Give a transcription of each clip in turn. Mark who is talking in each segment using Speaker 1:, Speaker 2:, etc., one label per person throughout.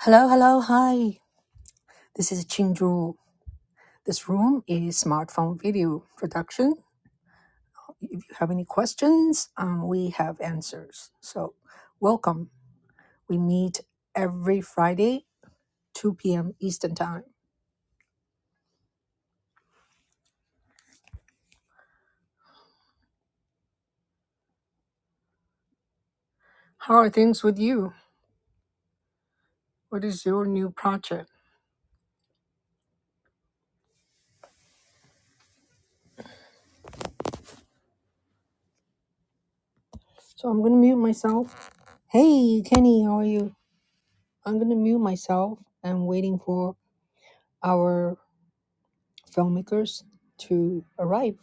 Speaker 1: Hello, hello, hi. This is Chinju. This room is smartphone video production. If you have any questions, um, we have answers. So, welcome. We meet every Friday, 2 p.m. Eastern Time. How are things with you? What is your new project? So, I'm going to mute myself. Hey, Kenny, how are you? I'm going to mute myself. I'm waiting for our filmmakers to arrive.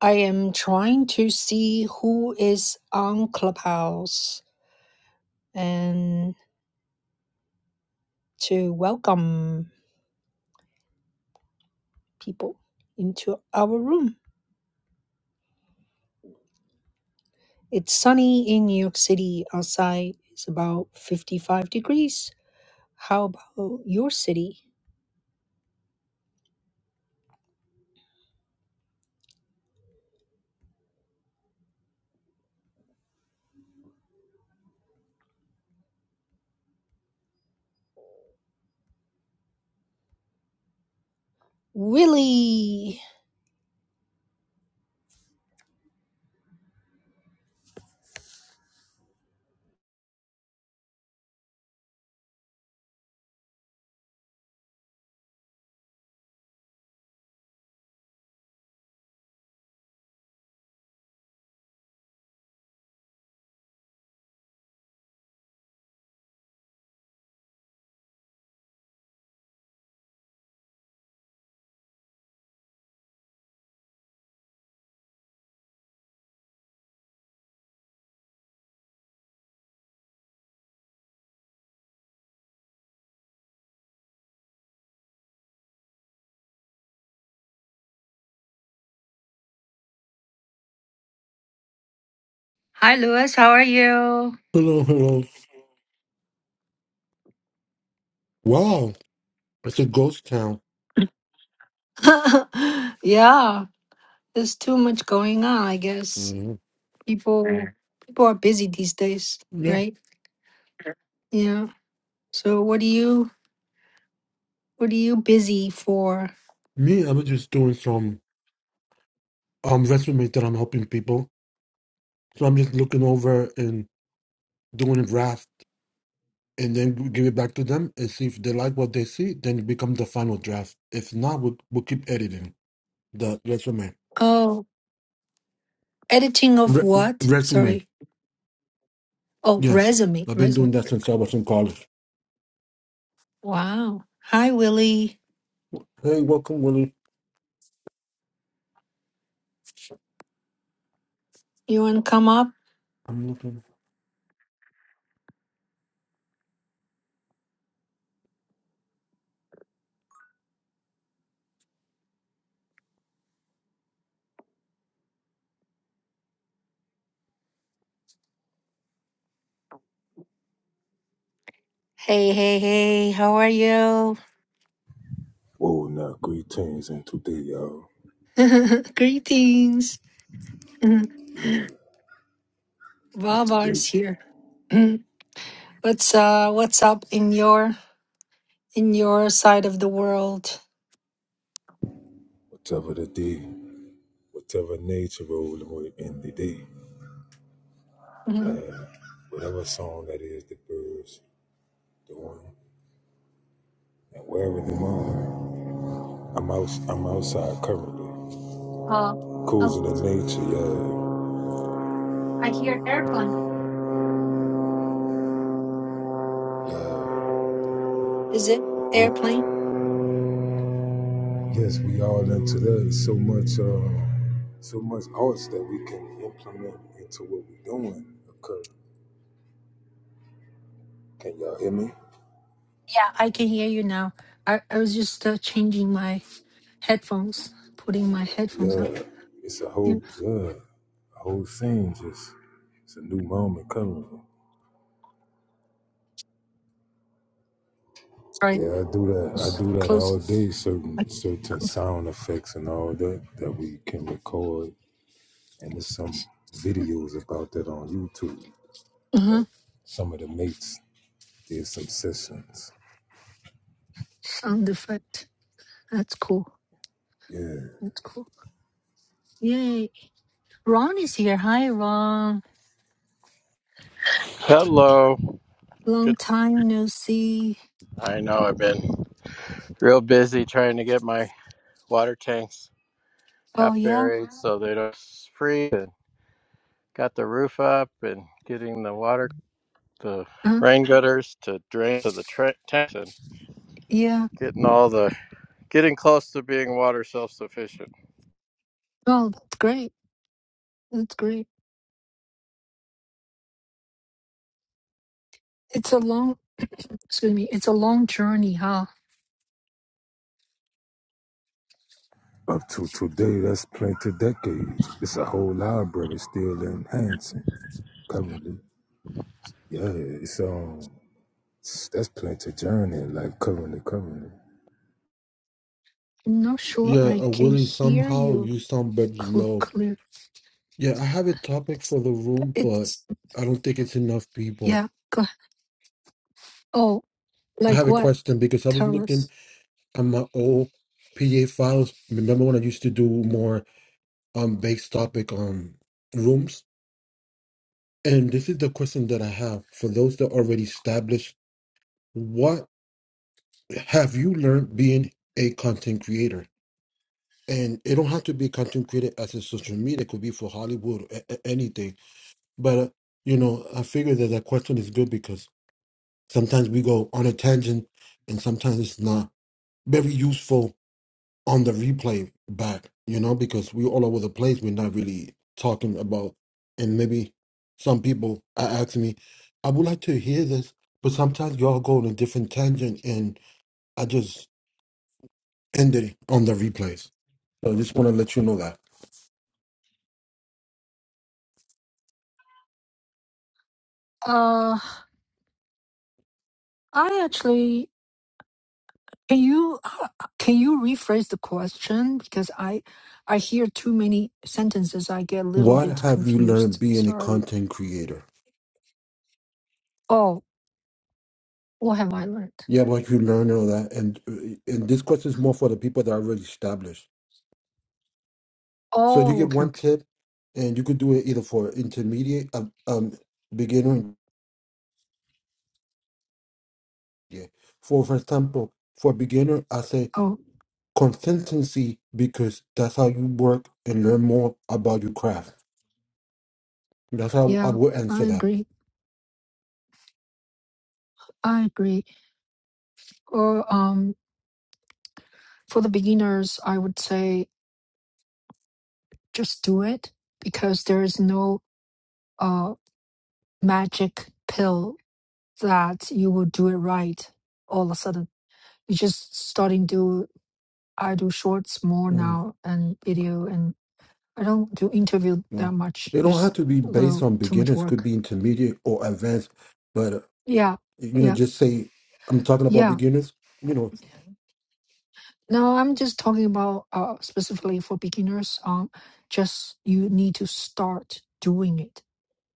Speaker 1: I am trying to see who is on Clubhouse and to welcome people into our room. It's sunny in New York City. Outside it's about 55 degrees. How about your city? Willie! Hi, Louis. How are you?
Speaker 2: Hello, hello. Wow, it's a ghost town.
Speaker 1: yeah, there's too much going on, I guess.
Speaker 2: Mhm.
Speaker 1: People Mm. people are busy these days,
Speaker 2: Yeah,
Speaker 1: right? Yeah. So what do you? What are you busy for?
Speaker 2: me, I'm just doing some um resumes that I'm helping people. So I'm just looking over and doing a draft, and then we give it back to them and see if they like what they see. Then it becomes the final draft. If not, we'll, we'll keep editing the resume.
Speaker 1: Oh, editing of
Speaker 2: Re- re-
Speaker 1: what?
Speaker 2: resume.
Speaker 1: Sorry. Oh,
Speaker 2: Yeah,
Speaker 1: resume.
Speaker 2: I've been doing
Speaker 1: Resume.
Speaker 2: that since I was in college.
Speaker 1: Wow. Hi, Willie.
Speaker 2: Hey, welcome, Willie.
Speaker 1: You want to come up?
Speaker 2: I'm looking.
Speaker 1: Hey, hey, hey. How are you?
Speaker 3: Whoa, now greetings and today, y'all.
Speaker 1: Greetings.
Speaker 3: And today,
Speaker 1: Baba's here. Mm. what's uh What's up in your in your side of the world?
Speaker 3: whatever the day, whatever nature rolling with in the day,
Speaker 1: Mhm.
Speaker 3: uh, whatever song that is, the birds doing, and wherever they are, I'm out. I'm outside currently,
Speaker 1: uh, oh,
Speaker 3: cruising in nature.
Speaker 1: I hear airplane.
Speaker 3: Yeah,
Speaker 1: Is it
Speaker 3: yeah.
Speaker 1: airplane?
Speaker 3: We, yes, we all into that. So much, uh, so much arts that we can implement into what we're doing. Okay, can y'all hear me?
Speaker 1: Yeah, I can hear you now. I, I was just uh, changing my headphones, putting my headphones on.
Speaker 3: Yeah, it's a
Speaker 1: Yeah,
Speaker 3: whole yeah. The whole scene just it's a new moment coming.
Speaker 1: sorry,
Speaker 3: Yeah, I do that. I
Speaker 1: just
Speaker 3: do that
Speaker 1: close
Speaker 3: all
Speaker 1: it.
Speaker 3: day. Certain
Speaker 1: Like,
Speaker 3: certain
Speaker 1: cool.
Speaker 3: sound effects and all that that we can record, and there's some videos about that on YouTube.
Speaker 1: Uh-huh.
Speaker 3: Some of the mates did some sessions.
Speaker 1: Sound effect. That's cool.
Speaker 3: Yeah,
Speaker 1: That's cool. Yay. Ron is here. Hi, Ron.
Speaker 4: Hello.
Speaker 1: Long
Speaker 4: Good.
Speaker 1: time no see.
Speaker 4: I know I've been real busy trying to get my water tanks
Speaker 1: Oh,
Speaker 4: half
Speaker 1: yeah.
Speaker 4: buried so they don't freeze. And got the roof up and getting the water, the
Speaker 1: Uh-huh.
Speaker 4: rain gutters to drain to the tra- tanks and
Speaker 1: Yeah.
Speaker 4: getting all the, getting close to being water self sufficient.
Speaker 1: Oh, that's great. That's great. It's a long, excuse me, it's a long journey, huh?
Speaker 3: up to today, that's plenty decades. It's a whole library still enhancing currently. Yeah, it's um, that's plenty journey, like currently, currently.
Speaker 1: I'm not sure
Speaker 2: Yeah,
Speaker 1: I
Speaker 2: uh,
Speaker 1: can
Speaker 2: Willie.
Speaker 1: hear
Speaker 2: Somehow
Speaker 1: you
Speaker 2: you sound very
Speaker 1: cl-
Speaker 2: low.
Speaker 1: clear.
Speaker 2: Yeah, I have a topic for the room, but
Speaker 1: It's,
Speaker 2: I don't think it's enough people.
Speaker 1: yeah. Go Oh,
Speaker 2: I
Speaker 1: like
Speaker 2: have a
Speaker 1: what?
Speaker 2: question because I was
Speaker 1: Tell
Speaker 2: looking
Speaker 1: us.
Speaker 2: at my old PA files. Remember when I used to do more um based topic um rooms? And this is the question that I have for those that already established. What have you learned being a content creator? And it don't have to be content creator as a social media. It could be for Hollywood or a- a- anything. But uh, you know, I figure that that question is good because Sometimes we go on a tangent and sometimes it's not very useful on the replay back, you know, because we're all over the place. We're not really talking about, and maybe some people are asking me, I would like to hear this, but sometimes y'all go on a different tangent and I just ended it on the replays. So I just want to let you know that.
Speaker 1: Uh, I actually can you h- can you rephrase the question because I I hear too many sentences. I get a little
Speaker 2: What
Speaker 1: bit
Speaker 2: have you learned
Speaker 1: confused.
Speaker 2: being a
Speaker 1: Sorry.
Speaker 2: content creator?
Speaker 1: Oh, what have I learned?
Speaker 2: Yeah, what you learned and all that. And, uh, and this question is more for the people that are already established So you
Speaker 1: Oh,
Speaker 2: get
Speaker 1: okay,
Speaker 2: one
Speaker 1: okay.
Speaker 2: tip, and you could do it either for intermediate, um, um beginner, and intermediate. For for example, for beginner, I say
Speaker 1: Oh,
Speaker 2: consistency because that's how you work and learn more about your craft. That's how I
Speaker 1: yeah,
Speaker 2: would answer
Speaker 1: I
Speaker 2: that.
Speaker 1: agree. I agree. Or um, for the beginners, I would say just do it because there is no uh magic pill that you will do it right all of a sudden It's just starting to I do shorts more
Speaker 2: Mm,
Speaker 1: now and video and I don't do interview
Speaker 2: you
Speaker 1: that
Speaker 2: know,
Speaker 1: much.
Speaker 2: they don't have
Speaker 1: Just
Speaker 2: to be
Speaker 1: a
Speaker 2: based
Speaker 1: little
Speaker 2: on
Speaker 1: too much
Speaker 2: beginners; could
Speaker 1: work.
Speaker 2: be intermediate or advanced. But uh,
Speaker 1: Yeah,
Speaker 2: you know,
Speaker 1: yeah,
Speaker 2: just say I'm talking about
Speaker 1: yeah.
Speaker 2: beginners. You know,
Speaker 1: No, I'm just talking about uh, specifically for beginners. Um, just you need to start doing it,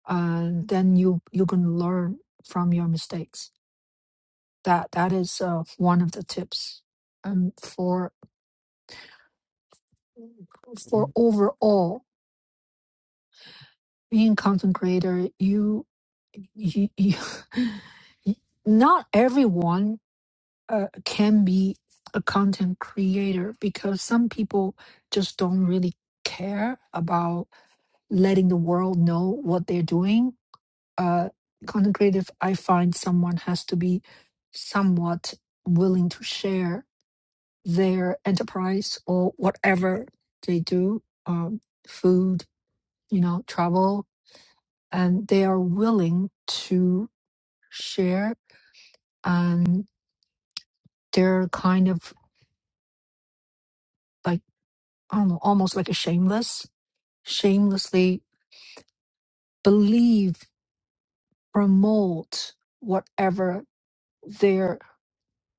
Speaker 1: and then you you can learn from your mistakes. That that is uh, one of the tips. And for for overall being content creator, you, you, you not everyone uh, can be a content creator because some people just don't really care about letting the world know what they're doing. Uh, content creative, I find someone has to be somewhat willing to share their enterprise or whatever they do, um, food, you know, travel, and they are willing to share and they're kind of like i don't know almost like a shameless shamelessly believe promote whatever their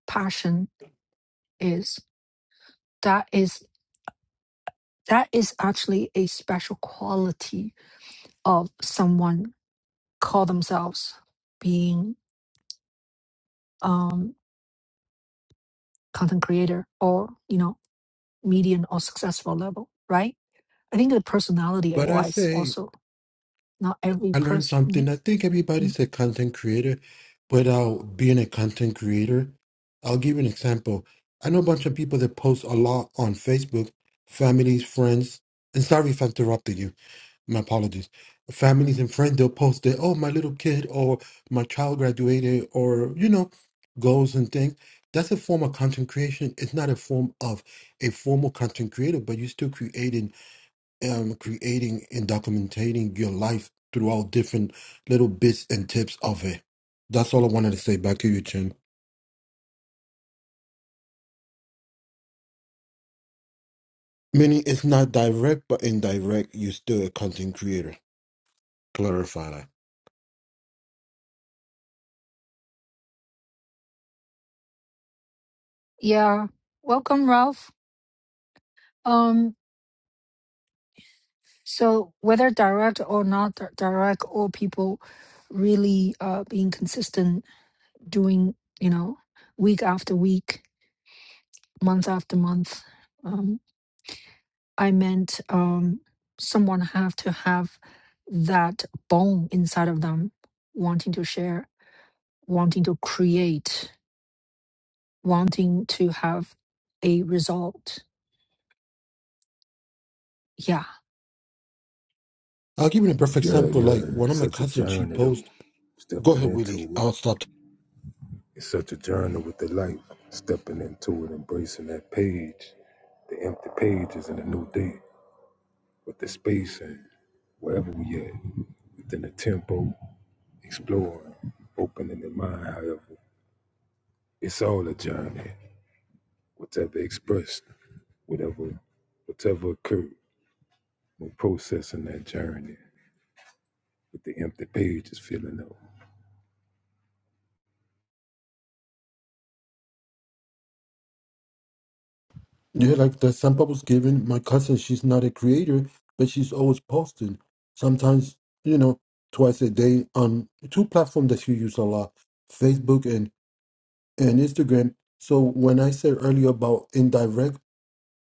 Speaker 1: passion is that is that is actually a special quality of someone call themselves being um content creator or you know median or successful level right i think the personality
Speaker 2: but I
Speaker 1: wise
Speaker 2: say
Speaker 1: also Not every
Speaker 2: I learned
Speaker 1: person.
Speaker 2: something. I think
Speaker 1: Mm, mm.
Speaker 2: everybody's a content creator without being a content creator. I'll give you an example. I know a bunch of people that post a lot on Facebook, families, friends, and sorry if I interrupted you. My apologies. Families and friends, they'll post that, oh, my little kid or my child graduated or, you know, goals and things. That's a form of content creation. It's not a form of a formal content creator, but you're still creating um, creating and documenting your life throughout different little bits and tips of it. That's all I wanted to say. Back to you, Chen. Meaning it's not direct, but indirect. You're still a content creator. Clarify that.
Speaker 1: Yeah. Welcome, Ralph. Um, so whether direct or not di- direct, all people really uh, being consistent, doing, you know, week after week, month after month. um, I meant um, someone have to have that bone inside of them, wanting to share, wanting to create, wanting to have a result. Yeah.
Speaker 2: I'll give you a perfect
Speaker 3: Yeah,
Speaker 2: example.
Speaker 3: yeah.
Speaker 2: Like one of
Speaker 3: it's
Speaker 2: my
Speaker 3: Such a
Speaker 2: cousins, she
Speaker 3: journey though.
Speaker 2: posed. Go
Speaker 3: Stepping
Speaker 2: ahead, Willie.
Speaker 3: into it.
Speaker 2: I'll stop.
Speaker 3: It's such a journey with the life. Stepping into it, embracing that page. The empty pages and the new day. With the space and wherever we at. Within the tempo, exploring, opening the mind, however. It's all a journey. Whatever expressed, whatever whatever occurred when processing that journey. With the empty pages filling up.
Speaker 2: Yeah, like the example I was given. My cousin, she's not a creator, but she's always posting. Sometimes, you know, twice a day on two platforms that she uses a lot: Facebook and and Instagram. So when I said earlier about indirect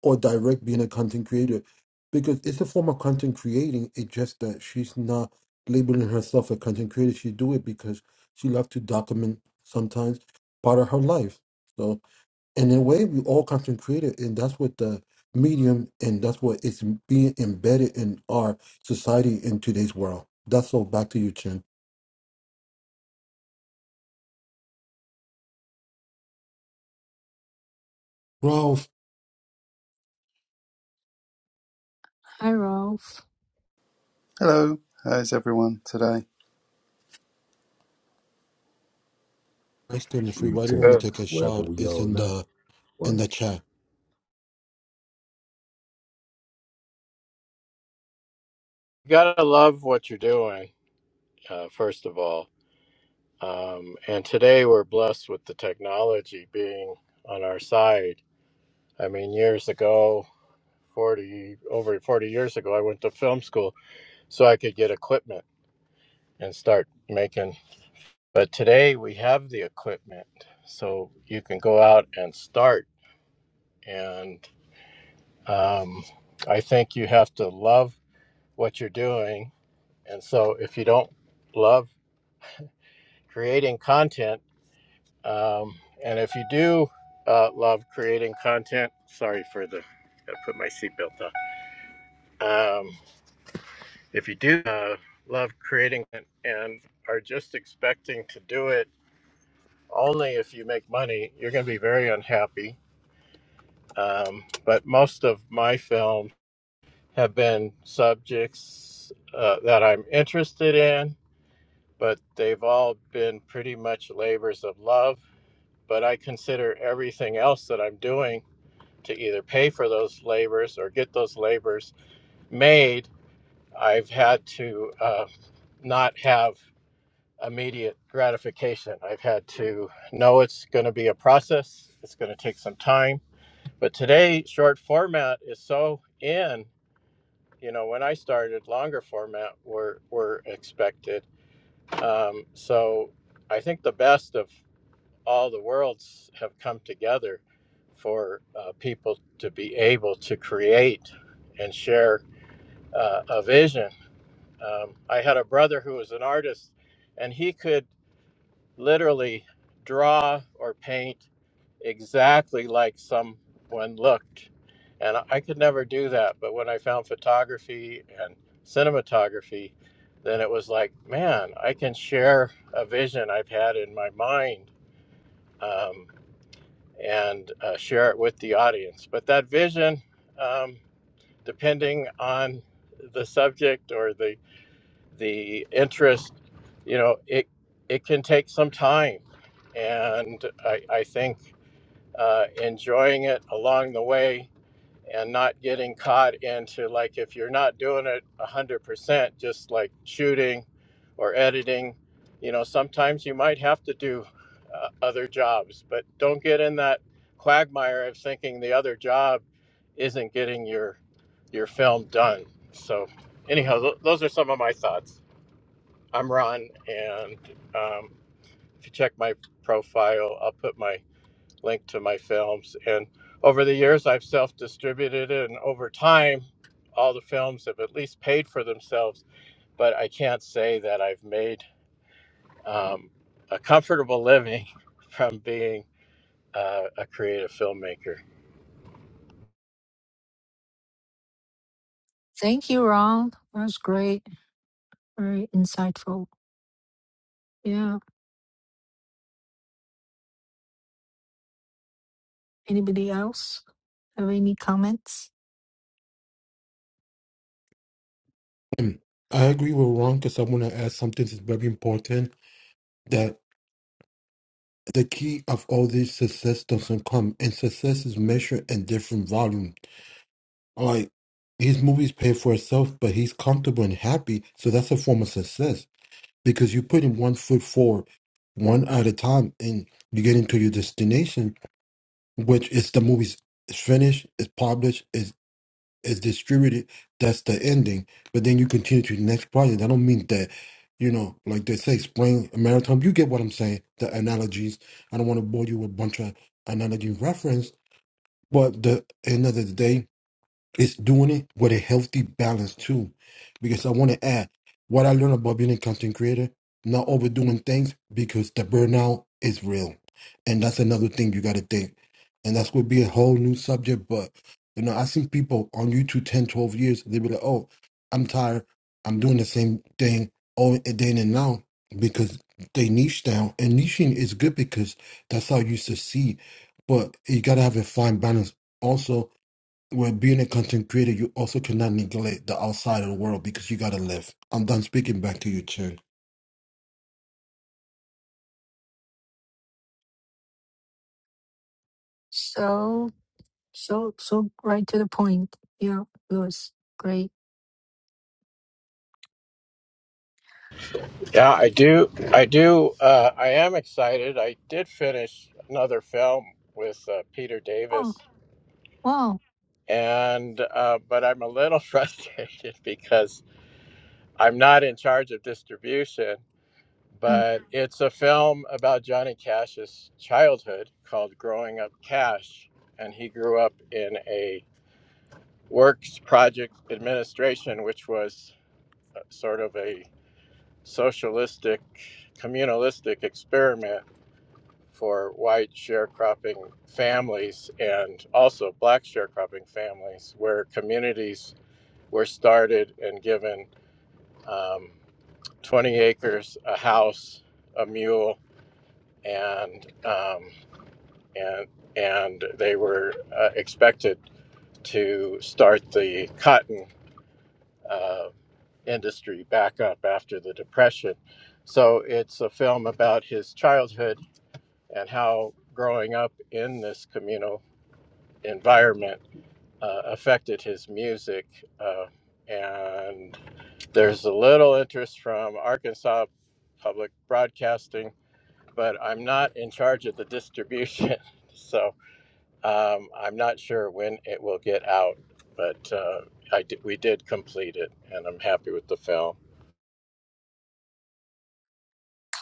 Speaker 2: or direct being a content creator, because it's a form of content creating, it's just that she's not labeling herself a content creator. She do it because she loves to document sometimes part of her life. So in a way, we all content creator, and that's what the medium and that's what is being embedded in our society in today's world. That's all. Back to you, Chen. Ralph,
Speaker 1: Hi, Ralph.
Speaker 5: Hello, how's everyone today?
Speaker 2: question if everybody want to
Speaker 4: Good.
Speaker 2: take
Speaker 3: Greetings,
Speaker 2: a
Speaker 3: wherever
Speaker 2: shot.
Speaker 3: we
Speaker 2: It's in
Speaker 3: all at.
Speaker 2: the
Speaker 3: One.
Speaker 2: in the chat.
Speaker 4: You gotta love what you're doing, uh, first of all. Um, and today we're blessed with the technology being on our side. I mean, years ago, 40 over 40 years ago i went to film school so i could get equipment and start making but today we have the equipment so you can go out and start and um, i think you have to love what you're doing and so if you don't love creating content um, and if you do uh, love creating content sorry for the i put my seatbelt on Um, If you do uh, love creating it and are just expecting to do it only if you make money, you're going to be very unhappy. Um, but most of my films have been subjects uh, that I'm interested in, but they've all been pretty much labors of love. But I consider everything else that I'm doing to either pay for those labors or get those labors made. I've had to uh, not have immediate gratification. I've had to know it's going to be a process, it's going to take some time. But today, short format is so in. You know, when I started, longer format were, were expected. Um, so I think the best of all the worlds have come together for uh, people to be able to create and share uh, a vision. Um, I had a brother who was an artist, and he could literally draw or paint exactly like someone looked. And I could never do that. But when I found photography and cinematography, then it was like, man, I can share a vision I've had in my mind um, and uh, share it with the audience. But that vision, um, depending on the subject or the the interest, you know, it it can take some time, and I, I think uh, enjoying it along the way and not getting caught into like if you're not doing it one hundred percent, just like shooting or editing, you know, sometimes you might have to do uh, other jobs, but don't get in that quagmire of thinking the other job isn't getting your your film done. So anyhow, th- those are some of my thoughts. I'm Ron, and um, if you check my profile, I'll put my link to my films. And over the years, I've self distributed, and over time, all the films have at least paid for themselves. But I can't say that I've made um, a comfortable living from being uh, a creative filmmaker.
Speaker 1: Thank you, Ron. That was great. Very insightful. Yeah. Anybody else have any comments?
Speaker 2: And I agree with Ron because I want to add something that's very important that the key of all this success doesn't come, and success is measured in different volume. Like his movies pay for itself, but he's comfortable and happy, so that's a form of success because you're putting one foot forward, one at a time, and you get into your destination, which is the movie's is finished, is published, is distributed, that's the ending. But then you continue to the next project. I don't mean that, you know, like they say, spring marathon. You get what I'm saying? The analogies. I don't want to bore you with a bunch of analogy reference. But the end of the day, it's doing it with a healthy balance too. Because I want to add what I learned about being a content creator, not overdoing things because the burnout is real. And that's another thing you gotta think. And that's gonna be a whole new subject. But you know, I've seen people on YouTube 10, 12 years, they be like, Oh, I'm tired, I'm doing the same thing all day in and now because they niche down. And niching is good because that's how you succeed. But you gotta have a fine balance also well, being a content creator, you also cannot neglect the outside of the world because you gotta live. I'm done speaking back to you, Chen.
Speaker 1: So, so, so right to the point. Yeah, Lewis. Great.
Speaker 4: Yeah, I do. I do. Uh, I am excited. I did finish another film with uh, Peter
Speaker 1: Oh,
Speaker 4: Davis
Speaker 1: wow.
Speaker 4: and uh, but I'm a little frustrated because I'm not in charge of distribution.
Speaker 1: Mm,
Speaker 4: But it's a film about Johnny Cash's childhood called "Growing Up Cash," and he grew up in a works project administration, which was uh, sort of a socialistic, communalistic experiment for white sharecropping families and also black sharecropping families, where communities were started and given um, 20 acres, a house, a mule, and um, and and they were uh, expected to start the cotton uh, industry back up after the depression. So it's a film about his childhood and how growing up in this communal environment uh, affected his music. Uh, and There's a little interest from Arkansas Public Broadcasting, but I'm not in charge of the distribution. So um, I'm not sure when it will get out, but uh, I di- we did complete it and I'm happy with the film.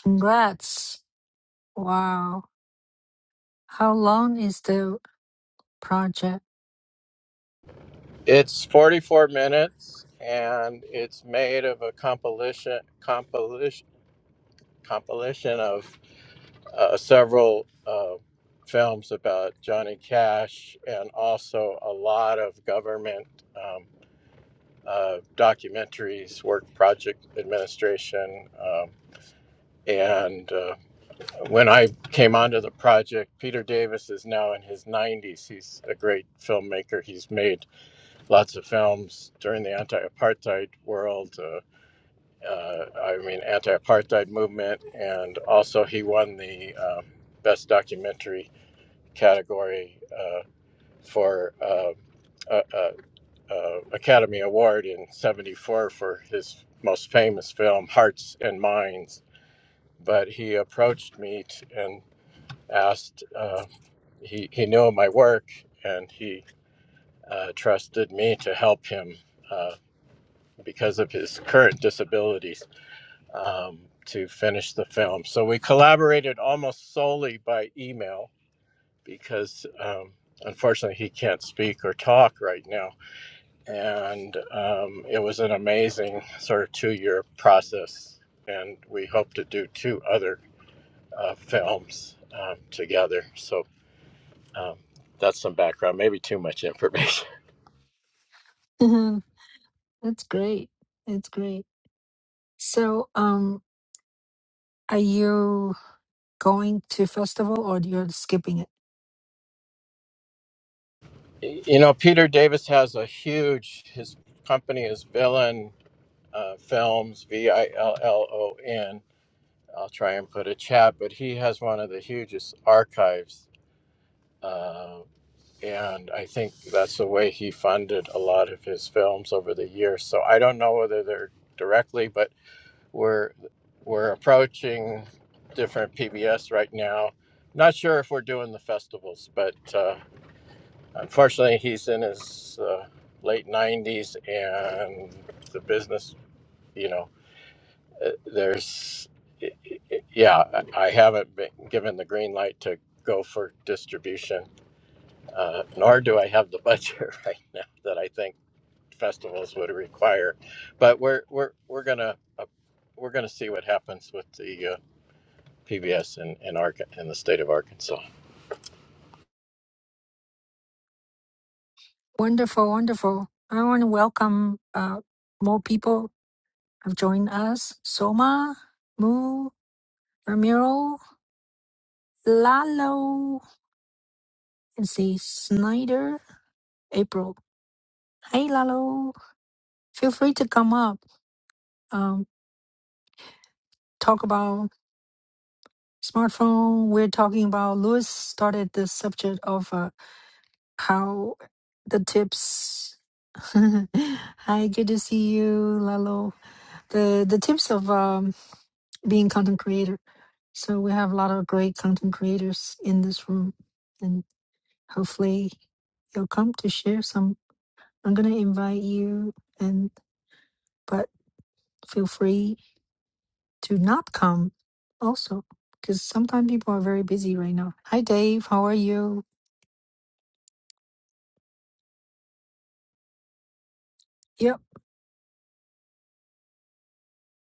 Speaker 1: Congrats. Wow. How long is the project?
Speaker 4: It's 44 minutes and it's made of a compilation, compilation, compilation of uh, several uh, films about Johnny Cash and also a lot of government um, uh, documentaries, work project administration. Um, and uh, when I came onto the project, Peter Davis is now in his 90s. He's a great filmmaker. He's made lots of films during the anti apartheid world. Uh, uh, I mean, anti-apartheid movement, and also he won the um, best documentary category uh, for uh, a, a, a Academy Award in '74 for his most famous film, Hearts and Minds. But he approached me and asked. Uh, he he knew my work and he uh, trusted me to help him uh, because of his current disabilities um, to finish the film. So we collaborated almost solely by email because um, unfortunately he can't speak or talk right now. And um, it was an amazing sort of two year process. And we hope to do two other uh, films um, together. So um, that's some background, maybe too much information.
Speaker 1: Mhm. That's great. That's great. So, um, are you going to festival or you're skipping it?
Speaker 4: You know, Peter Davis has a huge, his company is Villain uh, Films, V I L L O N. I'll try and put a chat, but he has one of the hugest archives uh, and I think that's the way he funded a lot of his films over the years. So I don't know whether they're directly, but we're we're approaching different PBS right now. Not sure if we're doing the festivals, but uh, unfortunately, he's in his uh, late nineties, and the business, you know, uh, there's, yeah, I haven't been given the green light to go for distribution uh, nor do I have the budget right now that I think festivals would require. But we're we're we're gonna uh, we're gonna see what happens with the uh, PBS in in, Arca- in the state of Arkansas.
Speaker 1: Wonderful, wonderful. I want to welcome uh more people have joined us. Soma, Moo, Ramiro, Lalo, and see Snyder, April. Hey, Lalo. Feel free to come up. Um, talk about smartphone we're talking about lewis started the subject of uh, how the tips hi good to see you lalo the the tips of um, being content creator so we have a lot of great content creators in this room and hopefully you'll come to share some i'm gonna invite you and but feel free to not come also because sometimes people are very busy right now hi dave how are you Yep.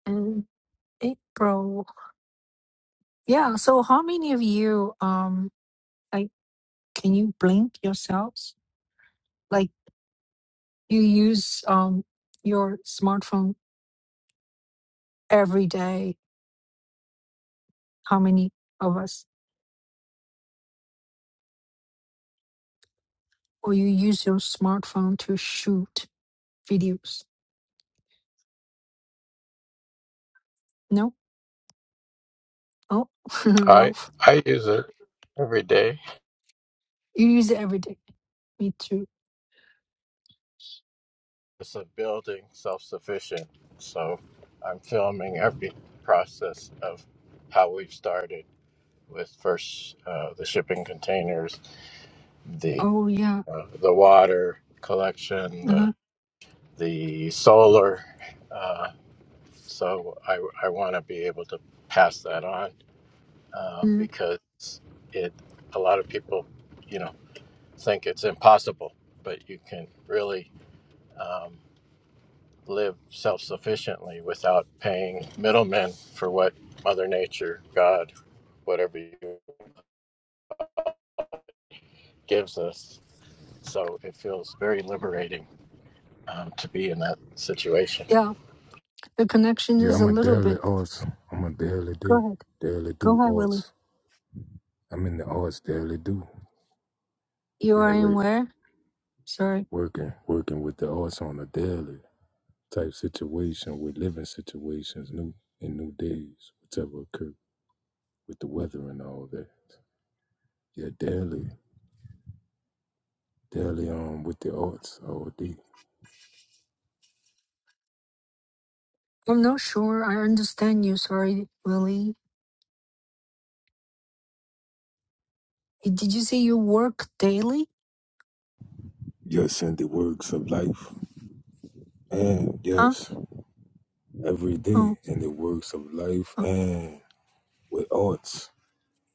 Speaker 1: in April. Yeah. So how many of you um like can you blink yourselves? Like you use um your smartphone every day. How many of us? Or you use your smartphone to shoot videos? No? Oh
Speaker 4: I
Speaker 1: Ralph.
Speaker 4: I use it every day.
Speaker 1: You use it every day. Me too.
Speaker 4: It's a building self sufficient, so I'm filming every process of how we've started with first uh, the shipping containers, the
Speaker 1: Oh yeah.
Speaker 4: uh, the water collection,
Speaker 1: Uh-huh.
Speaker 4: the solar. Uh, so I, I want to be able to pass that on um,
Speaker 1: Mm.
Speaker 4: because it a lot of people, you know, think it's impossible, but you can really um, live self sufficiently without paying middlemen for what Mother Nature, God, whatever you gives us. So it feels very liberating um, to be in that situation.
Speaker 1: Yeah. The connection
Speaker 3: Yeah,
Speaker 1: is
Speaker 3: I'm
Speaker 1: a
Speaker 3: a
Speaker 1: little
Speaker 3: daily
Speaker 1: bit
Speaker 3: arts. I'm a daily do.
Speaker 1: go ahead.
Speaker 3: Daily
Speaker 1: Go
Speaker 3: do
Speaker 1: ahead, Willie.
Speaker 3: arts. I'm in the arts daily do.
Speaker 1: You
Speaker 3: Yeah,
Speaker 1: are in
Speaker 3: wait.
Speaker 1: where? Sorry.
Speaker 3: Working, working with the arts on a daily type situation with living situations, new in new days, whatever occur with the weather and all that. Yeah, daily, daily on with the arts all day.
Speaker 1: I'm not sure. I understand you. Sorry, Willie. Did you say you work daily?
Speaker 3: Yes, in the works of life, and
Speaker 1: Huh?
Speaker 3: yes, every day
Speaker 1: Oh,
Speaker 3: in the works of life
Speaker 1: uh,
Speaker 3: and with arts.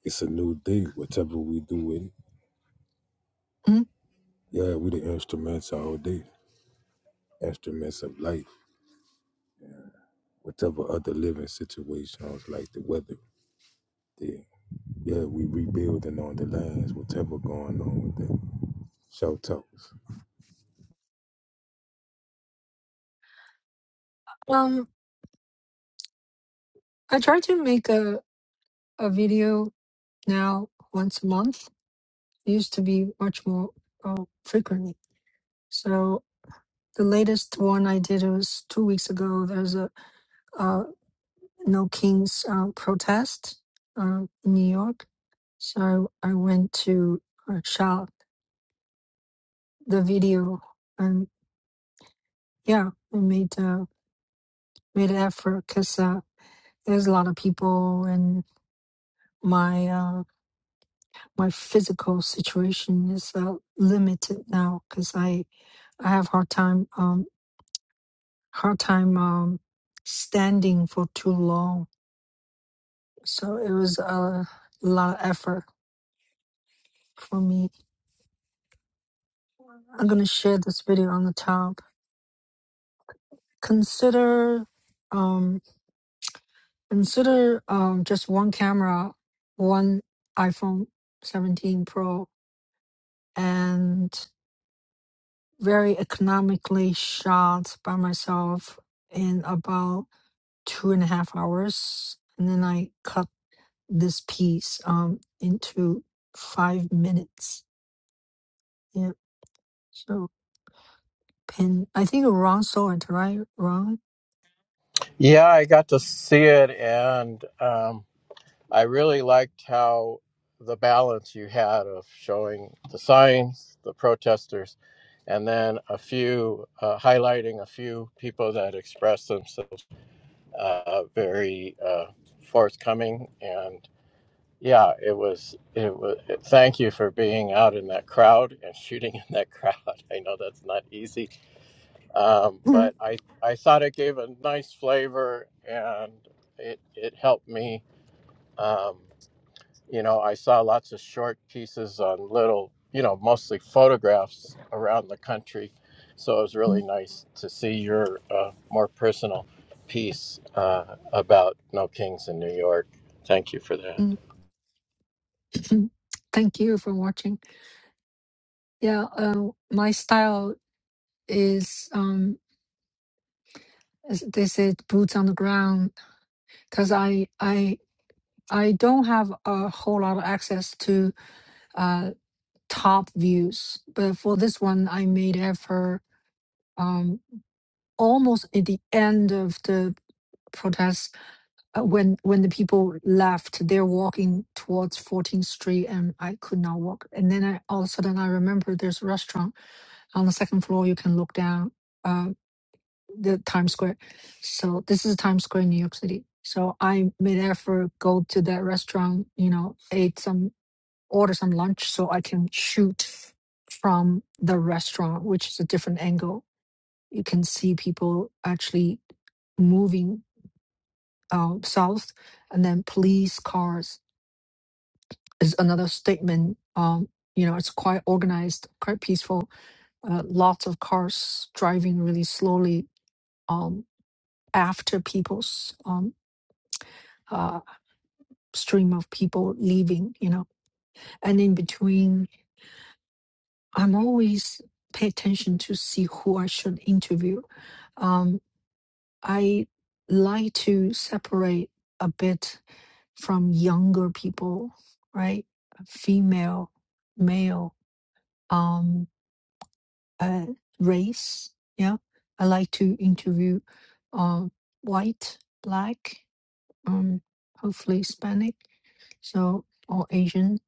Speaker 3: It's a new day, whatever we do in
Speaker 1: mm.
Speaker 3: Yeah, we the instruments all day, instruments of life, whatever other living situations like the weather. Yeah, yeah, we rebuilding on the lands, whatever going on with that. Shout outs.
Speaker 1: um, I try to make a a video now once a month. It used to be much more uh, frequently. So the latest one I did was two weeks ago. There's a uh, No Kings uh, protest uh, in New York. So I went to uh, shot the video and yeah, I made. uh, made effort because uh, there's a lot of people and my uh, my physical situation is uh, limited now because I I have hard time um hard time um standing for too long. So it was uh, a lot of effort for me. I'm gonna share this video on the top. Consider um consider um just one camera, one iPhone 17 Pro and very economically shot by myself in about two and a half hours. And then I cut this piece um into five minutes. Yeah. So pin I think wrong sword, right? Wrong.
Speaker 4: Yeah, I got to see it and. Um, I really liked how the balance you had of showing the signs, the protesters, and then a few uh, highlighting a few people that expressed themselves uh, very uh, forthcoming and yeah it was it was it, thank you for being out in that crowd and shooting in that crowd i know that's not easy um, but i i thought it gave a nice flavor and it it helped me um, you know, I saw lots of short pieces on little, you know, mostly photographs around the country. So it was really nice to see your uh, more personal piece uh, about No Kings in New York. Thank you for that.
Speaker 1: Thank you for watching. Yeah, uh, my style is um as they said boots on the ground because I I I don't have a whole lot of access to uh. top views. But for this one, I made effort um, almost at the end of the protest uh, when when the people left. They're walking towards 14th Street, and I could not walk. And then I, all of a sudden, I remember there's a restaurant on the second floor. You can look down uh, the Times Square. So this is Times Square in New York City. So I made effort go to that restaurant. You know, ate some order some lunch so I can shoot from the restaurant, which is a different angle. You can see people actually moving um, south, and then police cars is another statement. Um, you know, it's quite organized, quite peaceful. Uh, lots of cars driving really slowly um, after people's um, uh, stream of people leaving. You know, and in between, I'm always pay attention to see who I should interview um, I like to separate a bit from younger people, right? Female, male, um, uh, race. Yeah, I like to interview um, white, black, um, hopefully Hispanic, so or Asian.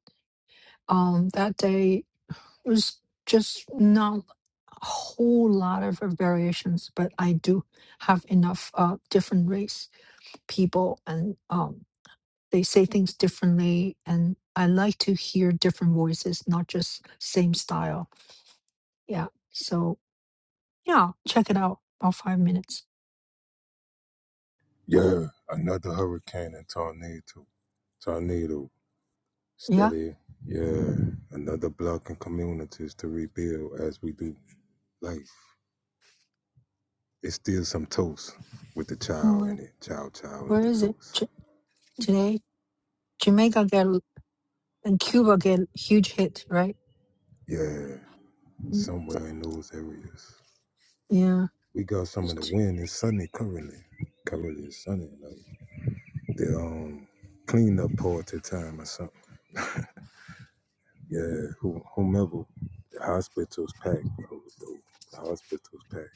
Speaker 1: Um, that day was just not a whole lot of variations, but I do have enough uh, different race people and um, they say things differently and i like to hear different voices not just same style yeah so yeah check it out about five minutes
Speaker 3: Yeah, another hurricane and tornado. Tornado,
Speaker 1: yeah
Speaker 3: steady. Yeah, another block in communities to rebuild as we do life. It's still some toast with the child
Speaker 1: where,
Speaker 3: in it, child, child with
Speaker 1: where
Speaker 3: the
Speaker 1: is it
Speaker 3: toast.
Speaker 1: J- today jamaica get and cuba get huge hit right
Speaker 3: Yeah,
Speaker 1: Mm,
Speaker 3: somewhere in those areas.
Speaker 1: yeah
Speaker 3: we got some of the wind. It's sunny currently. Currently it's sunny. Like the um cleanup part at time or something. Yeah, who, whomever. The hospital's packed, bro. The, the hospital's packed.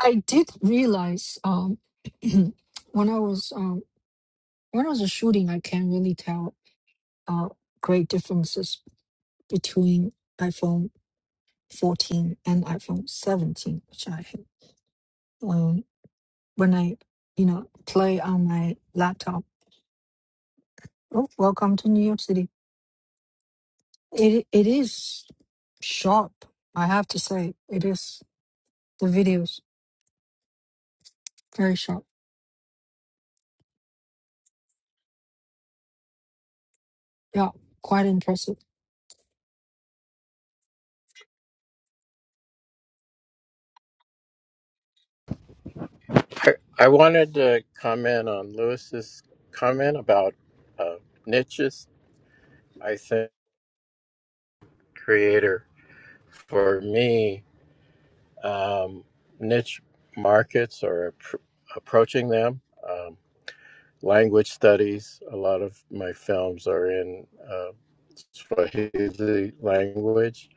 Speaker 1: i did realize um when i was um when i was shooting i can't really tell uh great differences between iphone 14 and iPhone 17, which I have. Um, when I, you know, play on my laptop. Oh, welcome to New York City. It it is sharp. I have to say, it is the videos very sharp. Yeah, quite impressive.
Speaker 4: I, I wanted to comment on Lewis's comment about uh, niches. I think creator for me, um, niche markets or appro- approaching them. Um, language studies. A lot of my films are in uh, Swahili language.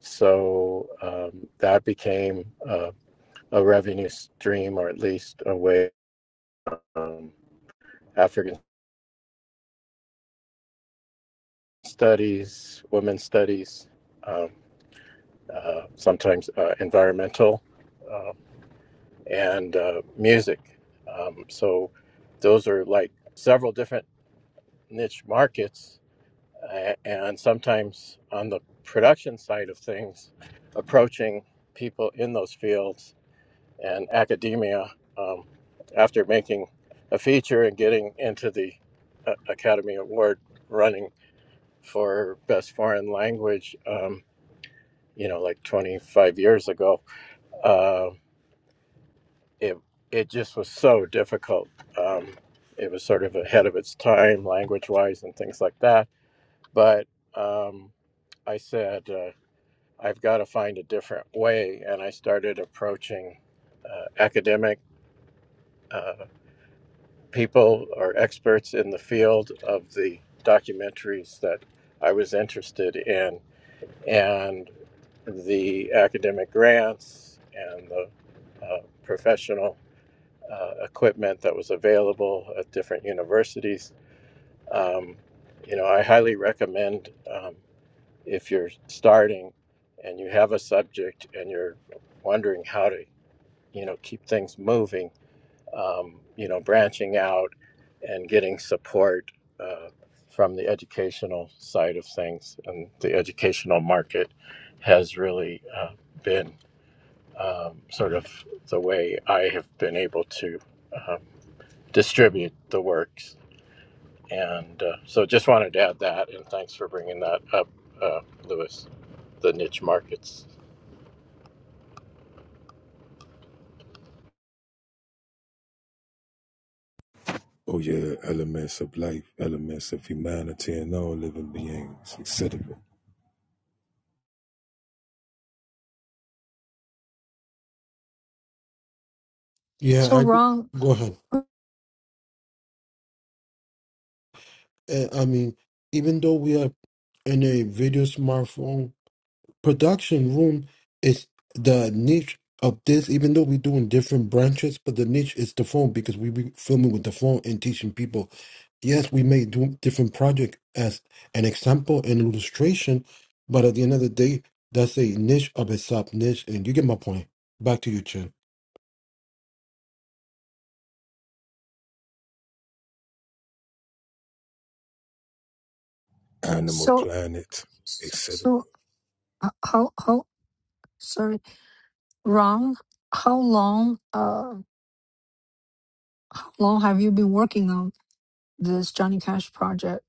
Speaker 4: So um, that became uh, a revenue stream, or at least a way um, African studies, women's studies, um, uh, sometimes uh, environmental, um and uh, music. Um, so those are like several different niche markets a- and sometimes on the production side of things, approaching people in those fields and academia um, after making a feature and getting into the uh, Academy Award running for Best Foreign Language, um, you know, like 25 years ago, uh, it, it just was so difficult. Um, it was sort of ahead of its time, language wise, and things like that. But um, I said, uh, I've got to find a different way. And I started approaching uh, academic uh, people or experts in the field of the documentaries that I was interested in, and the academic grants and the uh, professional uh, equipment that was available at different universities. Um, you know, I highly recommend. Um, if you're starting and you have a subject and you're wondering how to you know keep things moving um, you know branching out and getting support uh, from the educational side of things and the educational market has really uh, been um, sort of the way i have been able to um, distribute the works and uh, so just wanted to add that and thanks for bringing that up uh, lewis the niche markets
Speaker 3: Oh yeah, elements of life, elements of humanity and all living beings, etc.
Speaker 1: So
Speaker 2: Yeah, I
Speaker 1: Ron,
Speaker 2: go ahead. Uh, I mean, even though we are in a video smartphone, production room is the niche of this even though we're doing different branches but the niche is the phone because we be filming with the phone and teaching people yes we may do different project as an example and illustration but at the end of the day that's a niche of a sub niche and you get my point back to you Chen.
Speaker 3: Animal
Speaker 1: so
Speaker 3: planet,
Speaker 1: so
Speaker 3: etc.
Speaker 1: so, uh, how how sorry, Ron, how long uh how long have you been working on this Johnny Cash project?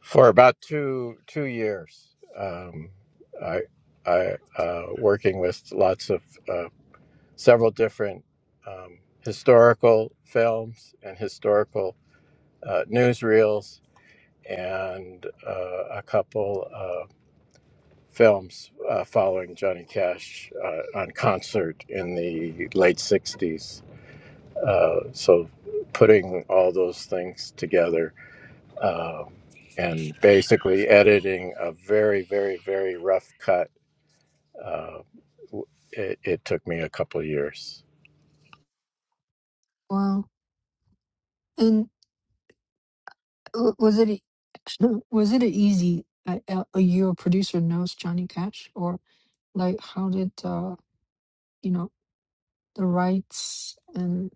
Speaker 4: for about two two years. Um, I I uh, working with lots of uh, several different um, historical films and historical uh, newsreels and uh, a couple uh, films uh, following Johnny Cash uh, on concert in the late '60s. Uh, so putting all those things together um, and basically editing a very, very, very rough cut. Uh, it, it took me a couple of years.
Speaker 1: Wow. And W- Was it e- was it easy uh, uh, uh, your producer knows Johnny Cash or like how did uh you know the rights and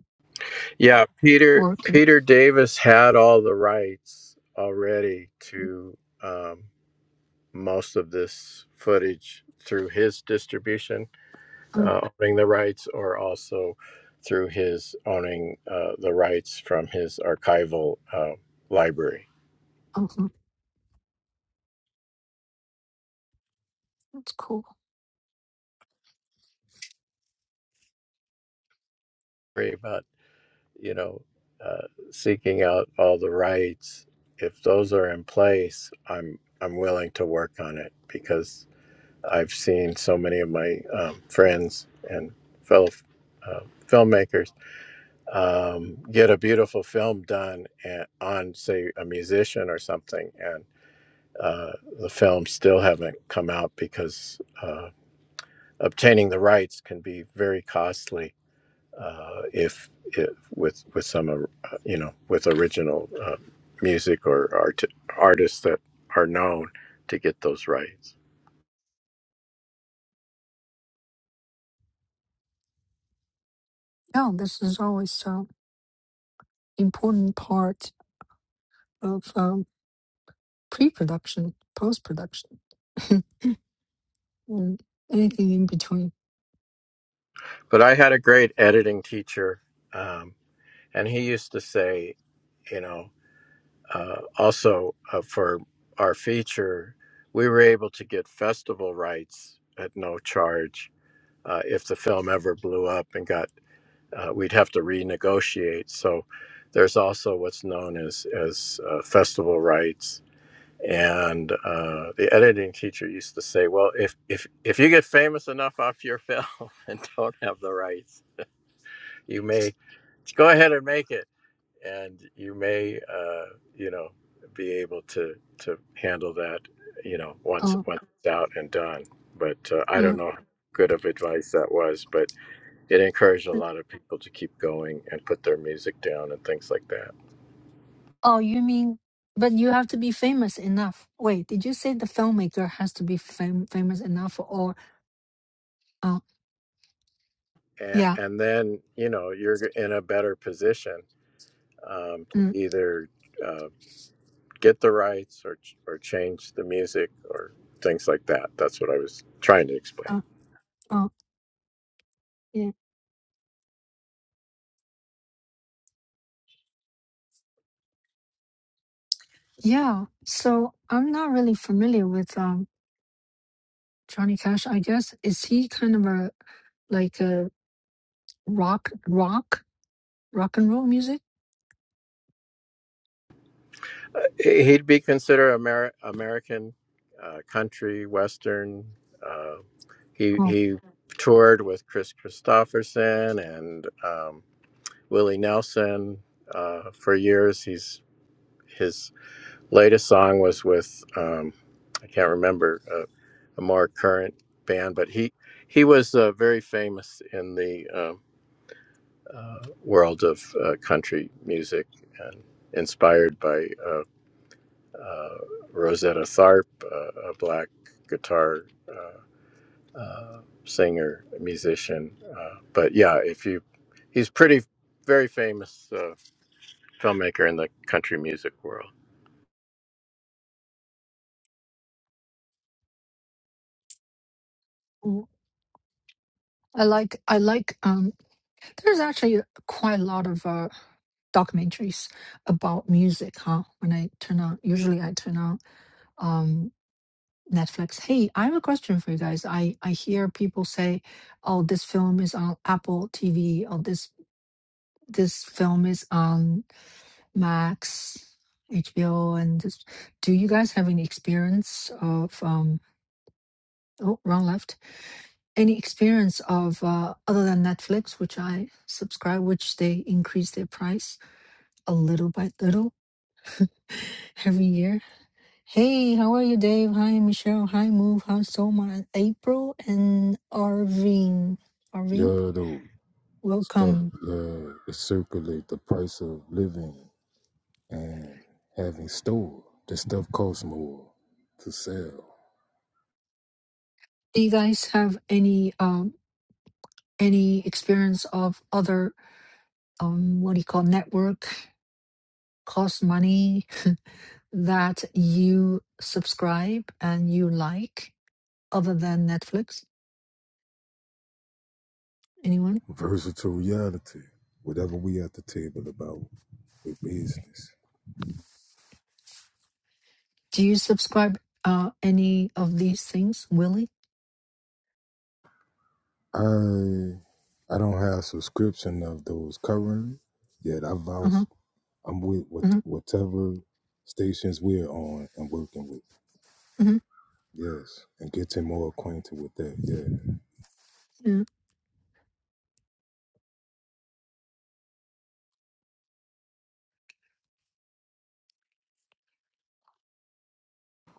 Speaker 4: Yeah, Peter
Speaker 1: work and
Speaker 4: Peter Davis had all the rights already to um, most of this footage through his distribution,
Speaker 1: mm,
Speaker 4: uh, owning the rights, or also through his owning uh, the rights from his archival uh, library.
Speaker 1: mhm, that's cool.
Speaker 4: But you know, uh, seeking out all the rights. If those are in place, I'm I'm willing to work on it because I've seen so many of my um, friends and fellow uh, filmmakers um, get a beautiful film done and, on, say, a musician or something, and uh, the films still haven't come out because uh, obtaining the rights can be very costly uh, if, if with with some uh, you know with original uh, music or art, artists that are known to get those rights.
Speaker 1: Yeah, this is always an important part of um, pre-production, post-production, and anything in between.
Speaker 4: But I had a great editing teacher, um, and he used to say, you know, uh, also uh, for our feature, we were able to get festival rights at no charge uh, if the film ever blew up and got uh, we'd have to renegotiate. So there's also what's known as as uh, festival rights. And uh, the editing teacher used to say, "Well, if if if you get famous enough off your film and don't have the rights, you may go ahead and make it, and you may uh, you know be able to to handle that you know once
Speaker 1: Uh,
Speaker 4: once it's out and done." But uh, I
Speaker 1: uh,
Speaker 4: don't know how good of advice that was, but it encouraged a
Speaker 1: uh,
Speaker 4: lot of people to keep going and put their music down and things like that.
Speaker 1: oh, you mean, but you have to be famous enough. Wait, did you say the filmmaker has to be fam- famous enough or? Uh,
Speaker 4: And,
Speaker 1: yeah,
Speaker 4: and then, you know, you're in a better position um, to
Speaker 1: Mm,
Speaker 4: either uh, get the rights or, or change the music or things like that. That's what I was trying to explain.
Speaker 1: Oh. oh, yeah. Yeah. So I'm not really familiar with um Johnny Cash. I guess is he kind of a like a rock rock rock and roll music?
Speaker 4: Uh, he- he'd be considered Amer- American uh, country, Western. Uh, he,
Speaker 1: Oh,
Speaker 4: he toured with Chris Christopherson and um, Willie Nelson uh, for years. He's His latest song was with um, I can't remember uh, a more current band, but he he was uh, very famous in the um uh, world of uh, country music and inspired by uh, uh, Rosetta Tharpe, uh, a black guitar uh, uh, singer musician. Uh, but yeah, if you he's pretty very famous uh, filmmaker in the country music world.
Speaker 1: oh. I like I like um there's actually quite a lot of uh documentaries about music, huh? When I turn on, usually I turn on um, Netflix. Hey, I have a question for you guys. I I hear people say, "Oh, this film is on Apple TV. Oh, this this film is on Max, HBO, and this. do you guys have any experience of um oh wrong left any experience of uh, other than Netflix, which I subscribe, which they increase their price a little by little every year. Hey, how are you, Dave? Hi, Michelle. Hi, Move. How's Soma? April and Arvin. Arvin,
Speaker 3: Yeah, though stuff
Speaker 1: welcome.
Speaker 3: yeah, it circulate the price of living and having store. The stuff costs more to sell.
Speaker 1: Do you guys have any um any experience of other um, what do you call network costs money that you subscribe and you like other than Netflix? Anyone?
Speaker 3: versatile reality. Whatever we at the table about with business.
Speaker 1: Do you subscribe uh, any of these things, Willie?
Speaker 3: I I don't have subscription of those currently. Yet I vouch
Speaker 1: Uh-huh.
Speaker 3: I'm with what
Speaker 1: Uh-huh.
Speaker 3: whatever stations we're on and working with.
Speaker 1: Uh-huh.
Speaker 3: Yes. And getting more acquainted with that. Yeah.
Speaker 1: Yeah.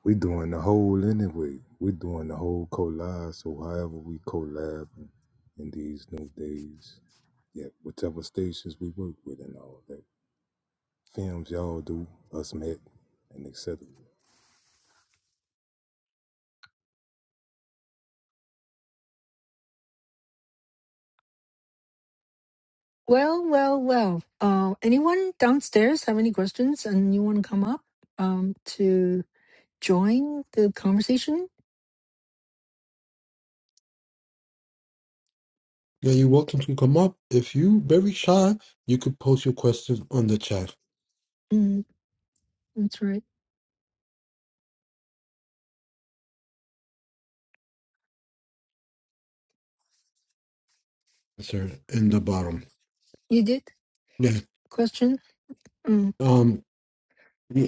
Speaker 3: We doing the whole anyway. We doing the whole collab. So however we collab in these new days. Yeah, whatever stations we work with and all that. films y'all do, Us Met, and etc.
Speaker 1: Well, well, well. Uh, anyone downstairs have any questions and you want to come up um, to join the conversation?
Speaker 2: now you're welcome to come up if you very shy you could post your questions on the chat
Speaker 1: Mm, that's right.
Speaker 2: sir in the bottom
Speaker 1: You did?
Speaker 2: yeah
Speaker 1: Question? Mm,
Speaker 2: um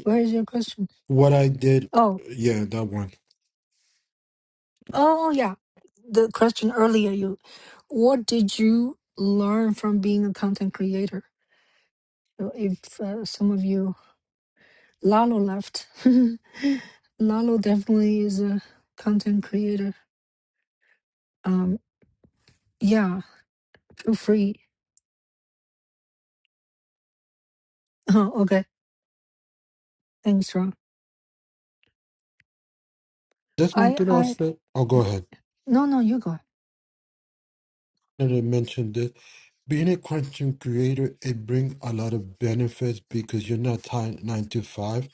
Speaker 1: where is your question?
Speaker 2: what i did
Speaker 1: Oh.
Speaker 2: yeah that one
Speaker 1: Oh yeah, the question earlier you, what did you learn from being a content creator? So if uh, some of you, Lalo left. Lalo definitely is a content creator. Um, yeah, feel free. Oh, okay, thanks, Ron.
Speaker 2: Just one
Speaker 1: I,
Speaker 2: thing I'll
Speaker 1: I,
Speaker 2: say. Oh, go ahead.
Speaker 1: no, no, you go. ahead.
Speaker 2: And I mentioned this. Being a content creator, it brings a lot of benefits because you're not tied nine to five.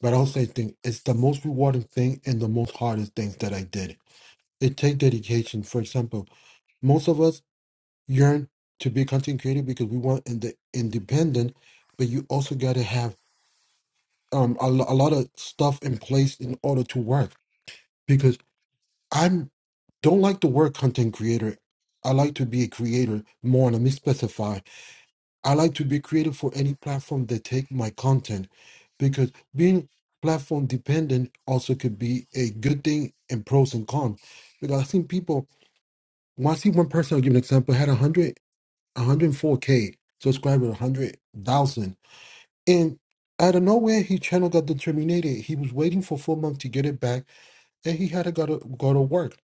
Speaker 2: But also, I think it's the most rewarding thing and the most hardest things that I did. It takes dedication. For example, most of us yearn to be content creator because we want in the independent, but you also got to have um a, lo- a lot of stuff in place in order to work I'm don't like the word content creator. I like to be a creator more. Let me specify. I like to be creative for any platform that take my content because being platform dependent also could be a good thing and pros and cons. Because I've seen people when I see one person, I'll give an example, had 100, 104K subscriber, 100,000. And out of nowhere, his channel got terminated. He was waiting for four months to get it back and he had to go to, go to work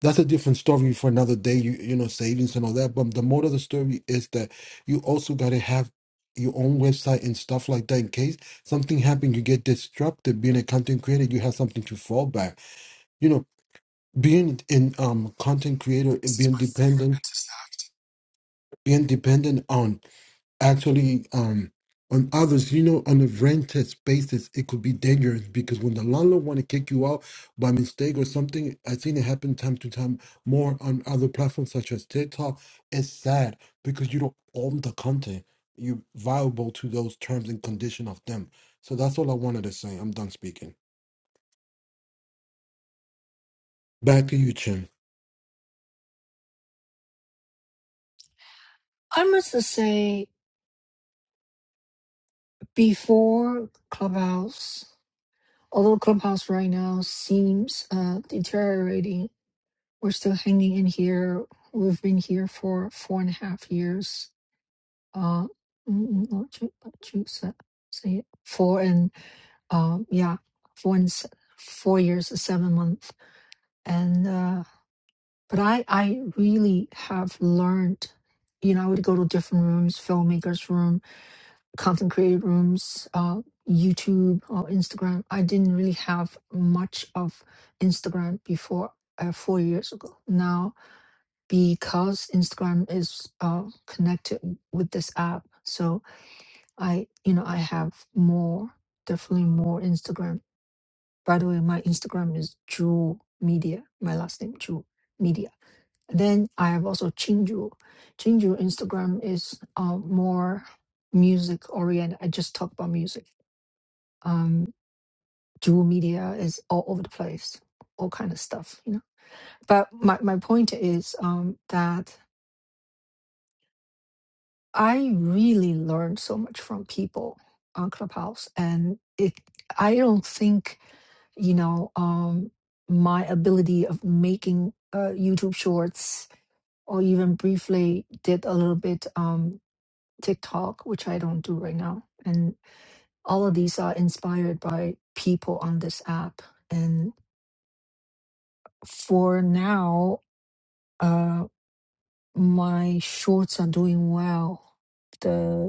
Speaker 2: that's a different story for another day you you know savings and all that but the moral of the story is that you also got to have your own website and stuff like that in case something happened you get disrupted being a content creator you have something to fall back you know being in um content creator and being dependent being dependent on actually um on others you know on a rented basis it could be dangerous because when the landlord want to kick you out by mistake or something i've seen it happen time to time more on other platforms such as tiktok it's sad because you don't own the content you're viable to those terms and condition of them so that's all i wanted to say i'm done speaking back to you chin
Speaker 1: I must say, before Clubhouse, although Clubhouse right now seems uh, deteriorating We're still hanging in here. We've been here for four and a half years. Uh, mm, mm, mm, not Ju- not Ju- se- say it. Four and um, yeah, four and se- four years, and seven months. And uh, but I, I really have learned. You know, I would go to different rooms, filmmakers' room, content creator rooms, uh, YouTube or Instagram. I didn't really have much of Instagram before uh, four years ago. Now because Instagram is uh, connected with this app. So I, you know, I have more, definitely more Instagram. By the way, my Instagram is Jewel Media. My last name Jewel Media. Then I have also Chinju. Chinju Instagram is uh, more music oriented. I just talk about music. Um, Jewel Media is all over the place, all kind of stuff, you know. But my, my point is um, that I really learned so much from people on Clubhouse, and it. I don't think you know um, my ability of making uh, YouTube Shorts or even briefly did a little bit um, TikTok, which I don't do right now, and all of these are inspired by people on this app. And for now, uh, my shorts are doing well. The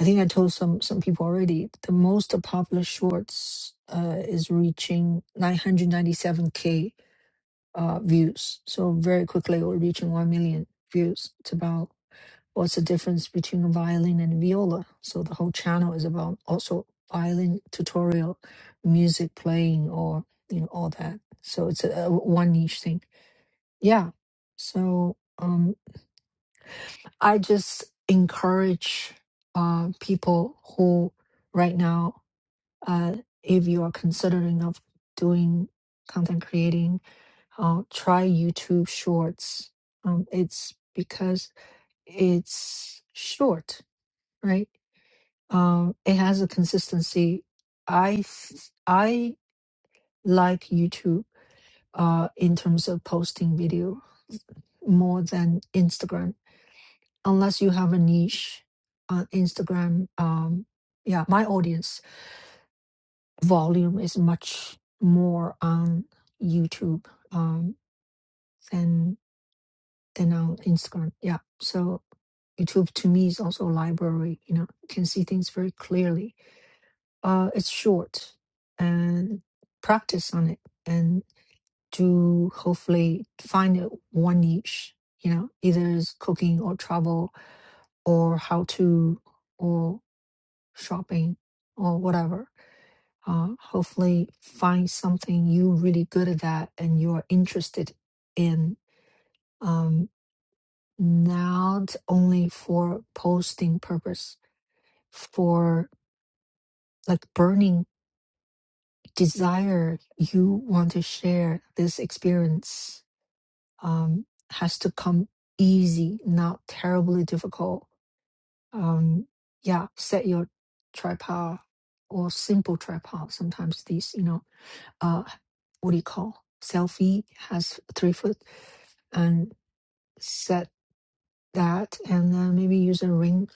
Speaker 1: I think I told some some people already. The most popular shorts uh, is reaching 997k uh, views. So very quickly, we're reaching one million views. It's about what's the difference between a violin and viola. So the whole channel is about also violin tutorial, music playing, or you know all that. So it's a, a one niche thing. Yeah. So um, I just encourage uh, people who right now uh, if you are considering of doing content creating uh, try youtube shorts um, it's because it's short right um, it has a consistency i f- i like youtube uh, in terms of posting video more than instagram unless you have a niche on instagram um, yeah my audience volume is much more on YouTube um, than than on Instagram. Yeah. So YouTube to me is also a library. You know, you can see things very clearly. Uh, it's short, and practice on it, and to hopefully find it one niche. You know, either is cooking or travel or how to or shopping or whatever uh, hopefully find something you're really good at that and you're interested in um, not only for posting purpose for like burning desire you want to share this experience um, has to come easy not terribly difficult um, yeah set your tripod or simple tripod sometimes these you know uh, what do you call selfie has three foot and set that and then maybe use a ring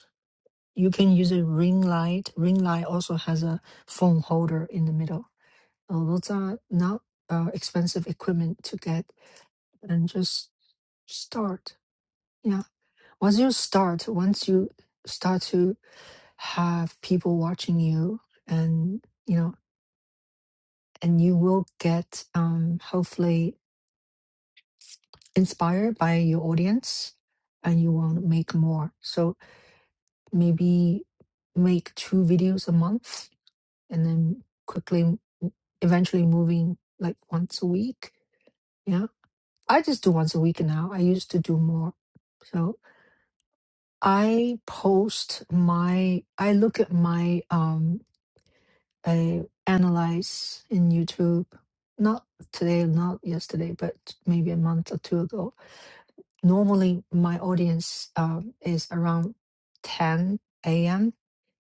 Speaker 1: you can use a ring light ring light also has a phone holder in the middle Uh, those are not uh, expensive equipment to get and just start yeah once you start once you start to have people watching you and you know and you will get um hopefully inspired by your audience and you want to make more. So maybe make two videos a month and then quickly, m- eventually moving like once a week. Yeah. I just do once a week now. I used to do more. So I post my, I look at my, um, I analyze in YouTube, not today, not yesterday, but maybe a month or two ago Normally, my audience uh, is around 10 a.m.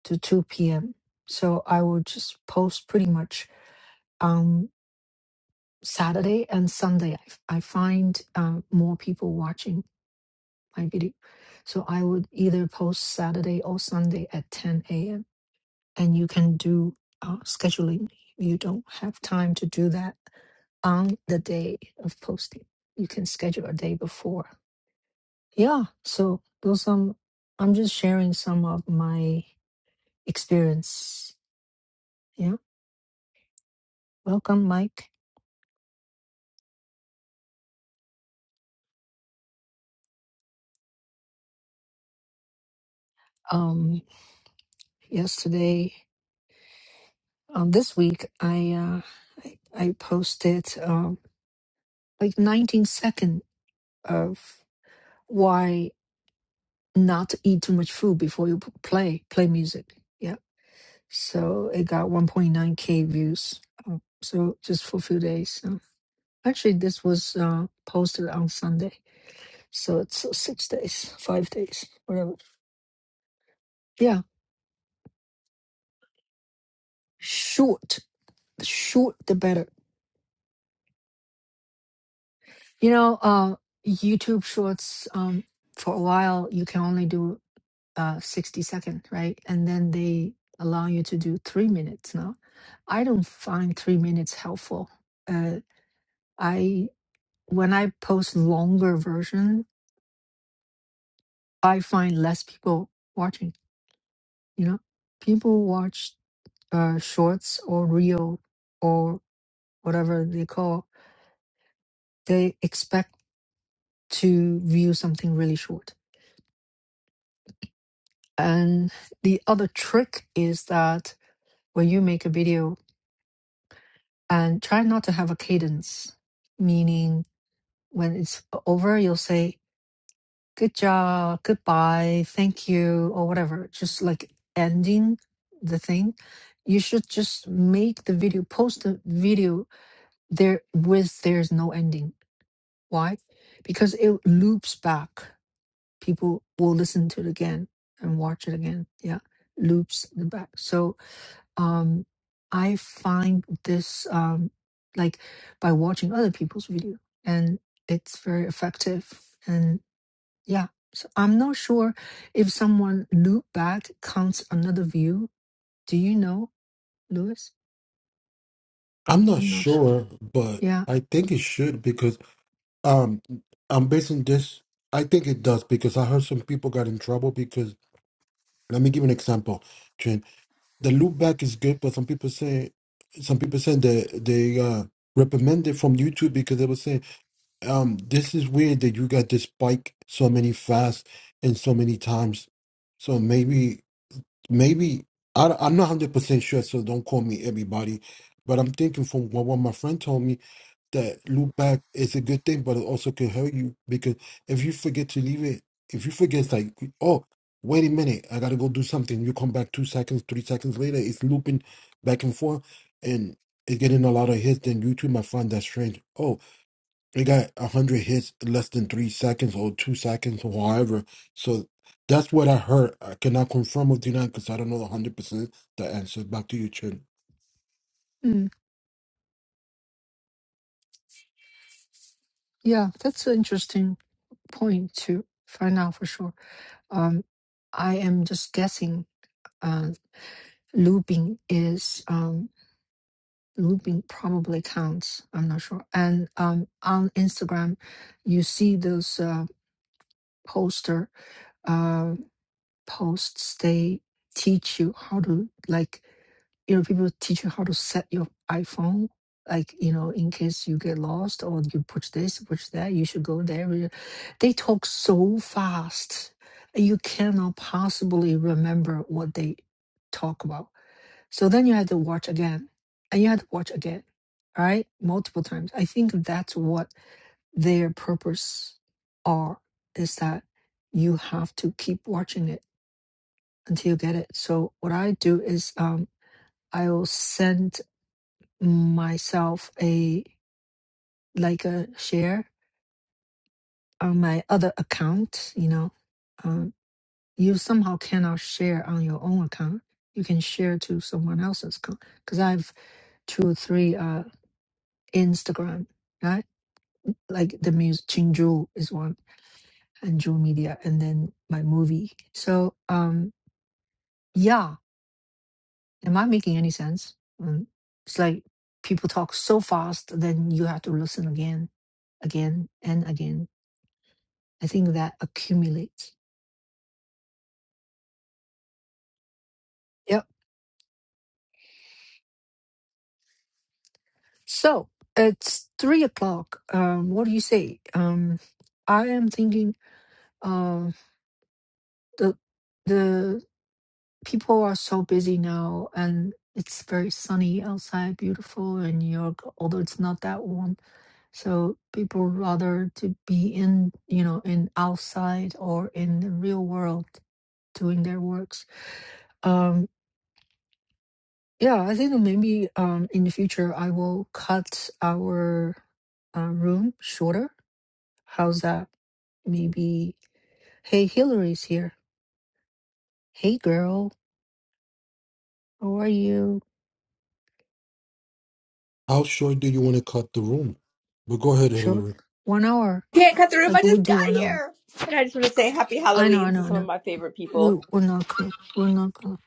Speaker 1: to 2 p.m. So I will just post pretty much on Saturday and Sunday. I, f- I find um, more people watching my video. So I would either post Saturday or Sunday at 10 a.m. And you can do uh, scheduling. You don't have time to do that on the day of posting. You can schedule a day before. Yeah, so those some I'm just sharing some of my experience. Yeah. Welcome, Mike. Um yesterday um this week I uh I, I posted um like 19 second of why not to eat too much food before you p- play play music. Yeah. So it got 1.9k views. Um, so just for a few days. Um, actually this was uh posted on Sunday So it's uh, six days, five days, whatever. Yeah, short, the short the better. You know, uh, YouTube Shorts. Um, for a while you can only do uh sixty second, right? And then they allow you to do three minutes now. I don't find three minutes helpful. Uh, I when I post longer version, I find less people watching. You know, people watch uh shorts or reel or whatever they call they expect to view something really short. And the other trick is that when you make a video and try not to have a cadence, meaning when it's over, you'll say, good job, goodbye, thank you, or whatever, just like ending the thing. You should just make the video, post the video there with there's no ending. Why? Because it loops back people will listen to it again and watch it again. Yeah, loops in the back. So um, I find this um, like by watching other people's video, and it's very effective. And yeah, so I'm not sure if someone loop back counts another view. Do you know, Lewis?
Speaker 2: i'm not
Speaker 1: I'm not sure.
Speaker 2: sure but
Speaker 1: Yeah,
Speaker 2: i think it should because um i'm basing this i think it does because i heard some people got in trouble because Let me give an example, Trent. The loopback is good, but some people say some people say that they uh reprimand it from YouTube because they were saying, um, this is weird that you got this spike so many fast and so many times. So maybe maybe I am not one hundred percent sure, so don't call me everybody. But I'm thinking from what, what my friend told me that loop back is a good thing, but it also can hurt you because if you forget to leave it, if you forget, it's like, oh, wait a minute, I gotta go do something. You come back two seconds, three seconds later, it's looping back and forth, and it's getting a lot of hits. Then YouTube might find that strange. Oh, it got a hundred hits in less than three seconds or two seconds or however. So that's what I heard. I cannot confirm or deny because I don't know hundred percent the answer. Back to you, Chen.
Speaker 1: mm. yeah, that's an interesting point to find out for sure. Um, I am just guessing Uh, Lubin is um Lubin probably counts. I'm not sure. And um on Instagram, you see those uh, poster uh posts. They teach you how to like you know people teach you how to set your iPhone. Like you know, in case you get lost or you push this, push that, you should go there. They talk so fast, you cannot possibly remember what they talk about so then you had to watch again and you had to watch again, right? Multiple times. I think that's what their purpose are is that you have to keep watching it until you get it. So what I do is um I'll send myself a like a share on my other account, you know. Um you somehow cannot share on your own account. You can share to someone else's account because I have two or three uh Instagram right? like the music Chinju is one and Jewel Media and then my movie. So um yeah, am I making any sense? Mm, It's like people talk so fast then you have to listen again, again and again. I think that accumulates. Yep. So it's three o'clock. Um what do you say? Um I am thinking um the the people are so busy now and it's very sunny outside beautiful in new york although it's not that warm so people rather to be in you know in outside or in the real world doing their works um yeah i think maybe um in the future i will cut our uh, room shorter how's that maybe hey hillary's here hey girl how are you
Speaker 2: How short do you want to cut the room? But go ahead,
Speaker 1: sure
Speaker 2: Hillary.
Speaker 1: one hour
Speaker 6: Can't cut the room.
Speaker 1: like
Speaker 6: I
Speaker 1: we'll
Speaker 6: just
Speaker 1: do
Speaker 6: got
Speaker 1: one hour
Speaker 6: here. And I just want to say happy
Speaker 1: I know, I
Speaker 6: Halloween to
Speaker 1: know, I
Speaker 6: some of
Speaker 1: know.
Speaker 6: my favorite
Speaker 1: We,
Speaker 6: people
Speaker 1: we're not close. We're not close.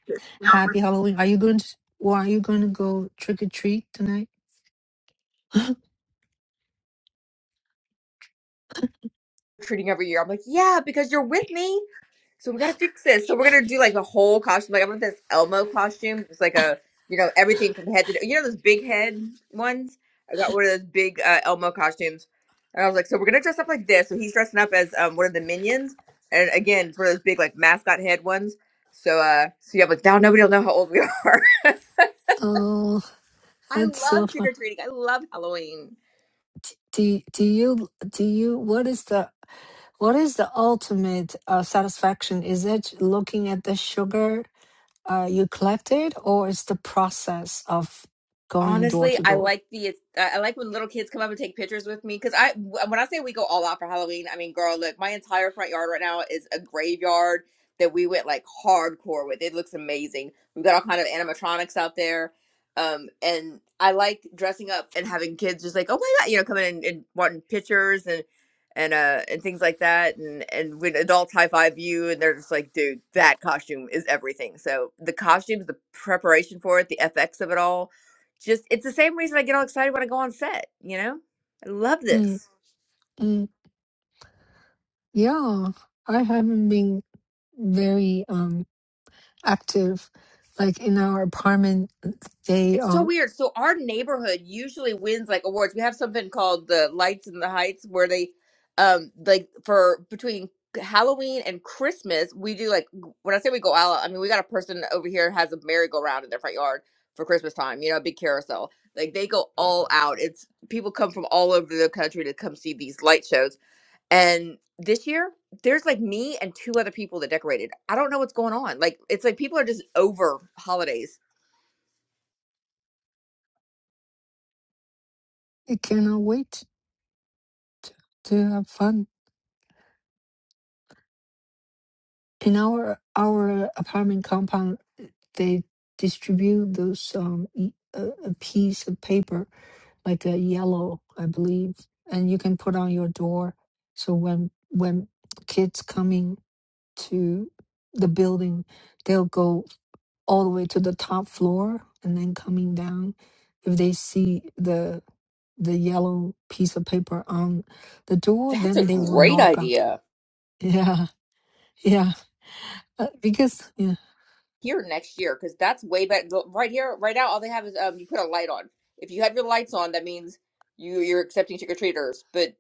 Speaker 1: Happy Halloween. Are you going to, well, are you going to go trick or treat tonight?
Speaker 6: treating every year. I'm like, yeah, because you're with me. So we got to fix this. So we're going to do like a whole costume. Like, I want this Elmo costume. It's like a, you know, everything from head to, you know, those big head ones. I got one of those big uh, Elmo costumes. And I was like, so we're going to dress up like this. So he's dressing up as um, one of the minions. And again, it's one of those big like mascot head ones. So, uh, so yeah, but now nobody will know how old we are.
Speaker 1: Oh,
Speaker 6: I
Speaker 1: that's so
Speaker 6: love trick
Speaker 1: fun.
Speaker 6: or treating. I love Halloween.
Speaker 1: D- Do, do you, do you, what is the, what is the ultimate uh, satisfaction? Is it looking at the sugar uh, you collected or is the process of going door
Speaker 6: Honestly,
Speaker 1: to
Speaker 6: I
Speaker 1: door?
Speaker 6: like the I like when little kids come up and take pictures with me because I when I say we go all out for Halloween, I mean girl, look, my entire front yard right now is a graveyard that we went like hardcore with. It looks amazing. We've got all kind of animatronics out there, um, and I like dressing up and having kids just like, oh my god, you know, coming in and wanting pictures and and uh and things like that, and and when adults high five you and they're just like, dude, that costume is everything. So the costumes, the preparation for it, the FX of it all just it's the same reason I get all excited when I go on set, you know? I love
Speaker 1: Mm,
Speaker 6: this.
Speaker 1: mm. Yeah, I haven't been very, um. active. Like in our apartment, they
Speaker 6: It's so
Speaker 1: um,
Speaker 6: weird. So our neighborhood usually wins like awards. We have something called the Lights in the Heights where they um like for between Halloween and Christmas, we do like when I say we go out, I mean we got a person over here has a merry-go-round in their front yard for Christmas time, you know, a big carousel. Like they go all out. It's people come from all over the country to come see these light shows And this year, there's like me and two other people that decorated. I don't know what's going on. Like it's like people are just over holidays.
Speaker 1: they cannot wait to have fun. In our our apartment compound, they distribute those um e- a, a piece of paper like a yellow, I believe, and you can put on your door. So when when kids coming to the building, they'll go. all the way to the top floor and then coming down if they see the the yellow piece of paper on the door
Speaker 6: That's a
Speaker 1: then they will
Speaker 6: great
Speaker 1: knock on
Speaker 6: idea.
Speaker 1: yeah yeah Uh, because yeah
Speaker 6: Here next year, because that's way better. the- Right here, right now, all they have is um, you put a light on. If you have your lights on, that means you you're accepting trick or treaters. But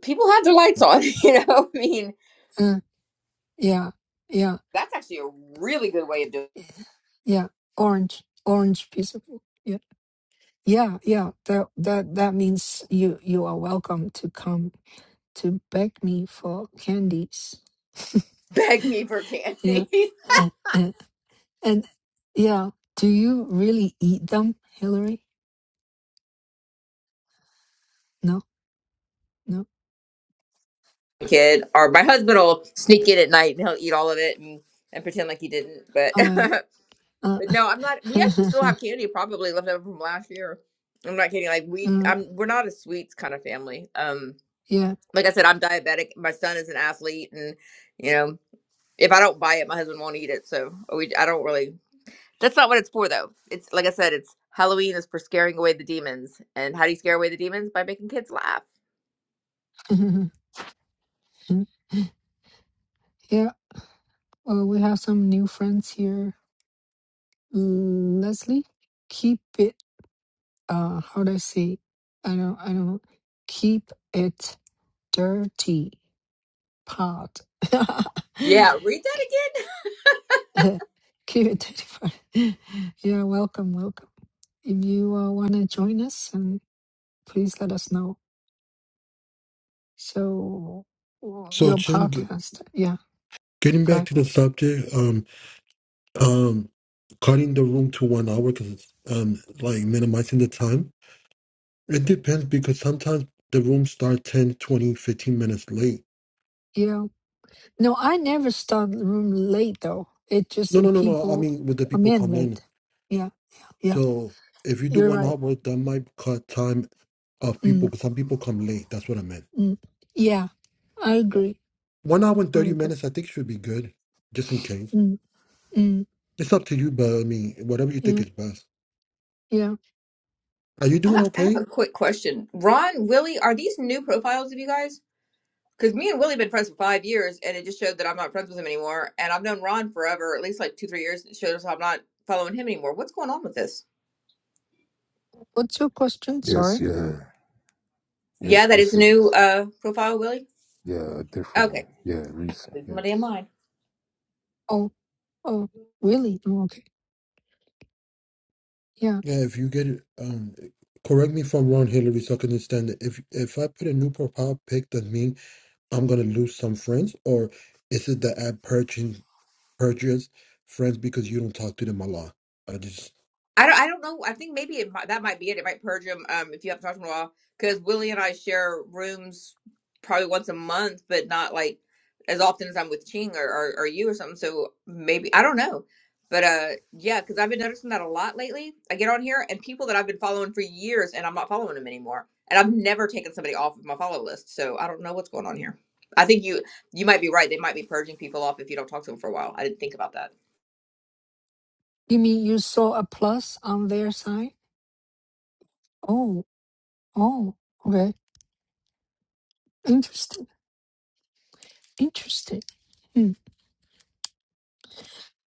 Speaker 6: people have their lights on, you know. I mean,
Speaker 1: uh, yeah yeah
Speaker 6: that's actually a really good way of doing.
Speaker 1: yeah orange orange piece of yeah yeah yeah that that that means you you are welcome to come to beg me for candies
Speaker 6: Beg me for
Speaker 1: yeah
Speaker 6: candy.
Speaker 1: And yeah, do you really eat them, Hillary? No, no.
Speaker 6: Kid or my husband will sneak in at night and he'll eat all of it and, and pretend like he didn't. But
Speaker 1: Oh, well. Uh,
Speaker 6: But no, I'm not. We actually still have candy, probably left over from last year. I'm not kidding. Like we,
Speaker 1: mm,
Speaker 6: I'm, we're not a sweets kind of family. Um,
Speaker 1: yeah.
Speaker 6: like I said, I'm diabetic. My son is an athlete, and you know, if I don't buy it, my husband won't eat it. So we, I don't really. That's not what it's for, though. It's like I said, it's Halloween is for scaring away the demons. And how do you scare away the demons? By making kids laugh.
Speaker 1: yeah, well, we have some new friends here. Leslie, keep it, uh, how do I say? I don't, I don't know. Keep it dirty pot. keep
Speaker 6: Yeah, read that again.
Speaker 1: it dirty pot. yeah, welcome, welcome. If you uh, want to join us, and please let us know. So w-
Speaker 2: So,
Speaker 1: your
Speaker 2: Chen, g-
Speaker 1: podcast, yeah,
Speaker 2: getting back
Speaker 1: good.
Speaker 2: to the subject, um, um, cutting the room to one hour because it's um, like minimizing the time. It depends because sometimes the room start 10, 20, 15 minutes late.
Speaker 1: Yeah. No, I never start the room late though. It just
Speaker 2: No,
Speaker 1: the
Speaker 2: no, no, no. I
Speaker 1: people
Speaker 2: mean, with the
Speaker 1: come
Speaker 2: people
Speaker 1: in
Speaker 2: come in.
Speaker 1: late. Yeah, yeah.
Speaker 2: So if you do
Speaker 1: You're
Speaker 2: one
Speaker 1: right.
Speaker 2: hour, that might cut time of
Speaker 1: Mm,
Speaker 2: people because some people come late. That's what I meant.
Speaker 1: mm. Yeah, I
Speaker 2: Yeah.
Speaker 1: agree.
Speaker 2: One hour and
Speaker 1: I
Speaker 2: 30
Speaker 1: agree.
Speaker 2: minutes, I think, should be good, just in case.
Speaker 1: Mm, mm,
Speaker 2: It's up to you, but I mean, whatever you think
Speaker 1: yeah,
Speaker 2: is best.
Speaker 1: yeah.
Speaker 2: Are you doing
Speaker 6: I I have
Speaker 2: okay?
Speaker 6: a quick question. Ron, Willie, are these new profiles of you guys? Because me and Willie been friends for five years, and it just showed that I'm not friends with him anymore. And I've known Ron forever, at least like two, three years. and It shows I'm not following him anymore. What's going on with this?
Speaker 1: What's your question?
Speaker 3: Yes,
Speaker 1: Sorry.
Speaker 3: yeah.
Speaker 6: Yeah,
Speaker 3: Yes,
Speaker 6: that is
Speaker 3: this
Speaker 6: a new
Speaker 3: is.
Speaker 6: uh, profile, Willie.
Speaker 3: Yeah, a different
Speaker 6: Okay,
Speaker 3: one. Yeah, recent.
Speaker 6: it's my damn
Speaker 3: Yes.
Speaker 6: mind.
Speaker 1: Oh, oh, really? Oh, okay. Yeah.
Speaker 2: Yeah, if you get it, um, correct me if I'm wrong, Hillary, so I can understand that. If if I put a new profile pic, does mean I'm gonna lose some friends, or is it that I purchase purchase friends because you don't talk to them a lot? I just
Speaker 6: I don't, I don't know. I think maybe it might, that might be it. It might purge him um, if you haven't talked to him in a while. Because Willie and I share rooms probably once a month, but not like as often as I'm with Ching or, or, or you or something. So maybe, I don't know. But uh, yeah, because I've been noticing that a lot lately. I get on here and people that I've been following for years and I'm not following them anymore. And I've never taken somebody off of my follow list. So I don't know what's going on here. I think you you might be right. They might be purging people off if you don't talk to them for a while. I didn't think about that.
Speaker 1: You mean you saw a plus on their side? Oh, oh, okay. Interesting. Interesting. Hmm.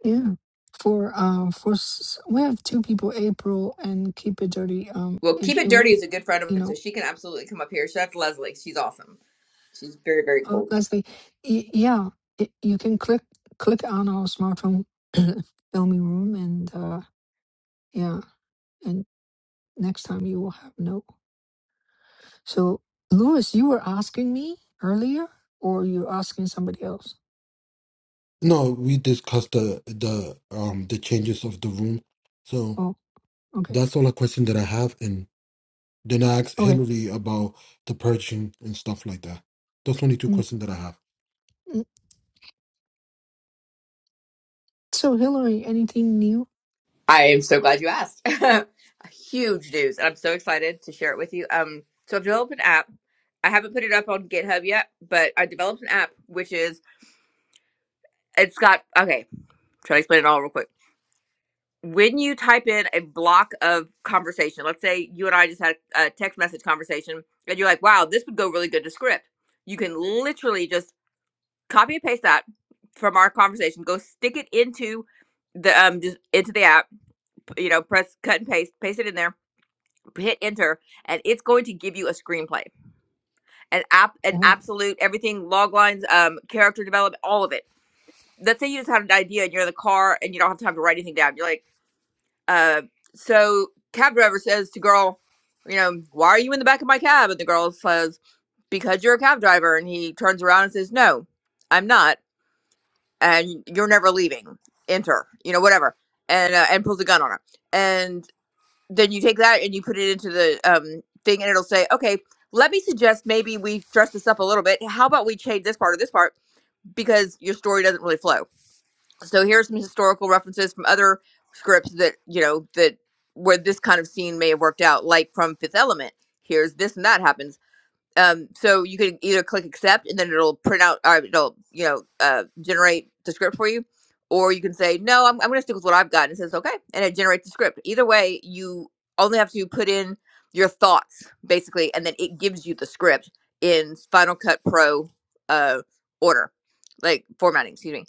Speaker 1: Yeah. For um for s- we have two people, April and Keep It Dirty. Um,
Speaker 6: Well, Keep
Speaker 1: if
Speaker 6: It
Speaker 1: you
Speaker 6: Dirty is a good friend of
Speaker 1: you
Speaker 6: mine, so
Speaker 1: know,
Speaker 6: she can absolutely come up here. Chef Leslie, she's awesome. She's very, very
Speaker 1: uh,
Speaker 6: cool.
Speaker 1: Leslie, y- yeah, y you can click click on our smartphone filming room, and uh, yeah, and next time you will have no. So, Louis, you were asking me earlier, or you're asking somebody else?
Speaker 2: no. We discussed the the um the changes of the room, so
Speaker 1: Oh, okay,
Speaker 2: that's all a question that I have. And then I asked
Speaker 1: okay.
Speaker 2: Hillary about the purging and stuff like that. Those only two
Speaker 1: Mm,
Speaker 2: questions that I have.
Speaker 1: mm. So, Hillary, anything new?
Speaker 6: I am so glad you asked. Huge news, and I'm so excited to share it with you. Um, so I've developed an app. I haven't put it up on GitHub yet, but I developed an app which is it's got okay. Try to explain it all real quick. When you type in a block of conversation, let's say you and I just had a text message conversation, and you're like, "Wow, this would go really good to script." You can literally just Copy and paste that from our conversation. Go stick it into the um just into the app. You know, press cut and paste, paste it in there, hit enter, and it's going to give you a screenplay, an app, an
Speaker 1: Oh,
Speaker 6: absolute everything, log lines, um, character development, all of it. Let's say you just had an idea and you're in the car and you don't have time to write anything down. You're like, uh, so cab driver says to girl, you know, why are you in the back of my cab? And the girl says, because you're a cab driver. And he turns around and says, no, I'm not. and you're never leaving. Enter, you know, whatever, and uh, and pulls a gun on her, and then you take that and you put it into the um thing, and it'll say, okay, let me suggest maybe we dress this up a little bit. How about we change this part or this part because your story doesn't really flow. So here's some historical references from other scripts that you know that where this kind of scene may have worked out, like from Fifth Element. Here's this and that happens um so you can either click accept and then it'll print out or it'll you know uh generate the script for you or you can say no i'm, I'm gonna stick with what i've got and it says okay and it generates the script either way you only have to put in your thoughts basically and then it gives you the script in final cut pro uh order like formatting excuse me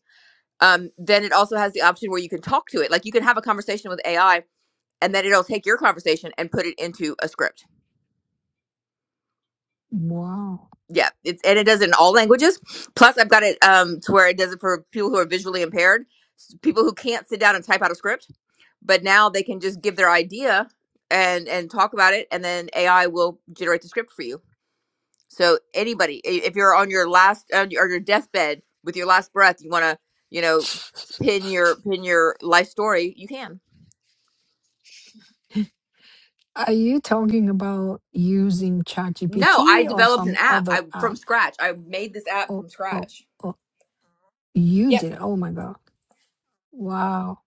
Speaker 6: um then it also has the option where you can talk to it like you can have a conversation with ai and then it'll take your conversation and put it into a script
Speaker 1: wow.
Speaker 6: yeah it's and it does it in all languages plus i've got it um to where it does it for people who are visually impaired s- people who can't sit down and type out a script but now they can just give their idea and and talk about it and then ai will generate the script for you so anybody i- if you're on your last on your, or your deathbed with your last breath you want to you know pin your pin your life story you can
Speaker 1: Are you talking about using
Speaker 6: no i
Speaker 1: ChatGPT or
Speaker 6: developed an
Speaker 1: some
Speaker 6: app i
Speaker 1: other
Speaker 6: from
Speaker 1: app?
Speaker 6: scratch i made this app
Speaker 1: Oh,
Speaker 6: from
Speaker 1: oh,
Speaker 6: scratch
Speaker 1: oh, you
Speaker 6: yep
Speaker 1: did. Oh my God. Wow.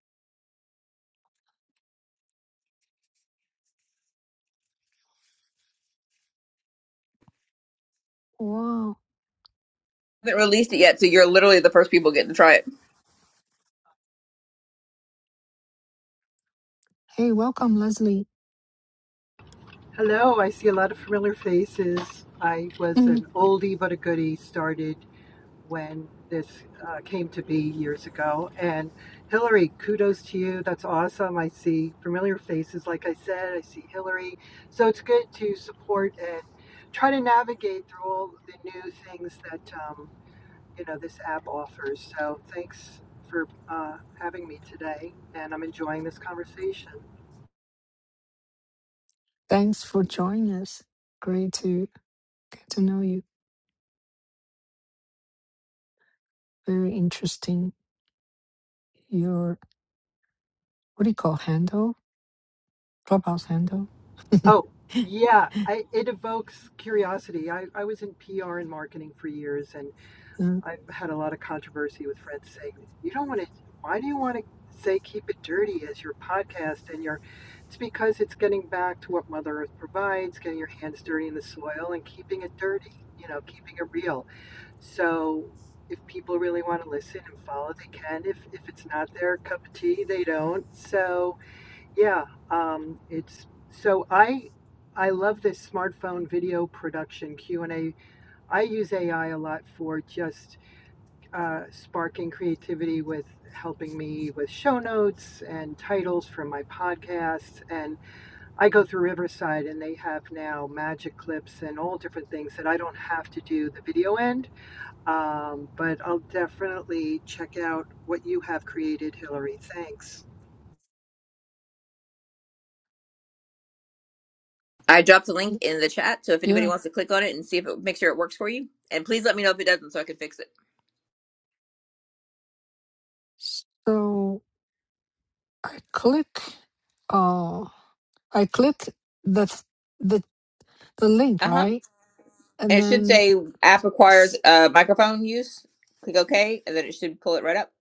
Speaker 1: Wow.
Speaker 6: haven't released it yet so you're literally the first people getting to try it
Speaker 1: Hey, welcome, Leslie.
Speaker 7: Hello, I see a lot of familiar faces. I was
Speaker 1: Mm,
Speaker 7: an oldie but a goodie, started when this uh, came to be years ago. And Hillary, kudos to you. That's awesome. I see familiar faces, like I said, I see Hillary. So it's good to support and try to navigate through all the new things that, um, you know, this app offers. So thanks for uh, having me today, and I'm enjoying this conversation.
Speaker 1: Thanks for joining us. Great to get to know you. Very interesting. Your, what do you call handle? Clubhouse handle?
Speaker 7: Oh, yeah, I, it evokes curiosity. I, I was in PR and marketing for years, and
Speaker 1: Mm,
Speaker 7: I've had a lot of controversy with friends saying, You don't want to, why do you want to say keep it dirty as your podcast? And your, it's because it's getting back to what Mother Earth provides, getting your hands dirty in the soil and keeping it dirty, you know, keeping it real. So if people really want to listen and follow, they can. If, if it's not their cup of tea, they don't. So, yeah, um, it's so I I love this smartphone video production q and A. I use AI a lot for just uh, sparking creativity with helping me with show notes and titles for my podcasts. And I go through Riverside and they have now magic clips and all different things that I don't have to do the video end. Um, but I'll definitely check out what you have created, Hillary. Thanks.
Speaker 6: I dropped a link
Speaker 1: y-
Speaker 6: in the chat, so if anybody
Speaker 1: Yeah.
Speaker 6: wants to click on it and see if it make sure it works for you, and please let me know if it doesn't, so I can fix it.
Speaker 1: So I click, uh, I click the, th- the, the link,
Speaker 6: Uh huh.
Speaker 1: right? And
Speaker 6: And it should
Speaker 1: then
Speaker 6: say app requires
Speaker 1: S-
Speaker 6: uh, microphone use. Click OK, and then it should pull it right up.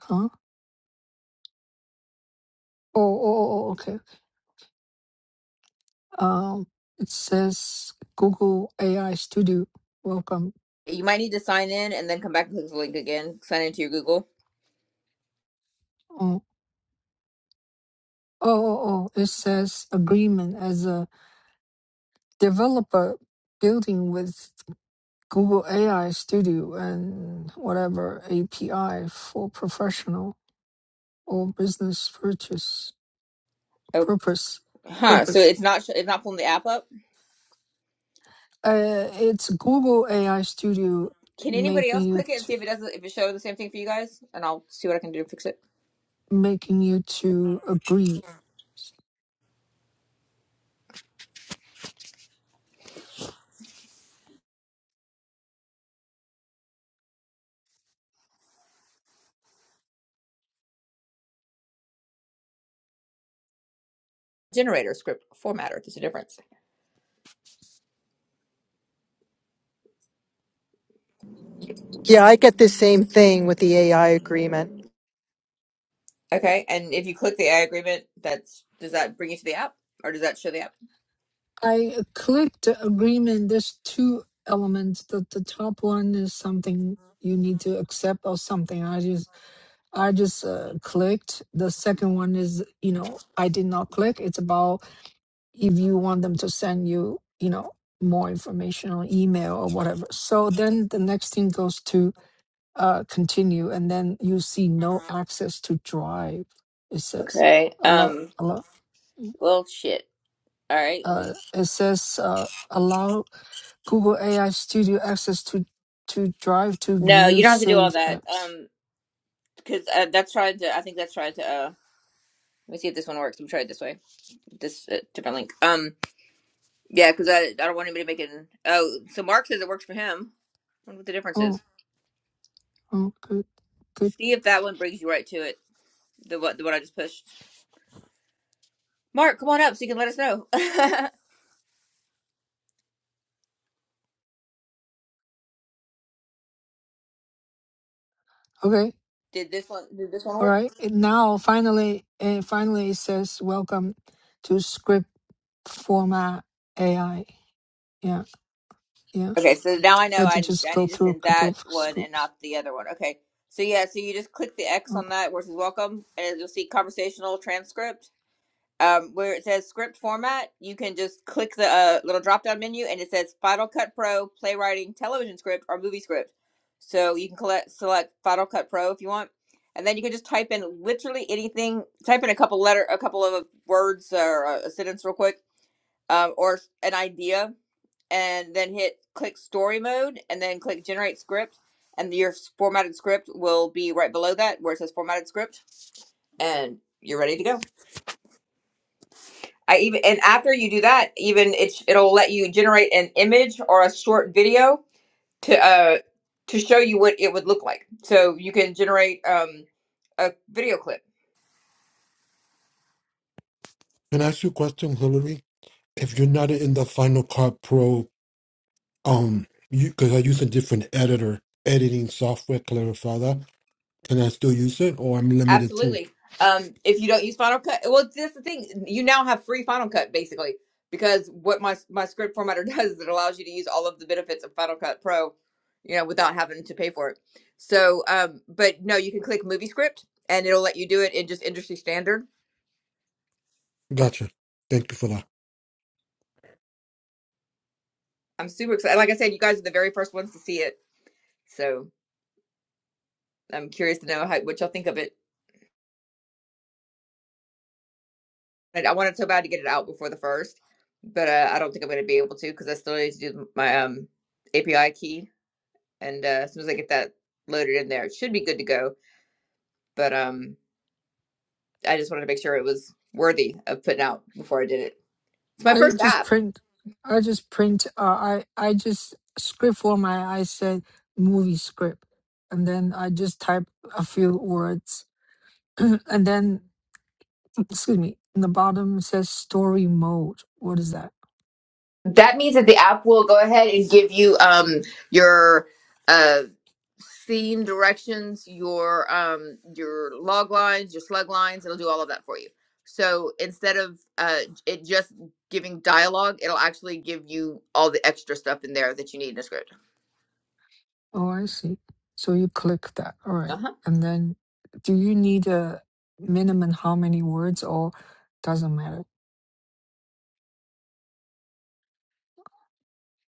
Speaker 1: Huh? Oh, oh, oh, oh, okay. Um, it says Google AI Studio. Welcome.
Speaker 6: You might need to sign in and then come back and click the link again. Sign into your Google.
Speaker 1: Oh, oh, oh, oh. It says agreement as a developer building with Google AI Studio and whatever API for professional or business purchase
Speaker 6: Oh,
Speaker 1: purpose
Speaker 6: huh. So
Speaker 1: purpose.
Speaker 6: it's not sh- it's not pulling the app up.
Speaker 1: Uh, it's Google AI Studio
Speaker 6: Can anybody
Speaker 1: making
Speaker 6: else
Speaker 1: you
Speaker 6: click it and see
Speaker 1: to
Speaker 6: if it does not if it shows the same thing for you guys? And I'll see what I can do to fix it.
Speaker 1: making you to agree
Speaker 6: Generator script formatter. There's a difference.
Speaker 7: Yeah, I get the same thing with the AI agreement.
Speaker 6: Okay. And if you click the AI agreement, that's does that bring you to the app, or does that show the app?
Speaker 1: I clicked agreement. There's two elements. The the top one is something you need to accept or something. I just I just uh, clicked. The second one is you know I did not click. It's about if you want them to send you you know more information or email or whatever. So then the next thing goes to uh, continue, and then you see no access to drive. It says
Speaker 6: Okay.
Speaker 1: a lot
Speaker 6: Um.
Speaker 1: a lot.
Speaker 6: Well, shit. All right. Let me.
Speaker 1: Uh, it says uh, allow Google AI Studio access to to drive to
Speaker 6: No, you
Speaker 1: view
Speaker 6: don't have to do all
Speaker 1: saved
Speaker 6: that.
Speaker 1: apps.
Speaker 6: Um. Because uh, that's trying to. I think that's trying to. Uh. Let me see if this one works. Let me try it this way. This uh, different link. Um. Yeah. Because I. I don't want anybody making. Oh. So Mark says it works for him. I wonder what the difference is.
Speaker 1: Oh, oh, good, good.
Speaker 6: See if that one brings you right to it. The what? The what I just pushed. Mark, come on up so you can let us know.
Speaker 1: Okay,
Speaker 6: did this one? Did this one
Speaker 1: all
Speaker 6: work?
Speaker 1: right. And now, finally, and finally, it says welcome to script format AI. Yeah, yeah.
Speaker 6: Okay, so now I
Speaker 1: You
Speaker 6: know
Speaker 1: have to
Speaker 6: I,
Speaker 1: just
Speaker 6: I
Speaker 1: go
Speaker 6: need to
Speaker 1: through
Speaker 6: send
Speaker 1: a couple
Speaker 6: that
Speaker 1: of
Speaker 6: one and
Speaker 1: scoops.
Speaker 6: not the other one. Okay, so yeah, so you just click the X
Speaker 1: Oh.
Speaker 6: on that versus welcome, and you'll see conversational transcript. Um, where it says script format, you can just click the uh, little drop down menu, and it says Final Cut Pro, playwriting, television script, or movie script. So you can collect, select Final Cut Pro if you want, and then you can just type in literally anything. Type in a couple letter, a couple of words or a a sentence real quick, um, or an idea and then hit click story mode and then click generate script and your formatted script will be right below that where it says formatted script and you're ready to go. I even and after you do that, even it's it'll let you generate an image or a short video to uh to show you what it would look like. So you can generate um a video clip
Speaker 2: Can I ask you a question, Hillary? If you're not in the Final Cut Pro Um, you because I use a different editor editing software, clarify that. Can I still use it or I'm limited to?
Speaker 6: Absolutely. Um, if you don't use Final Cut, well, that's the thing. You now have free Final Cut basically because what my my script formatter does is it allows you to use all of the benefits of Final Cut Pro, you know, without having to pay for it. So, um, but no, you can click Movie Script and it'll let you do it in just industry standard.
Speaker 2: Gotcha. Thank you for that.
Speaker 6: I'm super excited. Like I said, you guys are the very first ones to see it, so I'm curious to know how, what y'all think of it. And I want it so bad to get it out before the first, but uh, I don't think I'm going to be able to because I still need to do my um, API key and uh, as soon as I get that loaded in there, it should be good to go. But um, I just wanted to make sure it was worthy of putting out before I did it. It's my
Speaker 1: I
Speaker 6: first
Speaker 1: just
Speaker 6: app.
Speaker 1: print. I just print. Uh, I I just script format. I said movie script, and then I just type a few words, and then excuse me, in the bottom it says story mode. What is that?
Speaker 6: That means that the app will go ahead and give you um your uh theme directions, your um your log lines, your slug lines. It'll do all of that for you. So instead of uh it just giving dialogue, it'll actually give you all the extra stuff in there that you need in a script.
Speaker 1: Oh, I see. So you click that. All right. And then do you need a minimum how many words or doesn't matter?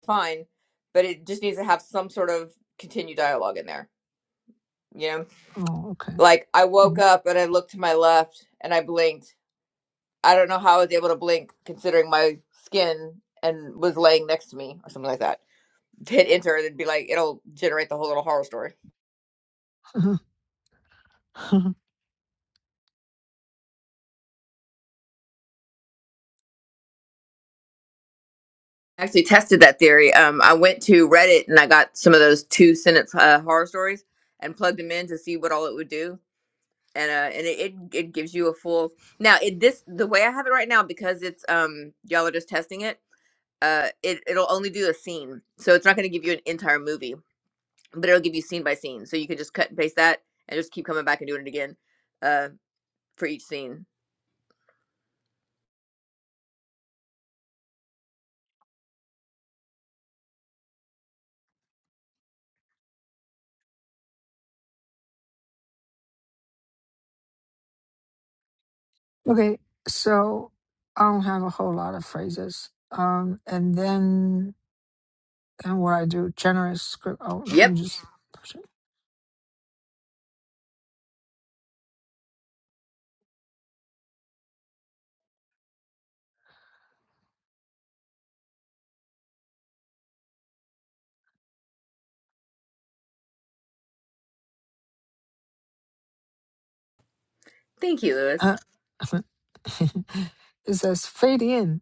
Speaker 6: fine, but it just needs to have some sort of continued dialogue in there. You know,
Speaker 1: Oh,
Speaker 6: like I woke
Speaker 1: okay.
Speaker 6: up and I looked to my left and I blinked. I don't know how I was able to blink considering my skin and was laying next to me or something like that. Hit enter and it'd be like it'll generate the whole little horror story.
Speaker 1: Mm.
Speaker 6: I actually tested that theory. Um, I went to Reddit and I got some of those two sentence uh, horror stories and plugged them in to see what all it would do and uh and it, it it gives you a full now it this the way i have it right now because it's um y'all are just testing it uh it it'll only do a scene so it's not going to give you an entire movie but it'll give you scene by scene so you can just cut and paste that and just keep coming back and doing it again uh for each scene
Speaker 1: okay. So I don't have a whole lot of phrases. Um, and then and what I do, generous script. Oh,
Speaker 6: yep
Speaker 1: I'm just pushing.
Speaker 6: thank you lewis
Speaker 1: Uh, it says fade in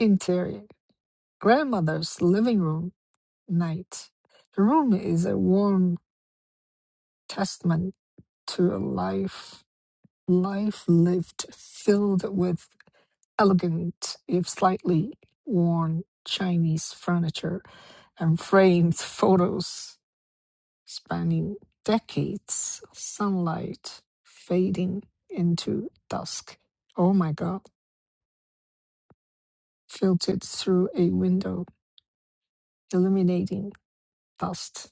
Speaker 1: interior grandmother's living room night. The room is a warm testament to a life life lived filled with elegant, if slightly worn, Chinese furniture and framed photos spanning decades of sunlight fading into dusk. Oh my god, filtered through a window, illuminating dust,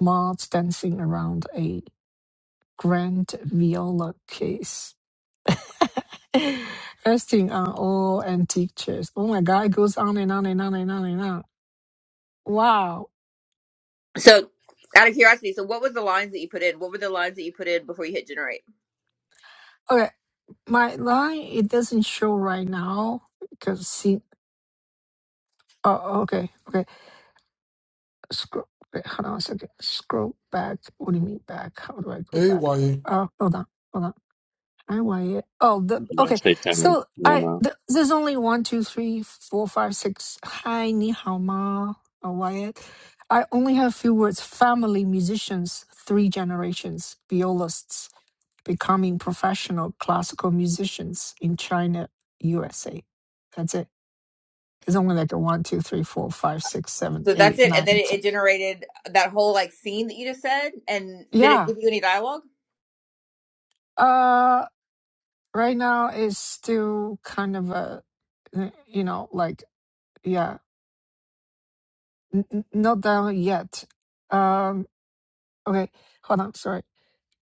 Speaker 1: moths dancing around a grand viola case, resting on all antique chairs. Oh my God, it goes on and on and on and on and on. Wow.
Speaker 6: so out of curiosity so what was the lines that you put in what were the lines that you put in before you hit generate
Speaker 1: Okay, my line it doesn't show right now because see. Oh, oh, okay, okay. Scroll. Wait, hold on a second. Scroll back. What do you mean back? How do I go
Speaker 2: Hey,
Speaker 1: back?
Speaker 2: Wyatt.
Speaker 1: Oh, hold on. hold on. I want it. Oh, the
Speaker 8: My
Speaker 1: okay.
Speaker 8: safe time.
Speaker 1: So
Speaker 8: Yeah, man.
Speaker 1: I
Speaker 8: Not
Speaker 1: th- there's only one, two, three, four, five, six. Hi, ni hao ma, uh, it I only have few words. Family musicians, three generations, violists becoming professional classical musicians in China, USA. That's it. It's only like a one, two, three, four, five, six, seven,
Speaker 6: so that's
Speaker 1: eight,
Speaker 6: it and then
Speaker 1: nine,
Speaker 6: it,
Speaker 1: ten.
Speaker 6: it generated that whole like scene that you just said and did it
Speaker 1: Yeah.
Speaker 6: give you any dialogue
Speaker 1: Uh, right now it's still kind of a, you know, like yeah. N- n- not down yet. Um, okay, hold on, sorry.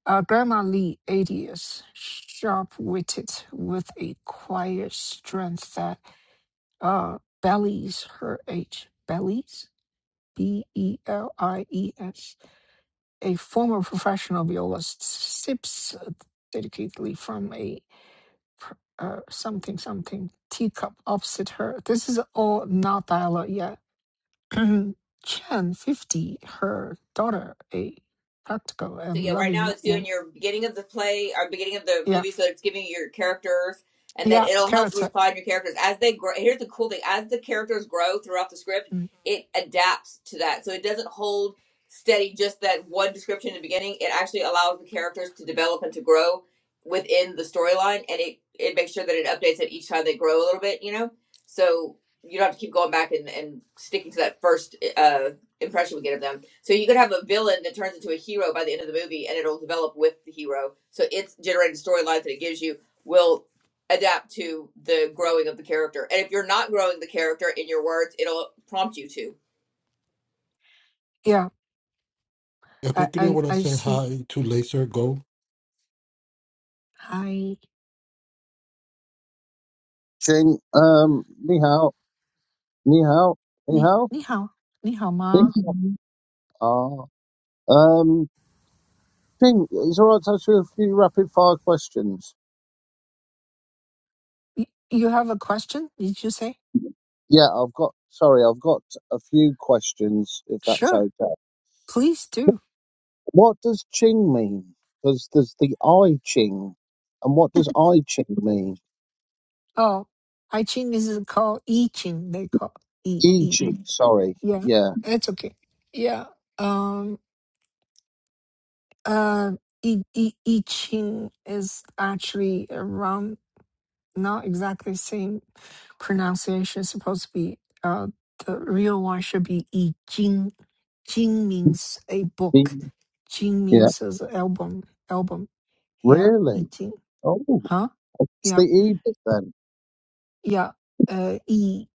Speaker 1: Uh, Grandma Lee, 80 years, sharp-witted with a quiet strength that uh, bellies her age. Bellies? B-E-L-I-E-S. A former professional violist sips dedicatedly from a pr- uh, something something teacup opposite her. This is all not dialogue yet Chen, 50, her daughter, a practical
Speaker 6: So yeah,
Speaker 1: and
Speaker 6: right now
Speaker 1: loving
Speaker 6: it's doing
Speaker 1: woman.
Speaker 6: your beginning of the play or beginning of the
Speaker 1: Yeah,
Speaker 6: movie, so it's giving your characters, and then
Speaker 1: yeah,
Speaker 6: it'll help
Speaker 1: character.
Speaker 6: refine your characters as they grow. Here's the cool thing: as the characters grow throughout the script,
Speaker 1: Mm,
Speaker 6: it adapts to that, so it doesn't hold steady just that one description in the beginning. It actually allows the characters to develop and to grow within the storyline, and it it makes sure that it updates it each time they grow a little bit. You know, so you don't have to keep going back and, and sticking to that first uh impression we get of them. So you could have a villain that turns into a hero by the end of the movie, and it'll develop with the hero. So its generated storylines that it gives you will adapt to the growing of the character. And if you're not growing the character in your words, it'll prompt you to.
Speaker 1: Yeah,
Speaker 2: I
Speaker 1: I,
Speaker 2: quickly
Speaker 1: I,
Speaker 2: want to
Speaker 1: I
Speaker 2: say
Speaker 1: see.
Speaker 2: hi to Laser Go.
Speaker 1: Hi,
Speaker 9: Ching, um, ni hao, ni hao, ni
Speaker 1: ni,
Speaker 9: hao,
Speaker 1: ni hao, ni hao
Speaker 9: ni
Speaker 1: ma.
Speaker 9: hao. Ah, um, Ching, is it all right to ask you a few rapid fire questions?
Speaker 1: You, you have a question? Did you say?
Speaker 9: Yeah, I've got, sorry, I've got a few questions, if that's
Speaker 1: Sure,
Speaker 9: okay.
Speaker 1: please do.
Speaker 9: What does Ching mean? Does, does the I Ching, and what does I Ching mean?
Speaker 1: Oh, I Ching is called I Ching. They call E
Speaker 9: I
Speaker 1: E.
Speaker 9: Ching, sorry,
Speaker 1: Yeah,
Speaker 9: yeah.
Speaker 1: it's okay. Yeah. Um. Uh. I I I Ching is actually around. not exactly same pronunciation. Supposed to be uh, the real one should be "yi jing." Jing means a book.
Speaker 9: I-
Speaker 1: Jing
Speaker 9: Yeah,
Speaker 1: means as a album. Album. Yeah, "yi
Speaker 9: really?
Speaker 1: jing."
Speaker 9: Oh,
Speaker 1: Huh?
Speaker 9: it's the
Speaker 1: Yeah,
Speaker 9: E bit then.
Speaker 1: yeah. Uh, "yi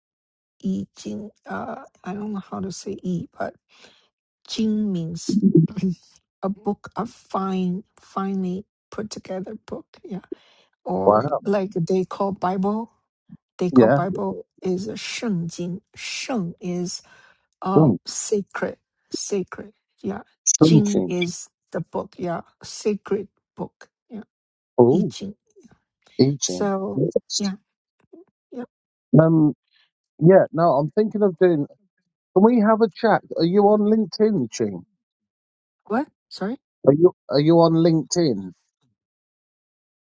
Speaker 1: yi jing." Uh, I don't know how to say "yi," but "jing" means a book, a fine, finely put together book. Yeah, or
Speaker 9: Wow,
Speaker 1: like they call Bible. They call
Speaker 9: yeah.
Speaker 1: Bible is 圣经.圣 is uh,
Speaker 9: Oh,
Speaker 1: sacred, sacred. Yeah. Jing
Speaker 9: Ching.
Speaker 1: is the book. Yeah. Sacred book. Yeah. I
Speaker 9: Eating.
Speaker 1: So, yeah. Yeah.
Speaker 9: Um. Yeah. No, I'm thinking of doing. Can we have a chat? Are you on LinkedIn, Ching?
Speaker 1: What? Sorry?
Speaker 9: Are you Are you on LinkedIn?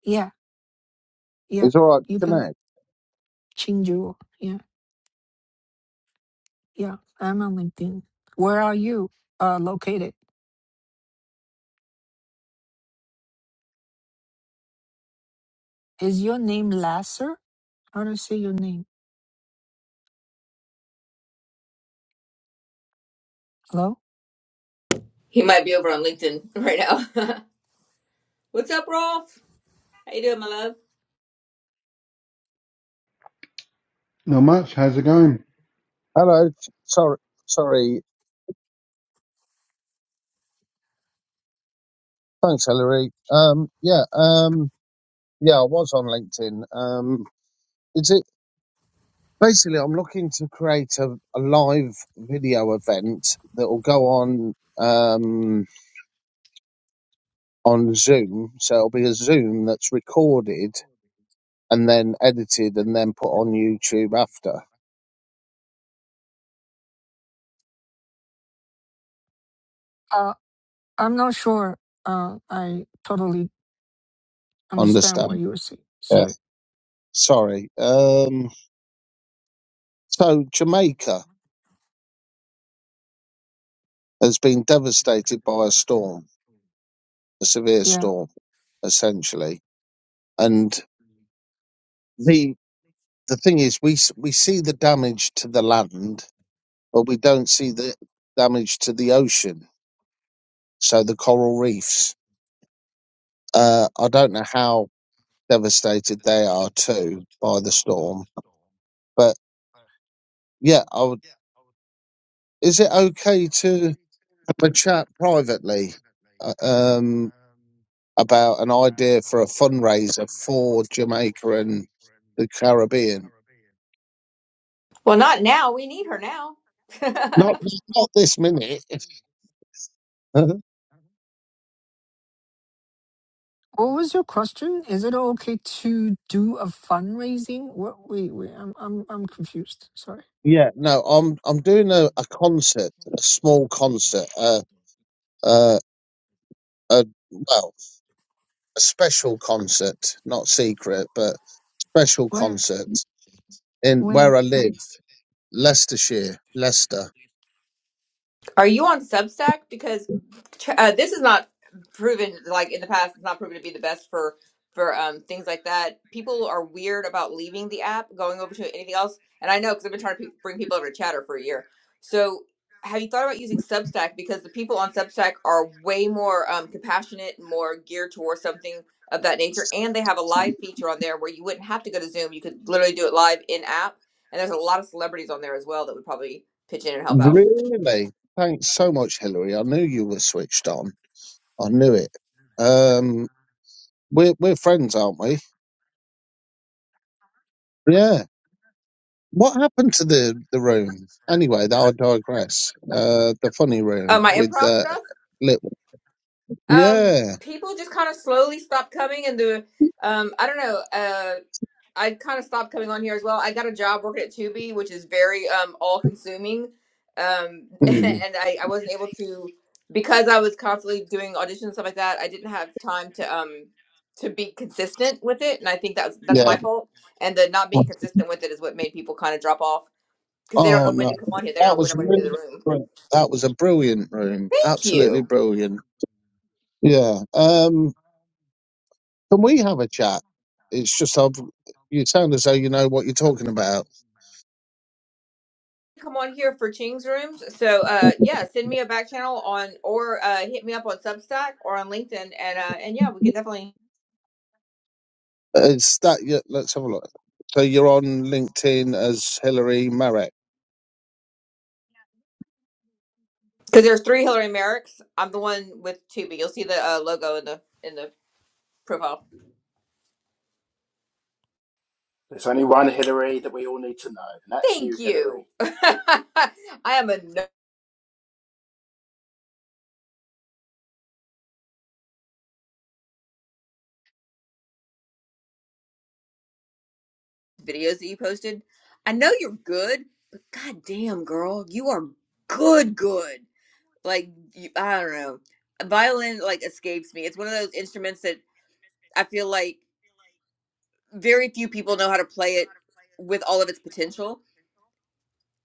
Speaker 1: Yeah. Yeah.
Speaker 9: It's all right. to
Speaker 1: You can
Speaker 9: Connect.
Speaker 1: change your. Yeah. Yeah. I'm on LinkedIn. Where are you uh, located? Is your name Lasser? How do I say your name? Hello?
Speaker 6: He might be over on LinkedIn right now. What's up, Rolf? How you doing, my love?
Speaker 5: Not much. How's it going?
Speaker 9: Hello. s- Sorry. Sorry. Thanks, Hillary. Um. Yeah. Um. Yeah. I was on LinkedIn. Um. Is it basically? I'm looking to create a, a live video event that will go on um on Zoom. So it'll be a Zoom that's recorded and then edited and then put on YouTube after.
Speaker 1: Uh, I'm not sure. Uh, I totally understand
Speaker 9: Understand?
Speaker 1: what you were saying.
Speaker 9: Yeah.
Speaker 1: So,
Speaker 9: Sorry. Um, so Jamaica has been devastated by a storm, a severe
Speaker 1: yeah.
Speaker 9: storm, essentially. And the the thing is, we s- we see the damage to the land, but we don't see the damage to the ocean. So the coral reefs. Uh, I don't know how devastated they are too by the storm, but yeah, I would. Is it okay to? have a chat privately uh, um, about an idea for a fundraiser for Jamaica and the Caribbean.
Speaker 6: Well, not now. We need her now.
Speaker 9: Not not this minute. Uh-huh.
Speaker 1: What was your question? Is it okay to do a fundraising? What? Wait, wait. I'm, I'm, I'm confused. Sorry.
Speaker 9: yeah, no, I'm I'm doing a, a concert, a small concert, a a, a well, a special concert, not secret, but special
Speaker 1: Where?
Speaker 9: concert in
Speaker 1: Where?
Speaker 9: where I live, Leicestershire, Leicester.
Speaker 6: Are you on Substack? Because uh, this is not proven like in the past. It's not proven to be the best for for um, things like that. People are weird about leaving the app, going over to anything else. And I know because I've been trying to pe- bring people over to Chatter for a year. So have you thought about using Substack? Because the people on Substack are way more um, compassionate, more geared towards something of that nature, and they have a live feature on there where you wouldn't have to go to Zoom. You could literally do it live in app. And there's a lot of celebrities on there as well that would probably pitch in and help out.
Speaker 9: Really? Thanks so much, Hillary. I knew you were switched on. I knew it. Um, we're we're friends, aren't we? Yeah. What happened to the the room? Anyway, that I digress. Uh, the funny
Speaker 6: uh,
Speaker 9: room
Speaker 6: my
Speaker 9: with
Speaker 6: improv
Speaker 9: uh,
Speaker 6: stuff,
Speaker 9: little.
Speaker 6: um,
Speaker 9: Yeah.
Speaker 6: people just kind of slowly stopped coming, and the um, I don't know. Uh, I kind of stopped coming on here as well. I got a job working at Tubi, which is very um, all-consuming, um,
Speaker 9: Hmm,
Speaker 6: and I, I wasn't able to because I was constantly doing auditions and stuff like that. I didn't have time to um, to be consistent with it, and I think that's that's
Speaker 9: Yeah.
Speaker 6: my fault. And the not being consistent with it is what made people kind of drop off because they don't
Speaker 9: Oh
Speaker 6: know when
Speaker 9: no,
Speaker 6: to come on here. They don't
Speaker 9: that
Speaker 6: know when
Speaker 9: was
Speaker 6: I'm going to do
Speaker 9: really
Speaker 6: the room.
Speaker 9: br- that was a brilliant room.
Speaker 6: Thank you.
Speaker 9: Absolutely brilliant. Yeah. Um, can we have a chat? It's just I've, you sound as though you know what you're talking about.
Speaker 6: come on here for Ching's rooms. So uh yeah, send me a back channel on or uh hit me up on Substack or on LinkedIn and uh and yeah, we can definitely
Speaker 9: It's that. Yeah, let's have a look. So you're on LinkedIn as Hillary Marek.
Speaker 6: because there's three Hillary Merricks. I'm the one with Tubi. You'll see the uh, logo in the in the profile.
Speaker 10: There's only one Hillary that we all need to know, and that's you,
Speaker 6: Thank you.
Speaker 10: Hillary.
Speaker 6: I am a no videos that you posted. I know you're good, but goddamn girl, you are good good. Like you, I don't know. Violin like escapes me. It's one of those instruments that I feel like very few people know how to play it with all of its potential.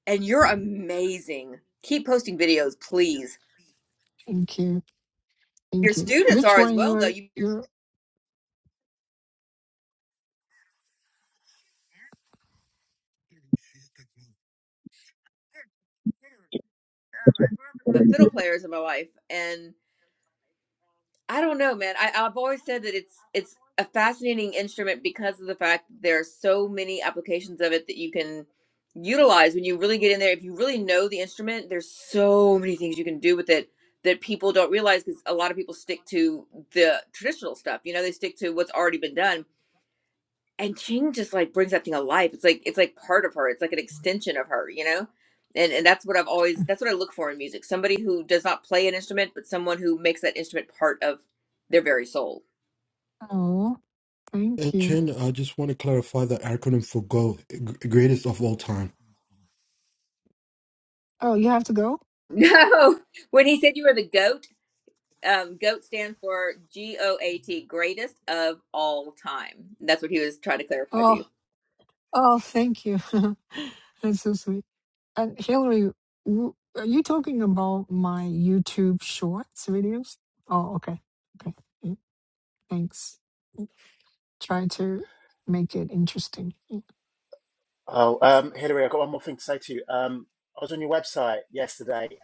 Speaker 6: And you're amazing. Keep posting videos, please.
Speaker 1: Thank you.
Speaker 6: Your
Speaker 1: Thank you.
Speaker 6: students
Speaker 1: Which
Speaker 6: are as
Speaker 1: one you
Speaker 6: well, though.
Speaker 1: were?
Speaker 6: You
Speaker 1: You're.
Speaker 6: have fiddle
Speaker 9: Mark,
Speaker 6: players in my life, and I don't know, man. I, I've always said that it's it's a fascinating instrument because of the fact that there are so many applications of it that you can utilize when you really get in there. If you really know the instrument, there's so many things you can do with it that people don't realize because a lot of people stick to the traditional stuff. You know, they stick to what's already been done, and Ching just like brings that thing alive. It's like it's like part of her. It's like an extension of her, you know. And and that's what I've always that's what I look for in music. Somebody who does not play an instrument, but someone who makes that instrument part of their very soul.
Speaker 1: Oh, thank
Speaker 2: And
Speaker 1: you.
Speaker 2: Chin, I just want to clarify the acronym for Go, g- greatest of all time.
Speaker 1: Oh, you have to go?
Speaker 6: No, when he said you were the goat, um, goat stands for G O A T, greatest of all time. That's what he was trying to clarify to
Speaker 1: Oh,
Speaker 6: you.
Speaker 1: oh, thank you. That's so sweet. And Hillary, w- are you talking about my YouTube Shorts videos? Oh, okay. Okay. Mm, Thanks. Try to make it interesting. Mm.
Speaker 10: Oh, um, Hillary, I've got one more thing to say to you. Um, I was on your website yesterday,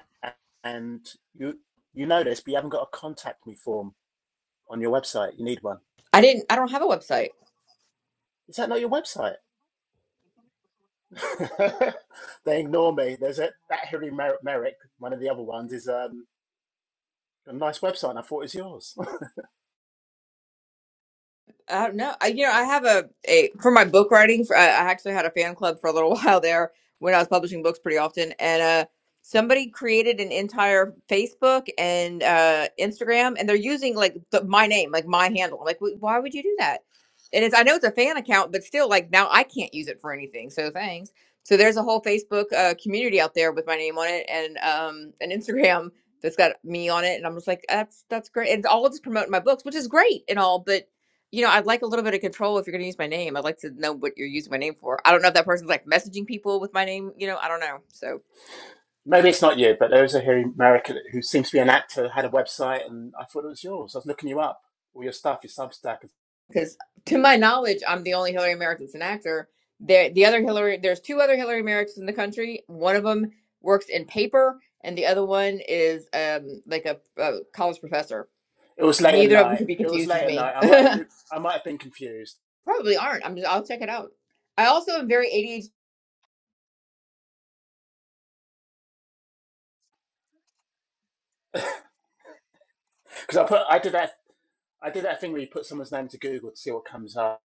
Speaker 10: and you you know this, but you haven't got a contact me form on your website. You need one.
Speaker 6: I didn't. I don't have a website.
Speaker 10: Is that not your website? They ignore me. There's a that Hillary Mer- Merrick, one of the other ones, is um, a nice website, and I thought it was yours.
Speaker 6: I don't know. I, you know, I have a, a for my book writing. For, I I actually had a fan club for a little while there when I was publishing books pretty often, and uh, somebody created an entire Facebook and uh, Instagram, and they're using like the, my name, like my handle. Like, wh- why would you do that? And it's I know it's a fan account, but still, like now I can't use it for anything. So thanks. So there's a whole Facebook uh, community out there with my name on it and um, an Instagram that's got me on it, and I'm just like, that's that's great. And it's all just promoting my books, which is great and all, but you know, I'd like a little bit of control if you're going to use my name. I'd like to know what you're using my name for. I don't know if that person's like messaging people with my name. You know, I don't know. So,
Speaker 10: Maybe it's not you, but there is a Hillary Merrick who seems to be an actor, had a website, and I thought it was yours. I was looking you up, all your stuff, your Substack. and
Speaker 6: because to my knowledge, I'm the only Hillary Merrick that's an actor. There, the other Hillary, there's two other Hillary Americans in the country. One of them works in paper, and the other one is um like a, a college professor.
Speaker 10: It was late at
Speaker 6: Neither of them
Speaker 10: night.
Speaker 6: could be
Speaker 10: It was
Speaker 6: confused as
Speaker 10: late at
Speaker 6: me.
Speaker 10: night. I might have been I might have been confused
Speaker 6: Probably aren't. I'm just. I'll check it out. I also am very
Speaker 10: because I put I did that I did that thing where you put someone's name to Google to see what comes up.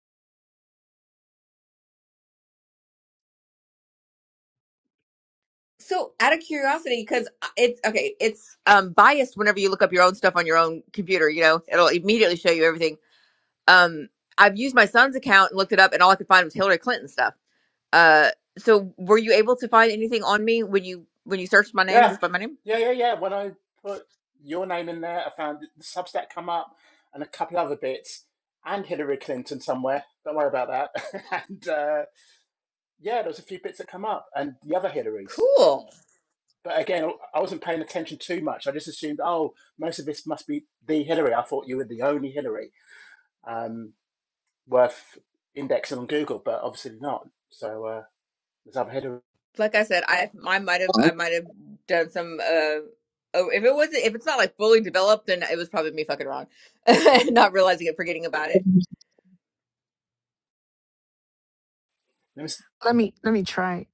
Speaker 6: So, out of curiosity, because it's okay, it's um biased whenever you look up your own stuff on your own computer. You know, it'll immediately show you everything. Um, I've used my son's account and looked it up, and all I could find was Hillary Clinton stuff. Uh, so were you able to find anything on me when you when you searched my name,
Speaker 10: Yeah,
Speaker 6: just by my name?
Speaker 10: yeah, yeah, yeah. When I put your name in there, I found the Substack come up and a couple other bits and Hillary Clinton somewhere. Don't worry about that. and uh, yeah, there was a few bits that come up and the other Hillarys.
Speaker 6: Cool.
Speaker 10: But again, I wasn't paying attention too much. I just assumed, oh, most of this must be the Hillary. I thought you were the only Hillary. Um, worth indexing on Google, but obviously not. So uh, let's have a header.
Speaker 6: Like I said, I I might have I might have done some uh. Oh, if it wasn't, if it's not like fully developed, then it was probably me fucking wrong, not realizing it, forgetting about it.
Speaker 10: Let me,
Speaker 1: Let me let me try.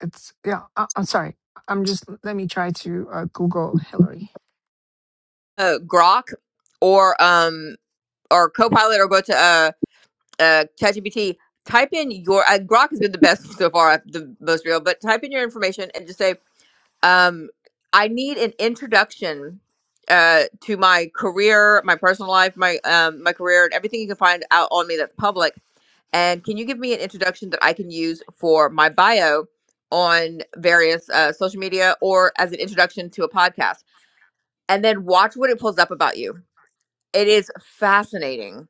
Speaker 1: It's yeah. I, I'm sorry. I'm just let me try to uh, Google Hillary.
Speaker 6: Uh, Grok, or um, or Copilot or go to uh, uh, ChatGPT, type in your uh, Grok has been the best so far, the most real. But type in your information and just say, um, "I need an introduction uh, to my career, my personal life, my um, my career, and everything you can find out on me that's public." And can you give me an introduction that I can use for my bio on various uh, social media or as an introduction to a podcast? And then watch what it pulls up about you. It is fascinating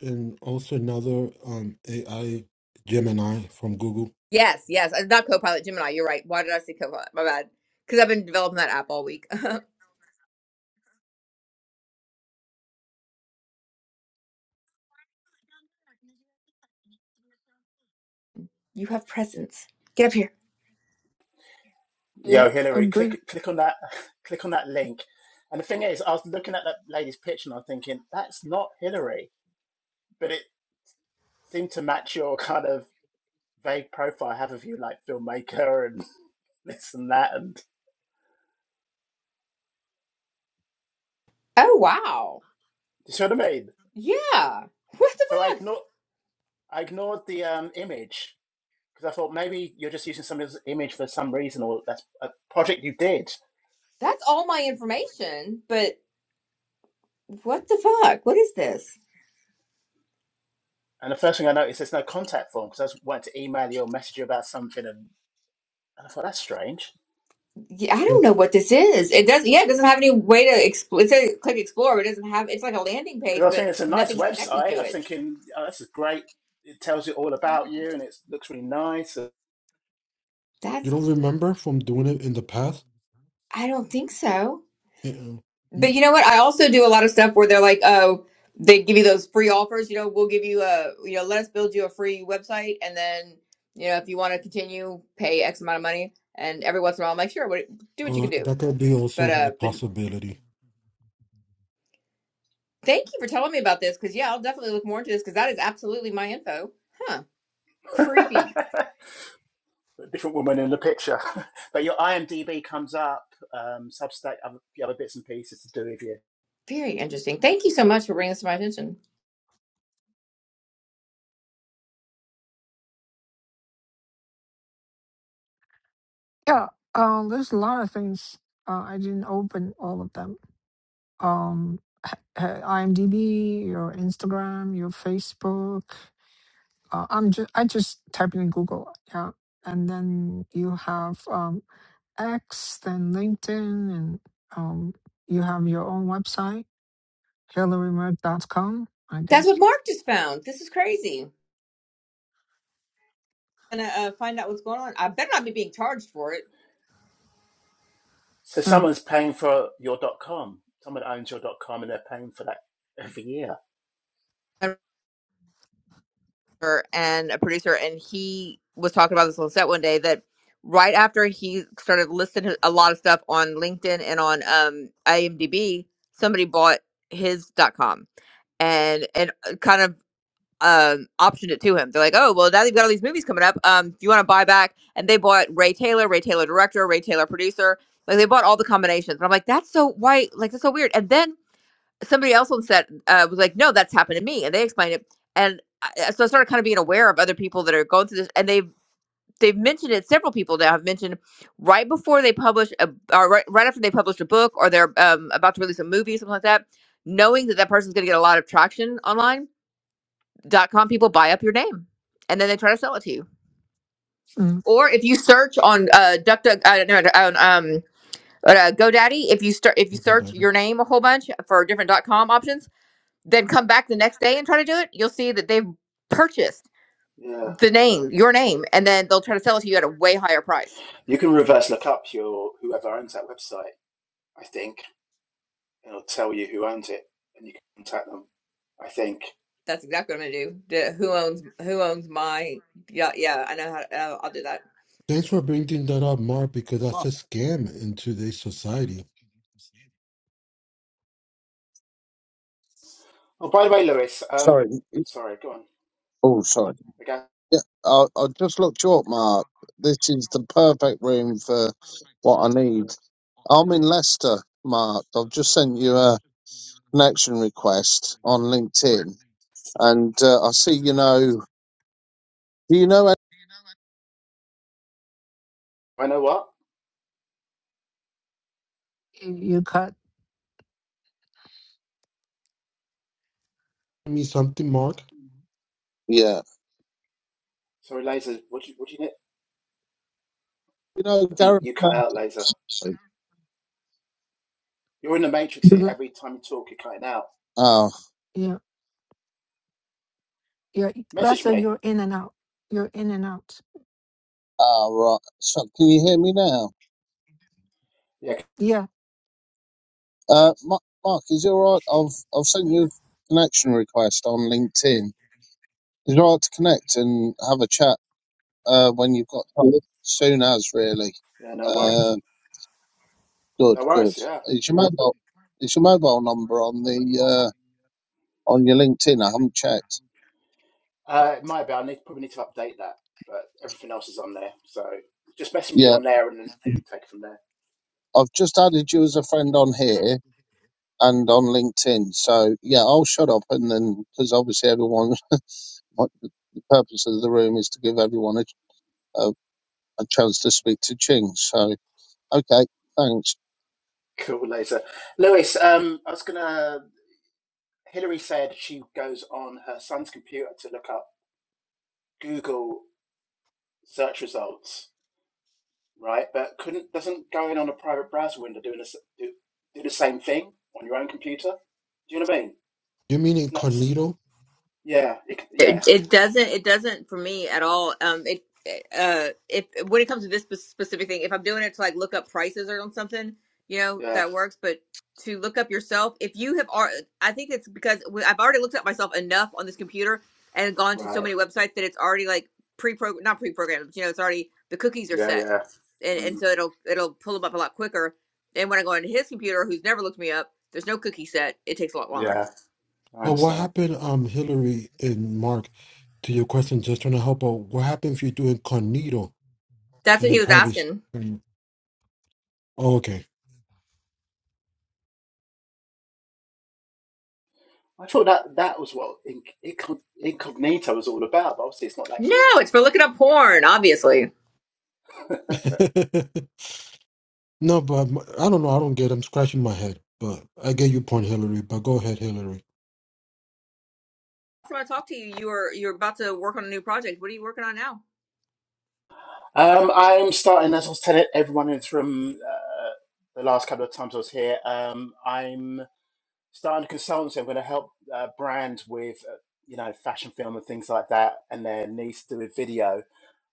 Speaker 2: And also another um AI Gemini from Google.
Speaker 6: Yes, yes. uh, Not Copilot, Gemini. You're right. Why did I say Copilot? My bad. Because I've been developing that app all week. You have presents. Get up here.
Speaker 1: Yeah,
Speaker 10: yo, Hillary,
Speaker 1: agree.
Speaker 10: click click on that click on that link. And the thing is, I was looking at that lady's picture and I'm thinking that's not Hillary, but it seemed to match your kind of vague profile. I Have of you like filmmaker and this and that, and
Speaker 6: Oh, wow.
Speaker 10: you see what I mean?
Speaker 6: Yeah. What the
Speaker 10: So I
Speaker 6: fuck?
Speaker 10: ignored I ignored the um, image because I thought maybe you're just using somebody's image for some reason, or that's a project you did.
Speaker 6: That's all my information, but what the fuck? What is this?
Speaker 10: And the first thing I noticed, there's no contact form because I was wanting to email you or message you about something, and, and I thought that's strange
Speaker 6: Yeah, I don't
Speaker 2: You
Speaker 6: know what this is. It does. Yeah, it doesn't have any way to explore. It says click explore. But it doesn't have. It's like a landing
Speaker 10: because I
Speaker 6: page,
Speaker 10: was thinking
Speaker 6: but
Speaker 10: it's a nice
Speaker 6: nothing's connected to
Speaker 10: website. I was
Speaker 6: it.
Speaker 10: thinking oh, this is great. It tells you all about you, and it looks really nice. A
Speaker 2: you
Speaker 6: That's.
Speaker 2: don't remember from doing it in the past?
Speaker 6: I don't think so.
Speaker 2: Uh-uh.
Speaker 6: But
Speaker 2: Mm,
Speaker 6: you know what? I also do a lot of stuff where they're like, oh, they give you those free offers. You know, we'll give you a, you know, let us build you a free website. And then, you know, if you want to continue, pay X amount of money. And every once in a while, I'm like, sure, what, do what you can
Speaker 2: well,
Speaker 6: do.
Speaker 2: that could be
Speaker 6: But,
Speaker 2: also
Speaker 6: uh,
Speaker 2: a
Speaker 6: but
Speaker 2: possibility.
Speaker 6: thank you for telling me about this because, yeah, I'll definitely look more into this because that is absolutely my info. Huh. Creepy.
Speaker 10: different woman in the picture, but your IMDb comes up, um, Substack, other, the other bits and pieces to do with you.
Speaker 6: Very interesting. Thank you so much for bringing this to my attention.
Speaker 1: Yeah. Uh, there's a lot of things. Uh, I didn't open all of them. um, h- h- IMDb, your Instagram, your Facebook. Uh, I'm just I just type it in Google, yeah, and then you have um, X, then LinkedIn, and um, you have your own website, hillary merck dot com, I
Speaker 6: That's what
Speaker 1: guess.
Speaker 6: Mark just found. This is crazy. gonna uh, find out what's going on. I better not be being charged for it.
Speaker 10: So
Speaker 1: Uh,
Speaker 10: someone's paying for your .com. Someone owns your .com, and they're paying for that every year.
Speaker 6: and a producer, and he was talking about this on set one day that right after he started listing his- a lot of stuff on LinkedIn and on um, IMDb, somebody bought his dot com and and uh, kind of um optioned it to him. They're like, oh well, now that you've got all these movies coming up, um, do you want to buy back? And they bought Ray Taylor, Ray Taylor director, Ray Taylor producer. Like they bought all the combinations. And I'm like, that's so why like that's so weird. And then somebody else on set uh, was like, "No, that's happened to me," and they explained it. And I, so I started kind of being aware of other people that are going through this, and they have they've mentioned it. Several people now have mentioned right before they publish a, or right, right after they publish a book, or they're um, about to release a movie, something like that. Knowing that that person's going to get a lot of traction online, dot com people buy up your name, and then they try to sell it to you.
Speaker 1: mm,
Speaker 6: Or if you search on uh, Duck, Duck, uh, no, on um, uh, GoDaddy, if you start if you search your name a whole bunch for different dot com options then come back the next day and try to do it, you'll see that they've purchased
Speaker 10: Yeah,
Speaker 6: the
Speaker 10: yeah.
Speaker 6: name, your name, and then they'll try to sell it to you at a way higher price.
Speaker 10: You can reverse look up your whoever owns that website. I think, and it'll tell you who owns it, and you can contact them. I think.
Speaker 6: That's exactly what I'm gonna do. The, who owns who owns my yeah yeah I know how uh, I'll do that.
Speaker 2: Thanks for bringing that up, Mark, because that's
Speaker 9: Mark,
Speaker 2: a scam in today's society.
Speaker 10: Oh, by the way, Lewis. Um,
Speaker 9: sorry. it's-
Speaker 10: sorry, go on.
Speaker 9: Oh, sorry.
Speaker 10: Again,
Speaker 9: Yeah, I, I just looked you up, Mark. This is the perfect room for what I need. I'm in Leicester, Mark. I've just sent you a connection request on LinkedIn, and uh, I see you know. Do you know? any-
Speaker 10: I know what.
Speaker 1: You you cut,
Speaker 2: I mean something, Mark.
Speaker 9: Yeah.
Speaker 10: Sorry, laser. What do you, what do you need?
Speaker 9: You know
Speaker 10: I think
Speaker 9: Gareth.
Speaker 10: you cut out, laser.
Speaker 9: Murphy?
Speaker 10: You're in the matrix here.
Speaker 1: le-
Speaker 10: Every time you talk, you're cutting out.
Speaker 9: Oh,
Speaker 1: yeah, yeah.
Speaker 10: Message
Speaker 1: Lester,
Speaker 10: me.
Speaker 1: you're in and out. You're in and out.
Speaker 9: oh, right. So, can you hear me now?
Speaker 10: Yeah.
Speaker 1: Yeah,
Speaker 9: Uh, Ma- Mark, is it all right? I've I've sent you a connection request on LinkedIn. It's would to connect and have a chat uh, when you've got time. Soon as, really.
Speaker 10: Yeah. No worries.
Speaker 9: Uh, good,
Speaker 10: No
Speaker 9: good.
Speaker 10: worries. Yeah.
Speaker 9: Is your
Speaker 10: Yeah.
Speaker 9: mobile? Is your mobile number on the uh, on your LinkedIn? I haven't checked.
Speaker 10: Uh, it might be. I need probably need to update that, but everything else is on there. So just message me
Speaker 9: Yeah,
Speaker 10: on there, and then take it from there.
Speaker 9: I've just added you as a friend on here and on LinkedIn. So yeah, I'll shut up and then because obviously everyone, what the purpose of the room is to give everyone a, a, a chance to speak to Ching. So okay, thanks.
Speaker 10: Cool, laser. Lewis. Um, I was gonna Hillary said she goes on her son's computer to look up Google search results, right? But couldn't doesn't going on a private browser window doing this do, do the same thing on your own computer? Do you know what I mean?
Speaker 2: You mean
Speaker 10: Isn't that this?
Speaker 2: incognito?
Speaker 10: Yeah, it, yeah,
Speaker 6: it, it doesn't it doesn't for me at all um it uh if when it comes to this spe- specific thing if i'm doing it to like look up prices or on something you know
Speaker 10: yeah,
Speaker 6: that works but to look up yourself if you have ar- i think it's because we- i've already looked up myself enough on this computer and gone to so
Speaker 10: right,
Speaker 6: many websites that it's already like pre-programmed not pre-programmed but, you know it's already the cookies are
Speaker 10: yeah,
Speaker 6: set
Speaker 10: yeah,
Speaker 6: and, and
Speaker 10: mm,
Speaker 6: so it'll it'll pull them up a lot quicker and when i go into his computer who's never looked me up there's no cookie set it takes a lot longer
Speaker 10: yeah. I
Speaker 2: But what
Speaker 10: understand.
Speaker 2: happened, um, Hillary and Mark, to your question, just trying to help out, what happened if you do incognito
Speaker 6: that's
Speaker 2: and
Speaker 6: what
Speaker 2: then
Speaker 6: he was
Speaker 2: private? sh-
Speaker 6: asking
Speaker 2: Mm. Oh, okay.
Speaker 10: I thought that that was what inc- incognito was all about, but obviously it's not that
Speaker 6: No,
Speaker 10: good.
Speaker 6: it's for looking up porn, obviously.
Speaker 2: no, but m- I don't know. I don't get it. I'm scratching my head. But I get your point, Hillary. But go ahead, Hillary.
Speaker 6: When I talked to you, you were you're about to work on a new project. What are you working on now?
Speaker 10: Um, I'm starting, as I was telling everyone in this room uh, the last couple of times I was here, um, I'm starting a consultancy. I'm going to help uh, brands with, uh, you know, fashion film and things like that, and their needs to do with video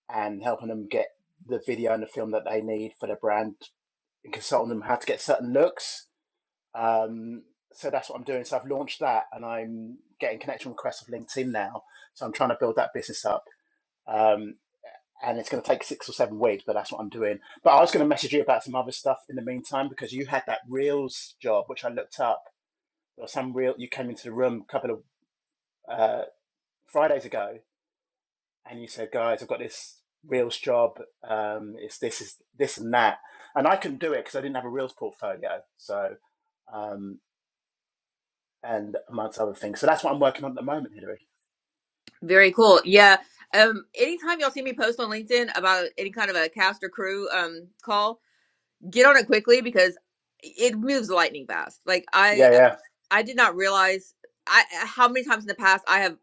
Speaker 10: and helping them get the video and the film that they need for their brand and consulting them how to get certain looks. Um, so that's what I'm doing. So I've launched that and I'm getting connection requests of LinkedIn now. So I'm trying to build that business up. Um, and it's going to take six or seven weeks, but that's what I'm doing. But I was going to message you about some other stuff in the meantime because you had that Reels job, which I looked up. There was some Reel, you came into the room a couple of uh, Fridays ago and you said, guys, I've got this Reels job. Um, it's this, is this and that. And I couldn't do it because I didn't have a Reels portfolio. So, um, and amongst other things. So that's what I'm working on at the moment, Hilary.
Speaker 6: Very cool. Yeah. Um, anytime y'all see me post on LinkedIn about any kind of a cast or crew um call, get on it quickly because it moves lightning fast. Like I
Speaker 10: Yeah,
Speaker 6: I did not realize I how many times in the past I have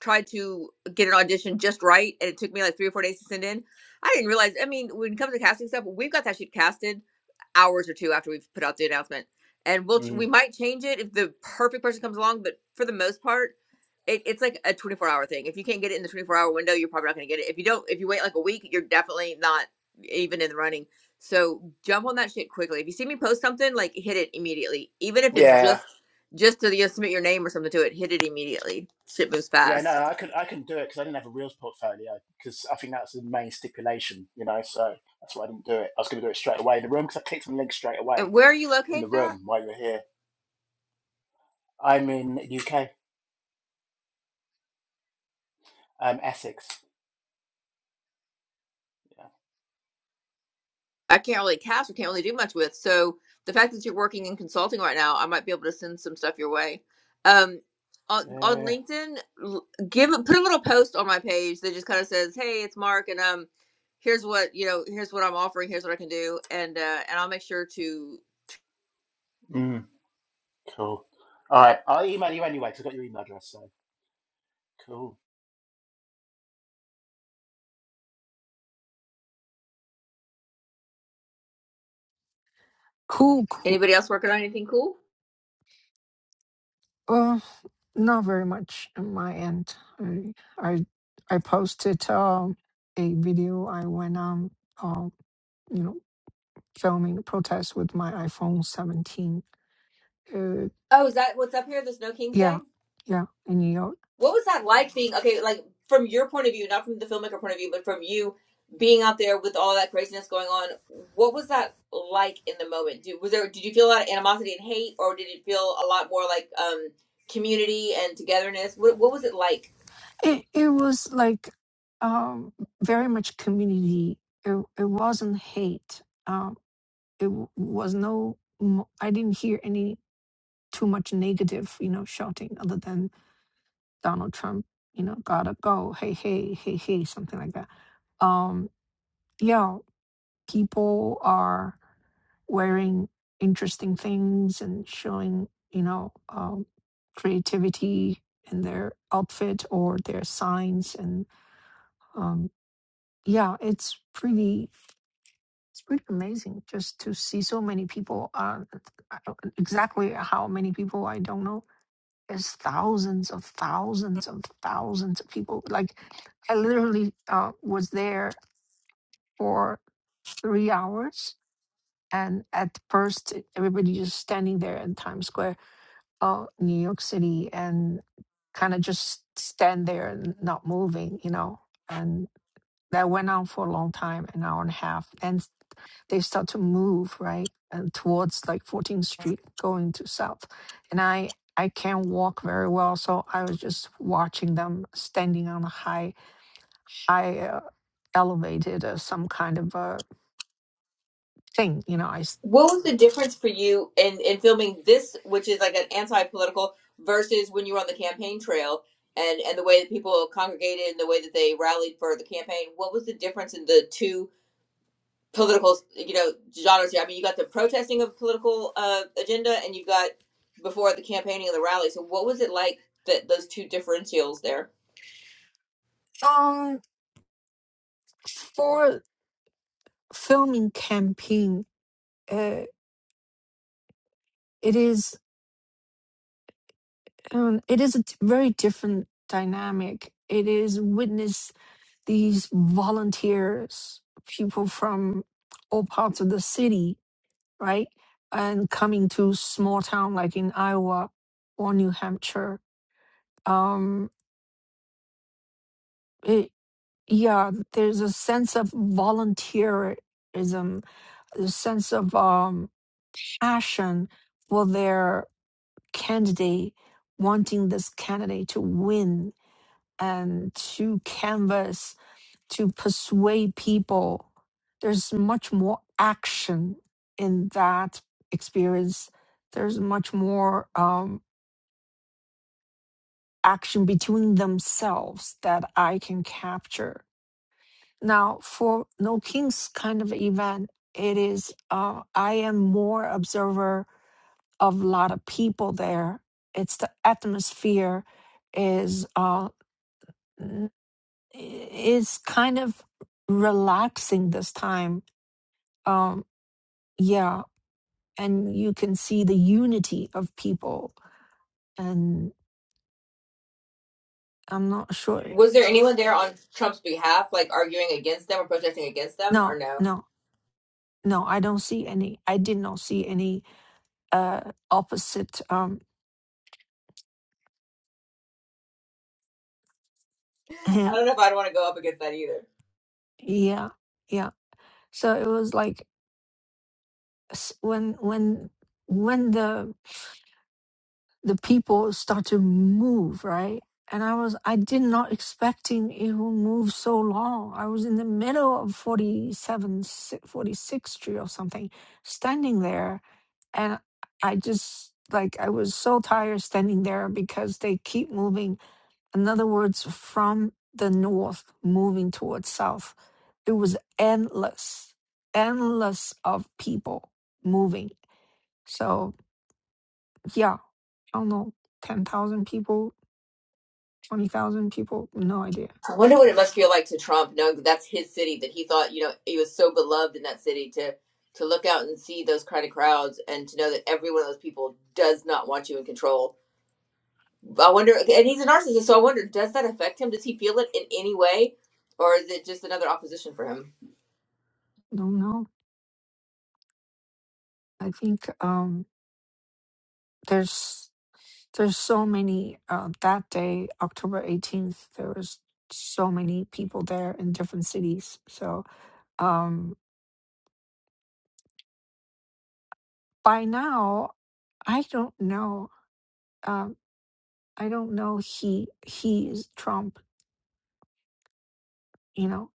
Speaker 6: tried to get an audition just right and it took me like three or four days to send in. I didn't realize I mean, when it comes to casting stuff, we've got that shit casted hours or two after we've put out the announcement, and we'll
Speaker 10: yeah.
Speaker 6: we
Speaker 10: Mm.
Speaker 6: might change it if the perfect person comes along. But for the most part, it, it's like a 24 hour thing. If you can't get it in the 24 hour window, you're probably not going to get it. If you don't, if you wait like a week, you're definitely not even in the running. So jump on that shit quickly. If you see me post something, like hit it immediately, even if it's
Speaker 10: Yeah.
Speaker 6: just just to you know, submit your name or something to it. Hit it immediately. Shit moves
Speaker 10: Yeah, no,
Speaker 6: fast.
Speaker 10: I could I couldn't do it because I didn't have a Reels portfolio because I think that's the main stipulation, you know. So that's why I didn't do it. I was going to do it straight away in the room because I clicked on the link straight away
Speaker 6: And where are you
Speaker 10: in the
Speaker 6: located at?
Speaker 10: room while you were here. I'm in UK, um, Essex. Yeah,
Speaker 6: I can't really cast or can't really do much with. So the fact that you're working in consulting right now, I might be able to send some stuff your way. Um, on, on
Speaker 10: yeah,
Speaker 6: LinkedIn, l- give a- put a little post on my page that just kind of says, "Hey, it's Mark, and um, here's what you know, here's what I'm offering, here's what I can do," and uh, and I'll make sure to.
Speaker 10: mm, cool. All right, I'll email you anyway because I got your email address. So cool.
Speaker 1: Cool. cool,
Speaker 6: Anybody else working on anything cool?
Speaker 1: Uh, not very much on my end. I I I posted um a video I went on um you know filming the protest with my iPhone 17. Uh,
Speaker 6: Oh, is that what's up here? There's no King's Day.
Speaker 1: yeah, yeah, in New York.
Speaker 6: What was that like being okay, like from your point of view, not from the filmmaker point of view, but from you being out there with all that craziness going on? What was that like in the moment? Do, was there did you feel a lot of animosity and hate, or did it feel a lot more like um, community and togetherness? What what was it like?
Speaker 1: It it was like um very much community. It it wasn't hate. Um, it w- was no. mo- I didn't hear any too much negative, you know, shouting other than Donald Trump, you know, gotta go. Hey, hey, hey, hey, something like that. Um, yeah, people are wearing interesting things and showing, you know, um, creativity in their outfit or their signs. And um, yeah, it's pretty, it's pretty amazing just to see so many people. Uh, I don't- exactly how many people I don't know There's thousands of thousands of thousands of people. Like I literally uh, was there for three hours. And at first, it- everybody just standing there in Times Square, uh, New York City, and kind of just stand there and not moving, you know. And that went on for a long time, an hour and a half. and they start to move right and towards like 14th street going to south and i i can't walk very well so i was just watching them standing on a high high uh, elevated uh, some kind of a thing you know i s-
Speaker 6: What was the difference for you in in filming this, which is like an anti political, versus when you were on the campaign trail? And, and the way that people congregated and the way that they rallied for the campaign, what was the difference in the two political, you know, genres here. I mean, you got the protesting of political uh, agenda, and you've got before the campaigning of the rally. So, what was it like that those two differentials there?
Speaker 1: um for filming campaign uh, it is um, it is a d- very different dynamic it is witness these volunteers people from all parts of the city right? And coming to small town like in Iowa or New Hampshire, um, it, yeah, there's a sense of volunteerism, a sense of um, passion for their candidate, wanting this candidate to win and to canvas, to persuade people. There's much more action in that experience. There's much more. Um, action between themselves that I can capture. Now, for No Kings kind of event, it is uh, I am more observer of a lot of people there. It's the atmosphere is uh, n- is kind of relaxing this time. Um, yeah, and you can see the unity of people. And I'm not sure.
Speaker 6: Was there anyone there on Trump's behalf, like arguing against them or protesting against them, or
Speaker 1: No,
Speaker 6: no?
Speaker 1: no, no. I don't see any. I did not see any uh opposite um
Speaker 6: I don't know if I'd want to go up against that either.
Speaker 1: yeah yeah so it was like s- when when when the the people start to move right and i was i did not expecting it will move so long i was in the middle of 47 si- 46th street or something standing there and i just like i was so tired standing there because they keep moving in other words from the north moving towards south it was endless, endless of people moving. So yeah, I don't know, ten thousand people, twenty thousand people, no idea.
Speaker 6: I wonder what it must feel like to Trump, knowing that that's his city, that he thought, you know, he was so beloved in that city to to look out and see those kind of crowds and to know that every one of those people does not want you in control I wonder, okay, and he's a narcissist, so I wonder, does that affect him? Does he feel it in any way, or is it just another opposition for him?
Speaker 1: Don't know. I think um there's there's so many uh that day, October eighteenth, there was so many people there in different cities. So um by now I don't know um I don't know he he is Trump, you know.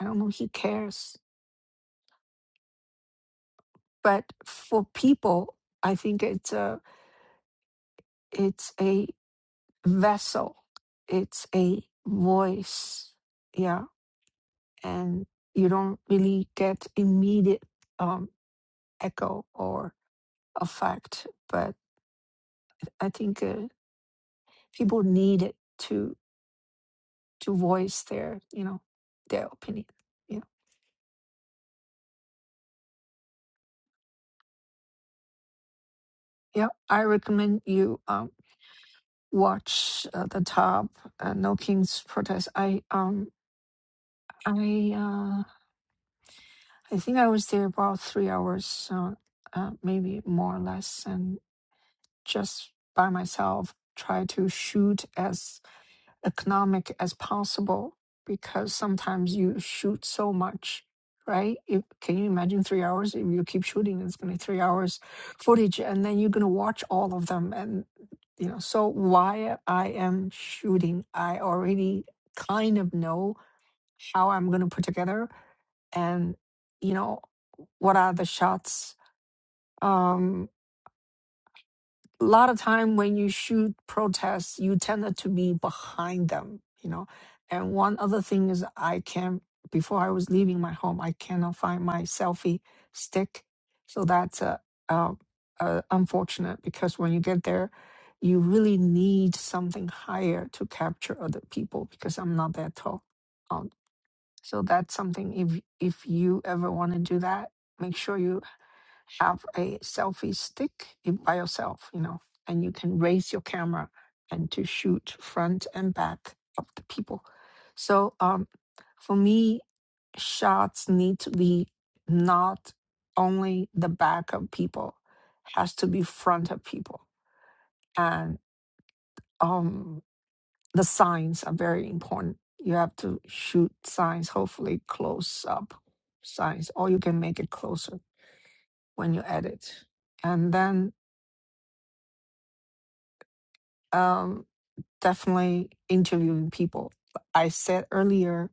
Speaker 1: I don't know he cares but for people i think it's a it's a vessel it's a voice yeah and you don't really get immediate um, echo or effect but i think uh, people need it to to voice their you know their opinion yeah yeah i recommend you um watch uh, the top uh, no king's protest i um i Uh, I think I was there about three hours, so uh, maybe more or less, and just by myself, try to shoot as economic as possible because sometimes you shoot so much, right? If, can you imagine three hours? If you keep shooting, it's going to be three hours footage, and then you're going to watch all of them, and you know. So while I am shooting, I already kind of know how I'm going to put together and you know what are the shots um a lot of time when you shoot protests you tend to be behind them you know and one other thing is i can before i was leaving my home i cannot find my selfie stick so that's uh, uh, uh, unfortunate because when you get there you really need something higher to capture other people because i'm not that tall Um, so that's something if if you ever want to do that, make sure you have a selfie stick in- by yourself, you know, and you can raise your camera and to shoot front and back of the people. So um for me, shots need to be not only the back of people, has to be front of people. And um, the signs are very important. You have to shoot signs, hopefully close up signs, or you can make it closer when you edit. And then um, definitely interviewing people. I said earlier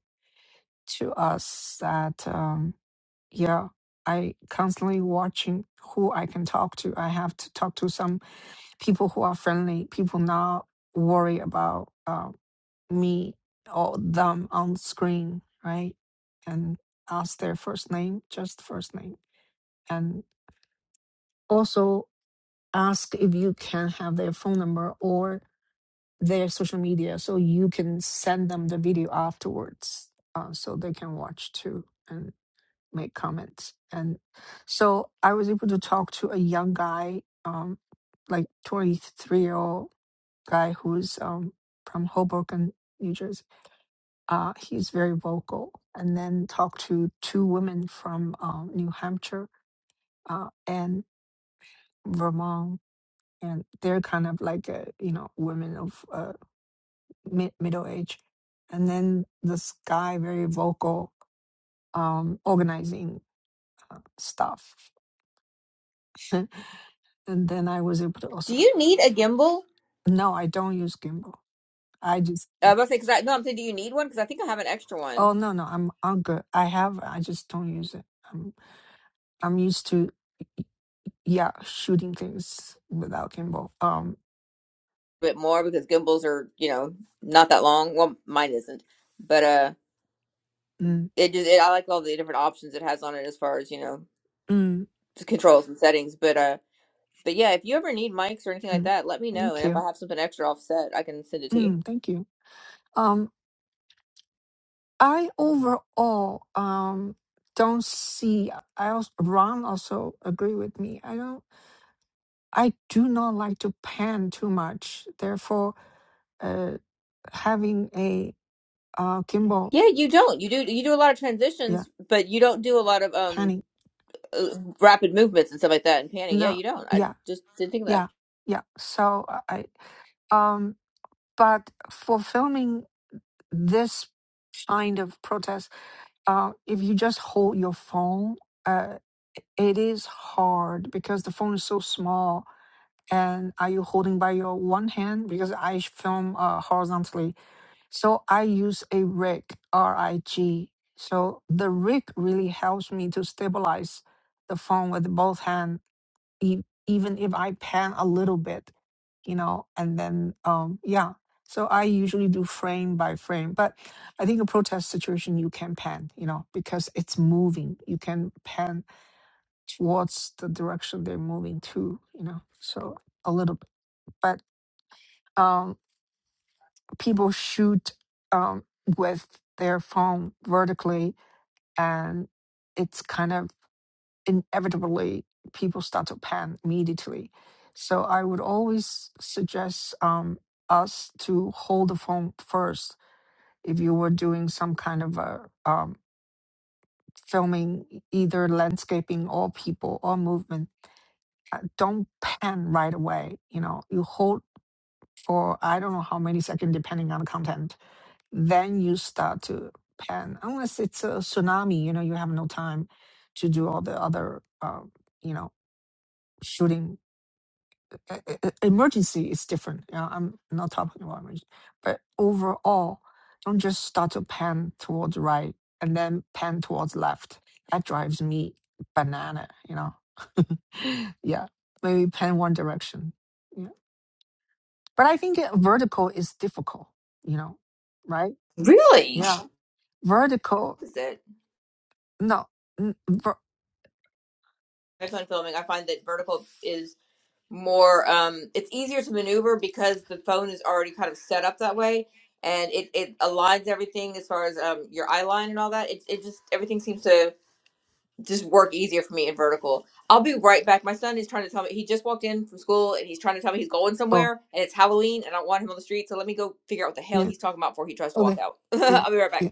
Speaker 1: to us that, um, yeah, I constantly watching who I can talk to. I have to talk to some people who are friendly, people not worry about um, me or them on screen, right? And ask their first name, just first name. And also ask if you can have their phone number or their social media so you can send them the video afterwards uh, so they can watch too and make comments. And so I was able to talk to a young guy, um, like 23 year old guy who's um, from Hoboken, New Jersey. Uh, he's very vocal. And then talked to two women from um, New Hampshire uh, and Vermont, and they're kind of like uh, you know women of uh, mid- middle age. And then this guy, very vocal, um, organizing uh, stuff. and then I was able to
Speaker 6: Do
Speaker 1: also
Speaker 6: you need a gimbal?
Speaker 1: no, I don't use gimbal. I just
Speaker 6: Uh, I'm gonna say because I no, I'm saying, do you need one? Because I think I have an extra
Speaker 1: oh
Speaker 6: one,
Speaker 1: no no I'm I'm good. I have I just don't use it. Um I'm used to yeah shooting things without gimbal. Um,
Speaker 6: a bit more because gimbals are you know not that long. Well, mine isn't, but uh.
Speaker 1: mm,
Speaker 6: it just it, I like all the different options it has on it as far as you know
Speaker 1: mm,
Speaker 6: the controls and settings. But uh, but yeah, if you ever need mics or anything like
Speaker 1: mm.
Speaker 6: that, let me know.
Speaker 1: Thank
Speaker 6: And if I
Speaker 1: you.
Speaker 6: have something extra offset, I can send it to you.
Speaker 1: Mm, thank you. Um, I overall um don't see. I also, Ron also agree with me. I don't. I do not like to pan too much. Therefore, uh, having a uh gimbal,
Speaker 6: Yeah, you don't. You do you do a lot of
Speaker 1: yeah,
Speaker 6: transitions, but you don't do a lot of um
Speaker 1: panning.
Speaker 6: uh, rapid movements and stuff like that and panning. Yeah,
Speaker 1: No,
Speaker 6: you don't. I
Speaker 1: yeah,
Speaker 6: just didn't think of that.
Speaker 1: yeah, yeah. So I I- um, but for filming this kind of protest, uh, if you just hold your phone, uh, it is hard because the phone is so small. And are you holding by your one hand? Because I film uh, horizontally. So I use a rig, R I G. So the rig really helps me to stabilize the phone with both hands e- even if I pan a little bit, you know, and then um yeah. So I usually do frame by frame, but I think a protest situation you can pan, you know, because it's moving. You can pan towards the direction they're moving to, you know. So a little bit, but um people shoot um with their phone vertically and it's kind of inevitably people start to pan immediately. So I would always suggest um, us to hold the phone first if you were doing some kind of a um, filming, e- either landscaping or people or movement. Uh, Don't pan right away. You know, you hold for I don't know how many seconds, depending on the content. Then you start to pan, unless it's a tsunami. You know, you have no time to do all the other, uh, you know, shooting e- e- e, emergency is different. You know, I'm not talking about emergency, but overall, don't just start to pan towards right and then pan towards left. That drives me banana. You know, yeah, maybe pan one direction. Yeah. But I think uh, vertical is difficult. You know, right?
Speaker 6: Really?
Speaker 1: Yeah, vertical.
Speaker 6: Is it?
Speaker 1: No, n- ver-
Speaker 6: That's when filming. I find that vertical is. more um it's easier to maneuver because the phone is already kind of set up that way and it it aligns everything as far as um your eye line and all that it, it just everything seems to just work easier for me in vertical i'll be right back my son is trying to tell me he just walked in from school and he's trying to tell me he's going
Speaker 1: oh
Speaker 6: somewhere and it's halloween and i don't want him on the street so let me go figure out what the hell
Speaker 1: yeah,
Speaker 6: he's talking about before he tries to walk
Speaker 1: okay,
Speaker 6: out
Speaker 1: yeah,
Speaker 6: i'll be right back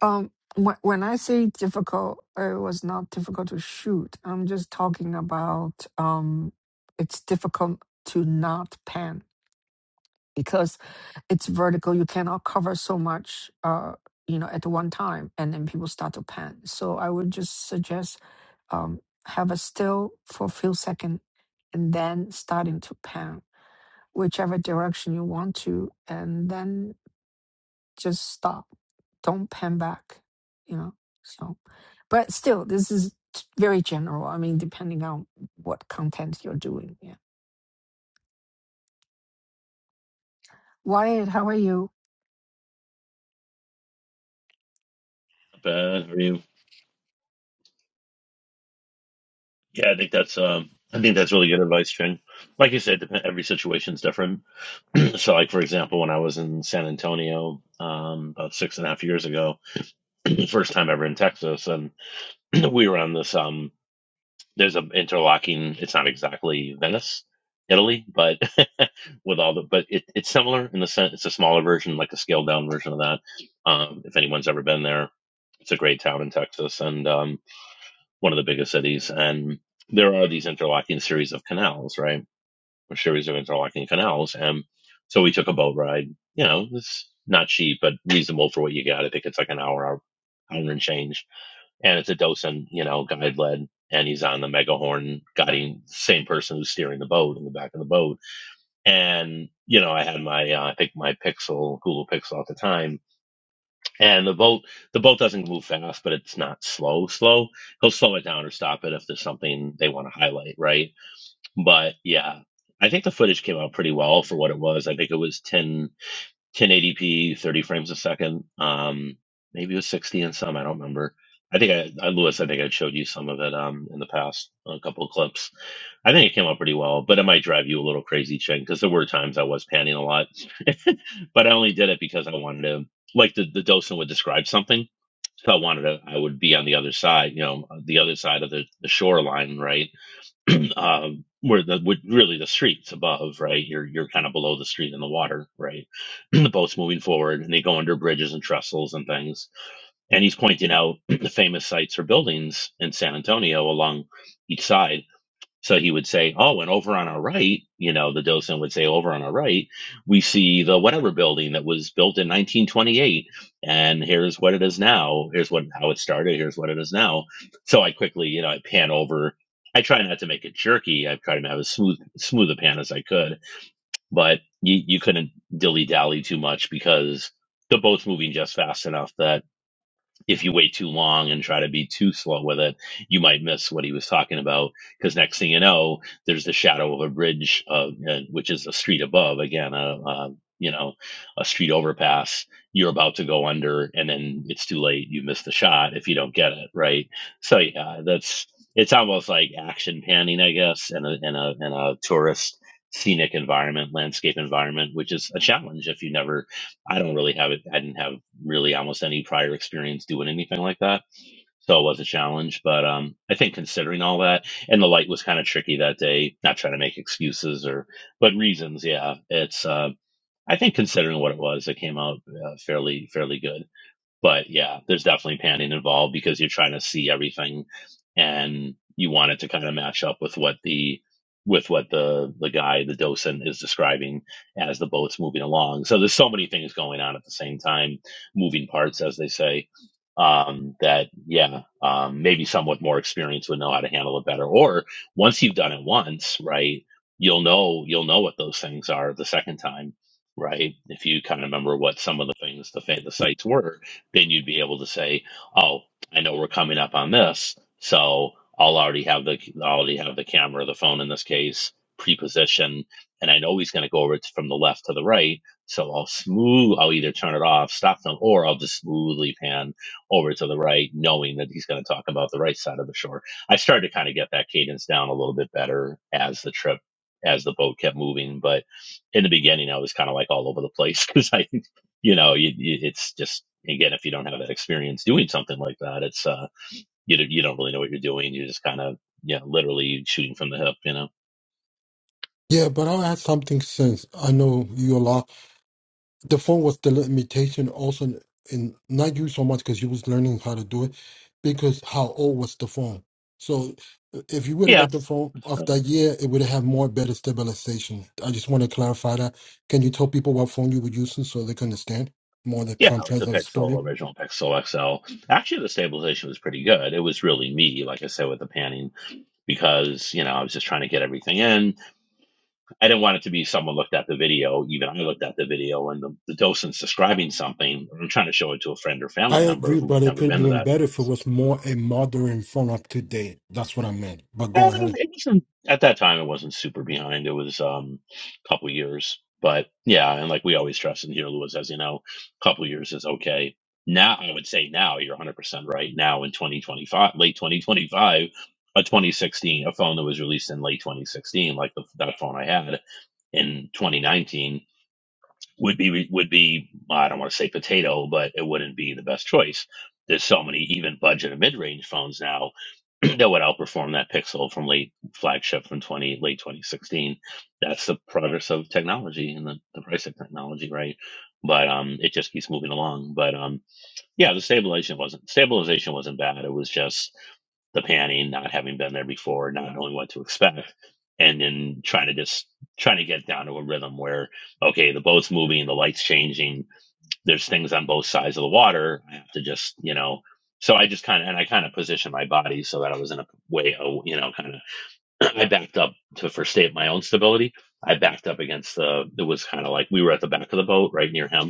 Speaker 1: Um, when when I say difficult, it was not difficult to shoot. I'm just talking about um, it's difficult to not pan because it's vertical. You cannot cover so much, uh, you know, at one time, and then people start to pan. So I would just suggest um, have a still for a few seconds, and then starting to pan whichever direction you want to, and then just stop don't pan back you know so but still this is t- very general i mean depending on what content you're doing yeah wyatt how are you
Speaker 8: Bad for you. Yeah, I think that's um, I think that's really good advice, Jen. Like you said, dep- every situation's different. so, like for example, when I was in San Antonio um, about six and a half years ago, first time ever in Texas, and we were on this. Um, there's an interlocking. It's not exactly Venice, Italy, but with all the, but it, it's similar in the sense it's a smaller version, like a scaled down version of that. Um, if anyone's ever been there, it's a great town in Texas, and um, one of the biggest cities. And there are these interlocking series of canals, right? A series of interlocking canals. And so we took a boat ride. You know, it's not cheap, but reasonable for what you got. I think it's like an hour, hour, hour and change. And it's a docent, you know, guide led. And he's on the megahorn, guiding the same person who's steering the boat in the back of the boat. And, you know, I had my, uh, I think my Pixel, Google Pixel at the time and the boat, the boat doesn't move fast, but it's not slow, slow. He'll slow it down or stop it if there's something they want to highlight, right? But yeah, I think the footage came out pretty well for what it was. I think it was 10. 1080p, 30 frames a second. Um, maybe it was 60 and some. I don't remember. I think I, I Lewis, I think I showed you some of it um, in the past, a couple of clips. I think it came out pretty well, but it might drive you a little crazy, Ching, because there were times I was panning a lot, but I only did it because I wanted to, like the, the docent would describe something. So I wanted to, I would be on the other side, you know, the other side of the, the shoreline, right? um, where the would really the streets above, right? You're you're kind of below the street in the water, right? the boat's moving forward, and they go under bridges and trestles and things. And he's pointing out the famous sites or buildings in San Antonio along each side so he would say, Oh, and over on our right, you know, the docent would say, Over on our right, we see the whatever building that was built in 1928. And here's what it is now. Here's what how it started. Here's what it is now. So I quickly, you know, I pan over. I try not to make it jerky. I try to have as smooth smooth a pan as I could, but you, you couldn't dilly dally too much because they're both moving just fast enough that if you wait too long and try to be too slow with it, you might miss what he was talking about. Because next thing you know, there's the shadow of a bridge, uh, uh, which is a street above. Again, a, a you know a street overpass. You're about to go under, and then it's too late. You miss the shot if you don't get it right. So yeah, that's it's almost like action panning, I guess, in a in a in a tourist scenic environment, landscape environment, which is a challenge if you never I don't really have it. I didn't have really almost any prior experience doing anything like that, so it was a challenge. But um, I think considering all that, and the light was kind of tricky that day. Not trying to make excuses or, but reasons. Yeah, it's. Uh, I think considering what it was, it came out uh, fairly fairly good but yeah, there's definitely panning involved because you're trying to see everything and you want it to kind of match up with what the with what the the guy, the docent is describing as the boat's moving along. So there's so many things going on at the same time, moving parts as they say. Um, that yeah, um, maybe somewhat more experience would know how to handle it better. Or once you've done it once, right, you'll know you'll know what those things are the second time, right? If you kind of remember what some of the things the fa- the sites were, then you'd be able to say, "Oh, I know we're coming up on this, so I'll already have the I'll already have the camera, the phone in this case, pre-positioned, and I know he's going to go over it from the left to the right, so I'll smooth. I'll either turn it off, stop them, or I'll just smoothly pan over to the right, knowing that he's going to talk about the right side of the shore." I started to kind of get that cadence down a little bit better as the trip as the boat kept moving. But in the beginning, I was kind of like all over the place because I you know, you, you, it's just again, if you don't have that experience doing something like that, it's uh, you don't- you don't really know what you're doing. You're just kind of yeah, literally shooting from the hip, you know.
Speaker 2: Yeah, but I'll add something since I know you a lot. the phone was the limitation also in not you so much because you was learning how to do it because how old was the phone so uh, if you would have
Speaker 8: Yeah,
Speaker 2: got the phone
Speaker 8: that's
Speaker 2: of
Speaker 8: fair
Speaker 2: that
Speaker 8: enough.
Speaker 2: year it would have more better stabilization i just want to clarify that can you tell people what phone you were using so they can understand more the
Speaker 8: Yeah, it was
Speaker 2: contrast
Speaker 8: the
Speaker 2: of the
Speaker 8: Pixel
Speaker 2: story
Speaker 8: original Pixel XL. Actually, the stabilization was pretty good. It was really me, like I said, with the panning because you know I was just trying to get everything in. I didn't want it to be someone looked at the video. Even I looked at the video, and the, the docent's describing something. I'm trying to show it to a friend or
Speaker 2: i
Speaker 8: family member
Speaker 2: agree
Speaker 8: who'd
Speaker 2: but it
Speaker 8: never
Speaker 2: could have
Speaker 8: been to
Speaker 2: been
Speaker 8: that
Speaker 2: better if it was more a modern phone up to date that's what i meant but
Speaker 8: Um,
Speaker 2: go ahead
Speaker 8: it wasn't at that time. It wasn't super behind. It was um, a couple years, but yeah, and like we always trust in here, Lewis, as you know, a couple years is okay. Now, I would say now you're 100 percent right. Now in 2025, late 2025, a 2016, a phone that was released in late 2016, like the, that phone I had in 2019, would be would be I don't want to say potato, but it wouldn't be the best choice. There's so many even budget and mid range phones now that would outperform that Pixel from late flagship from 20 late 2016. That's the progress of technology and the, the price of technology, right? But um, it just keeps moving along. But um, yeah, the stabilization wasn't stabilization wasn't bad. It was just the panning, not having been there before, not knowing what to expect, and then trying to just trying to get down to a rhythm where okay, the boat's moving, the lights changing, there's things on both sides of the water. I have to just, you know, so I just kind of, and I kind of positioned my body so that I was in a way, oh, you know, kind of, I backed up to, for state my own stability. I backed up against the, it was kind of like we were at the back of the boat right near him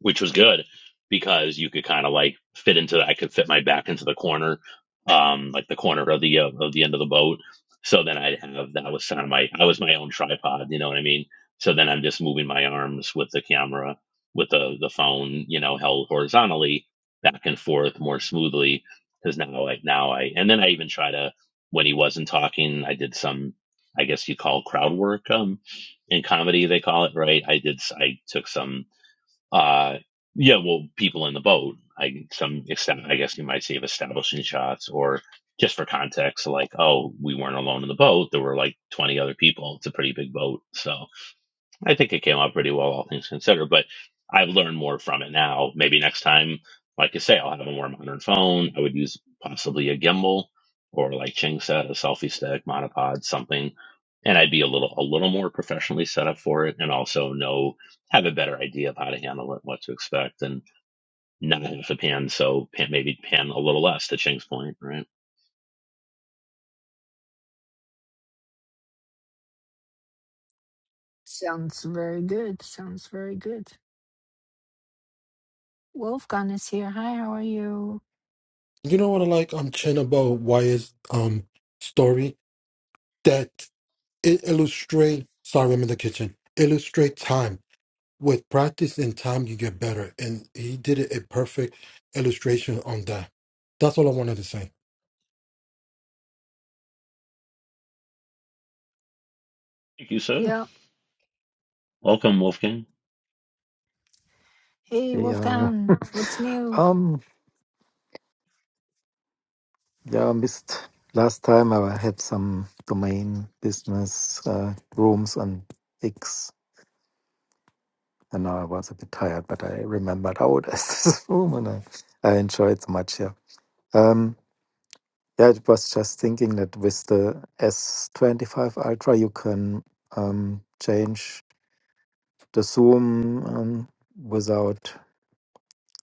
Speaker 8: which was good because you could kind of like fit into that. I could fit my back into the corner, um, like the corner of the uh, of the end of the boat. So then I'd have that was kind of my I was my own tripod, you know what I mean? So then I'm just moving my arms with the camera, with the the phone, you know, held horizontally back and forth more smoothly because now like now I and then I even try to when he wasn't talking, I did some I guess you call crowd work um in comedy they call it right. I did I took some uh, yeah, well, people in the boat. I some extent, I guess you might say of establishing shots, or just for context, like, oh, we weren't alone in the boat. There were like twenty other people. It's a pretty big boat, so I think it came out pretty well, all things considered, but I've learned more from it now. Maybe next time, like I say, I'll have a more modern phone. I would use possibly a gimbal or like Ching said, a selfie stick, monopod, something. And I'd be a little, a little more professionally set up for it and also know, have a better idea of how to handle it, what to expect and not have to pan. So pan, maybe pan a little less to Ching's point, right?
Speaker 1: sounds very good sounds very good wolfgang is here hi how are you
Speaker 2: you know what i like i'm chin about why is um story that it illustrate sorry i'm in the kitchen illustrate time with practice and time you get better and he did a a perfect illustration on that that's all i wanted to say
Speaker 8: Thank you, sir.
Speaker 1: yeah
Speaker 8: Welcome, Wolfgang.
Speaker 1: hey
Speaker 11: Yeah.
Speaker 1: wolfgang what's new
Speaker 11: Um, yeah, missed last time I had some domain business uh, rooms on X and I was a bit tired, but I remembered how it is this room and I, I enjoyed so much, yeah. Um, yeah, it was just thinking that with the S25 Ultra you can um, change the zoom um, without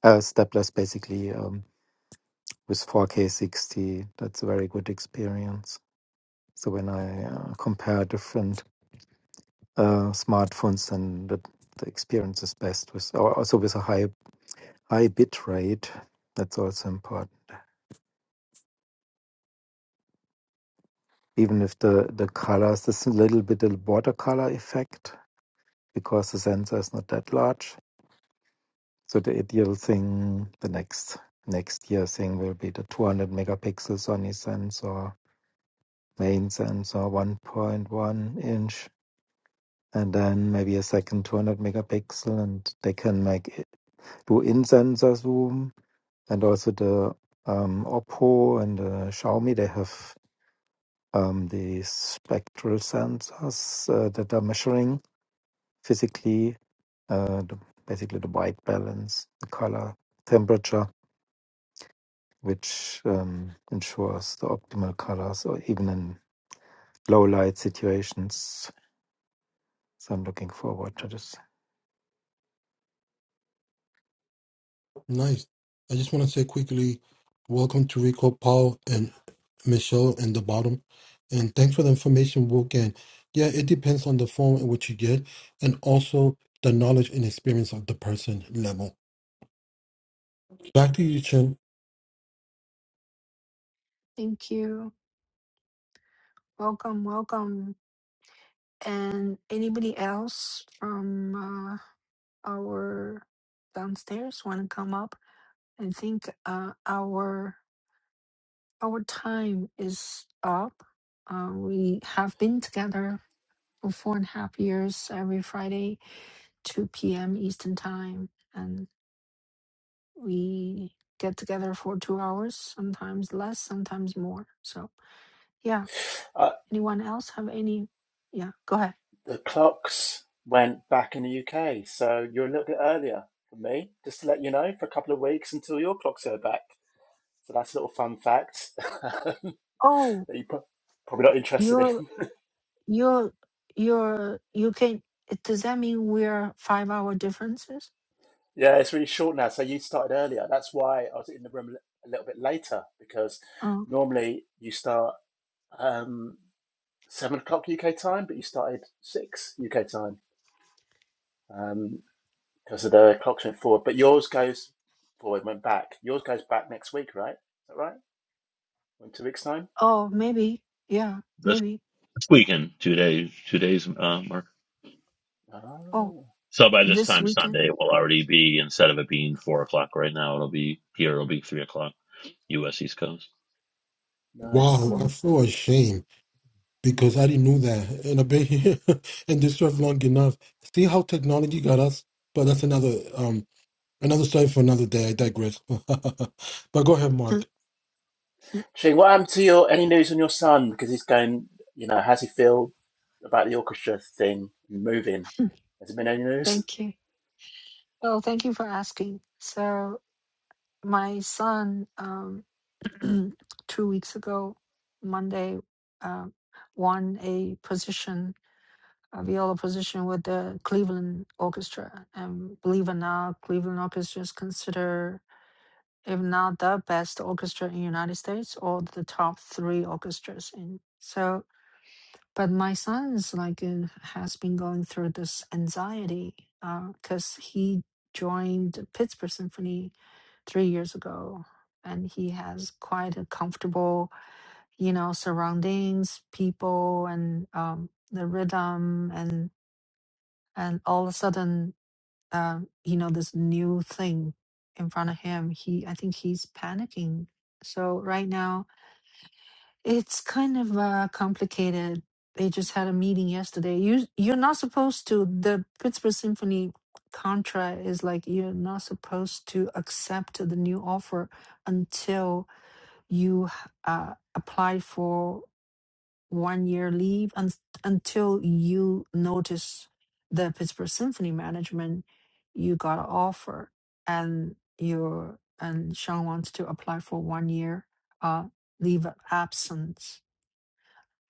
Speaker 11: uh, stepless basically um, with 4K 60. That's a very good experience. So when I uh, compare different uh, smartphones, then the, the experience is best with, or also with a high high bit rate. That's also important. Even if the the colors, there's a little bit of watercolor effect because the sensor is not that large. So the ideal thing, the next next year thing will be the 200 megapixel Sony sensor, main sensor, 1.1 inch, and then maybe a second 200 megapixel, and they can make two in-sensor zoom and also the um, Oppo and uh, Xiaomi, they have um, the spectral sensors uh, that are measuring physically uh, the, basically the white balance, the color, temperature, which um, ensures the optimal colors or even in low light situations. So I'm looking forward to this
Speaker 2: nice i just want to say quickly welcome to rico paul and michelle in the bottom and thanks for the information Wolf. yeah it depends on the form in which you get and also the knowledge and experience of the person level back to you chen
Speaker 1: thank you welcome welcome and anybody else from uh, our downstairs want to come up i think uh, our Our time is up. Uh, we have been together for four and a half years every Friday, 2 p.m. Eastern Time. And we get together for two hours, sometimes less, sometimes more. So, yeah.
Speaker 10: Uh,
Speaker 1: Anyone else have any? Yeah, go ahead.
Speaker 10: the clocks went back in the UK, so you're a little bit earlier for me. Just to let you know, for a couple of weeks until your clocks go back. So that's a little fun fact.
Speaker 1: Oh,
Speaker 10: that you're probably not interested
Speaker 1: you're,
Speaker 10: in.
Speaker 1: you're, you're, you can. Does that mean we're five hour differences?
Speaker 10: yeah, it's really short now. So you started earlier. That's why I was in the room a little bit later because
Speaker 1: Oh,
Speaker 10: normally you start um, seven o'clock UK time, but you started six UK time um, because of the clocks went forward. But yours goes forward, went back. Yours goes back next week, right? Is that right? In two weeks' time.
Speaker 1: oh, maybe. Yeah,
Speaker 8: This
Speaker 1: maybe.
Speaker 8: weekend, two days, two days, uh, Mark.
Speaker 1: Oh,
Speaker 10: Oh,
Speaker 8: So by this
Speaker 1: this
Speaker 8: time
Speaker 1: weekend.
Speaker 8: Sunday, it will already be instead of it being four o'clock right now, it'll be here. It'll be three o'clock U.S. East Coast.
Speaker 10: nice.
Speaker 2: wow i
Speaker 1: Oh.
Speaker 2: feel ashamed because I didn't know that. And I've been here and this job long enough. See how technology got us? But that's another um another story for another day. I digress. but go ahead, Mark.
Speaker 10: Shane, what happened to your any news on your son? Because he's going, you know, how's he feel about the orchestra thing moving?
Speaker 1: Mhm.
Speaker 10: Has there been any news?
Speaker 1: Thank you. Well, thank you for asking. So, my son, um, two weeks ago, Monday, um, won a position, a viola position with the Cleveland Orchestra. And believe it or not, Cleveland Orchestra is considered, if not the best orchestra in United States, or the top three orchestras. In so But my son's like uh, has been going through this anxiety because he joined Pittsburgh Symphony three years ago, and he has quite a comfortable, you know, surroundings, people, and um, the rhythm, and and all of a sudden, uh, you know, this new thing in front of him. He, I think, he's panicking. So right now, it's kind of uh, complicated. They just had a meeting yesterday. You you're not supposed to. The Pittsburgh Symphony contract is like you're not supposed to accept the new offer until you uh, apply for one year leave and until you notice the Pittsburgh Symphony management you got an offer and you're and Sean wants to apply for one year uh, leave of absence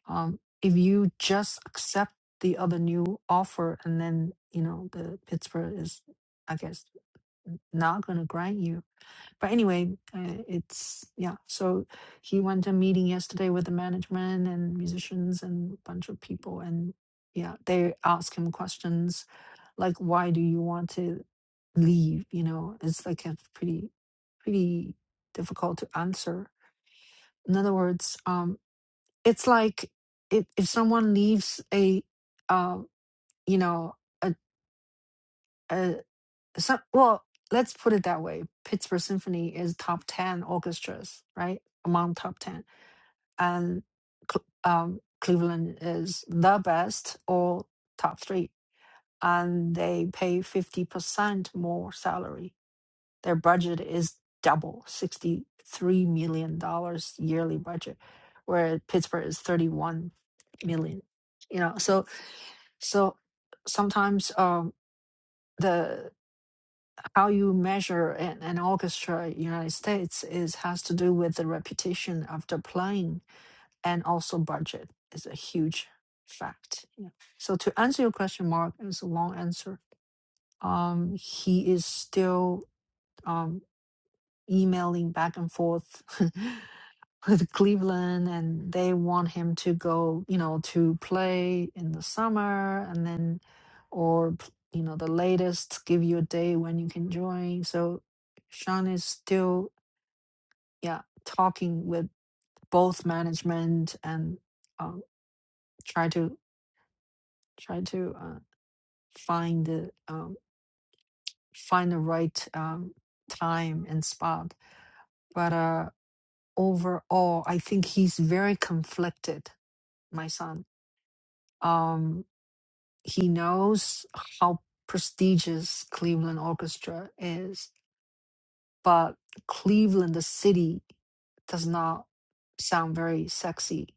Speaker 1: um, if you just accept the other new offer and then you know the Pittsburgh is I guess n- not gonna grant you. But anyway, uh, it's yeah. So he went to a meeting yesterday with the management and musicians and a bunch of people and yeah, they ask him questions like why do you want to leave? You know, it's like a pretty pretty difficult to answer. In other words, um it's like if if someone leaves a uh you know a a some well let's put it that way pittsburgh symphony is top 10 orchestras right among top 10 and Cl- um cleveland is the best or top three and they pay 50% more salary their budget is double 63 million dollars yearly budget where pittsburgh is 31 million you know so so sometimes um, the how you measure an, an orchestra in United States is has to do with the reputation of the playing and also budget is a huge fact. Yeah. So to answer your question, Mark, it's a long answer. Um, he is still. um, emailing back and forth with Cleveland, and they want him to go, you know, to play in the summer, and then, or you know, the latest give you a day when you can join. So Sean is still, yeah, talking with both management and um, try to try to uh, find the um, find the right um, time and spot. But uh, overall, I think he's very conflicted, my son. Um, he knows how prestigious Cleveland Orchestra is, but Cleveland, the city, does not sound very sexy.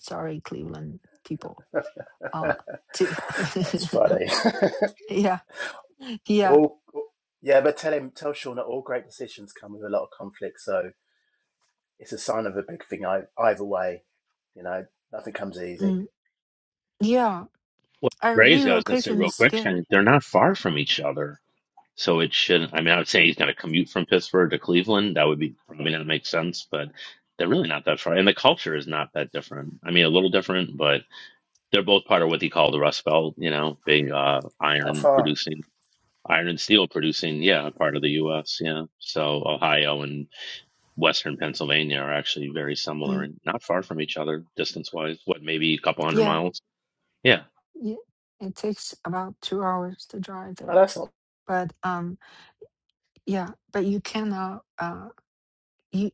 Speaker 1: Sorry, Cleveland people. Uh, to
Speaker 10: That's funny.
Speaker 1: yeah, yeah,
Speaker 10: All yeah, but tell him, tell Sean that all great decisions come with a lot of conflict, so it's a sign of a big thing. I Either way, you know, nothing comes easy.
Speaker 1: mm, yeah.
Speaker 8: Well,
Speaker 1: And
Speaker 8: crazy. I was going to say
Speaker 1: relocation
Speaker 8: real
Speaker 1: is
Speaker 8: quick,
Speaker 1: scary.
Speaker 8: and they're not far from each other. So it shouldn't. I mean, I would say he's going to commute from Pittsburgh to Cleveland. That would be probably not make sense, but they're really not that far. And the culture is not that different. I mean, a little different, but they're both part of what they call the Rust Belt, you know, big uh,
Speaker 10: How
Speaker 8: iron
Speaker 10: far?
Speaker 8: producing, iron and steel producing, yeah, part of the U.S., yeah. So Ohio and Western Pennsylvania are actually very similar
Speaker 1: Mm,
Speaker 8: and not far from each other distance wise. What, maybe a couple hundred
Speaker 1: yeah,
Speaker 8: miles? Yeah.
Speaker 1: yeah. It takes about two hours to drive
Speaker 10: Oh,
Speaker 1: there,
Speaker 10: that's not
Speaker 1: but um, Yeah, but you cannot. Uh, you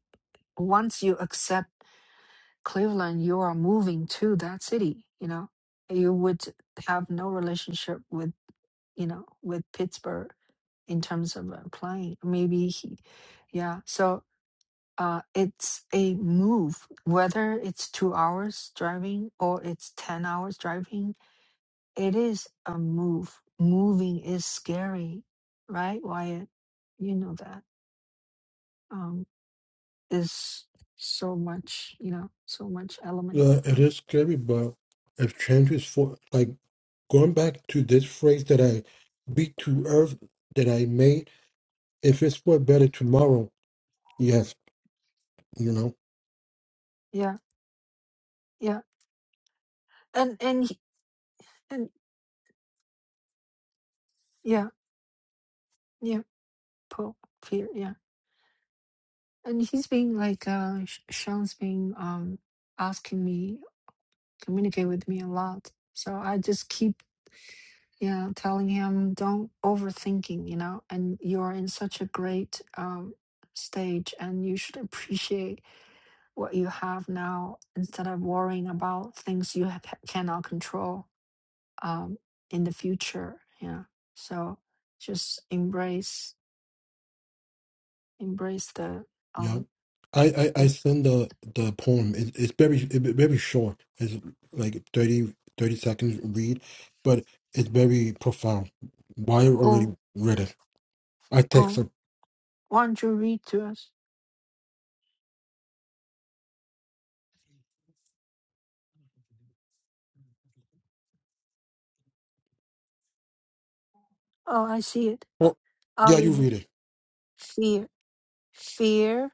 Speaker 1: once you accept Cleveland, you are moving to that city. You know, you would have no relationship with you know with Pittsburgh in terms of uh, playing. Maybe he, yeah. So uh, it's a move. Whether it's two hours driving or it's ten hours driving, it is a move. Moving is scary, right? Wyatt, you know that. Um, is so much you know so much element
Speaker 2: Uh, it
Speaker 1: uh,
Speaker 2: is scary, but if change is for like going back to this phrase that I beat to earth that I made, if it's for a better tomorrow, yes, you know.
Speaker 1: yeah yeah and and he- and yeah yeah Paul fear yeah and he's being like uh Sh- Sean's being um asking me communicate with me a lot so I just keep yeah telling him don't overthinking you know and you're in such a great um stage and you should appreciate what you have now instead of worrying about things you ha- cannot control um, in the future. Yeah. So just embrace, embrace the
Speaker 2: Yeah,
Speaker 1: um
Speaker 2: I I, I
Speaker 1: the
Speaker 2: send the the poem. It, it's very it, very short. It's like 30 30 seconds read, but it's very profound. Why you
Speaker 1: oh
Speaker 2: already read it? I text
Speaker 1: oh.
Speaker 2: her.
Speaker 1: Why don't you read to us? Oh, I see it.
Speaker 2: Oh,
Speaker 1: I'll
Speaker 2: yeah, you
Speaker 1: read it.
Speaker 2: read it.
Speaker 1: Fear, fear,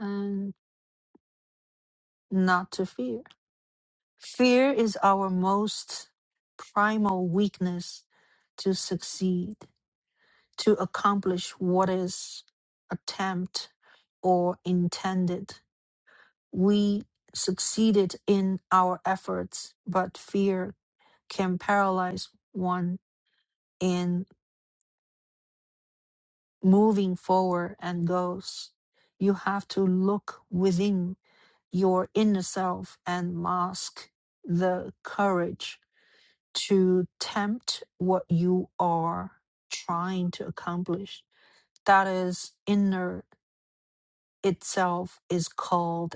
Speaker 1: and not to fear. Fear is our most primal weakness to succeed, to accomplish what is attempt or intended. We succeeded in our efforts, but fear can paralyze one in moving forward and goals. You have to look within your inner self and mask the courage to tempt what you are trying to accomplish. That is inner itself is called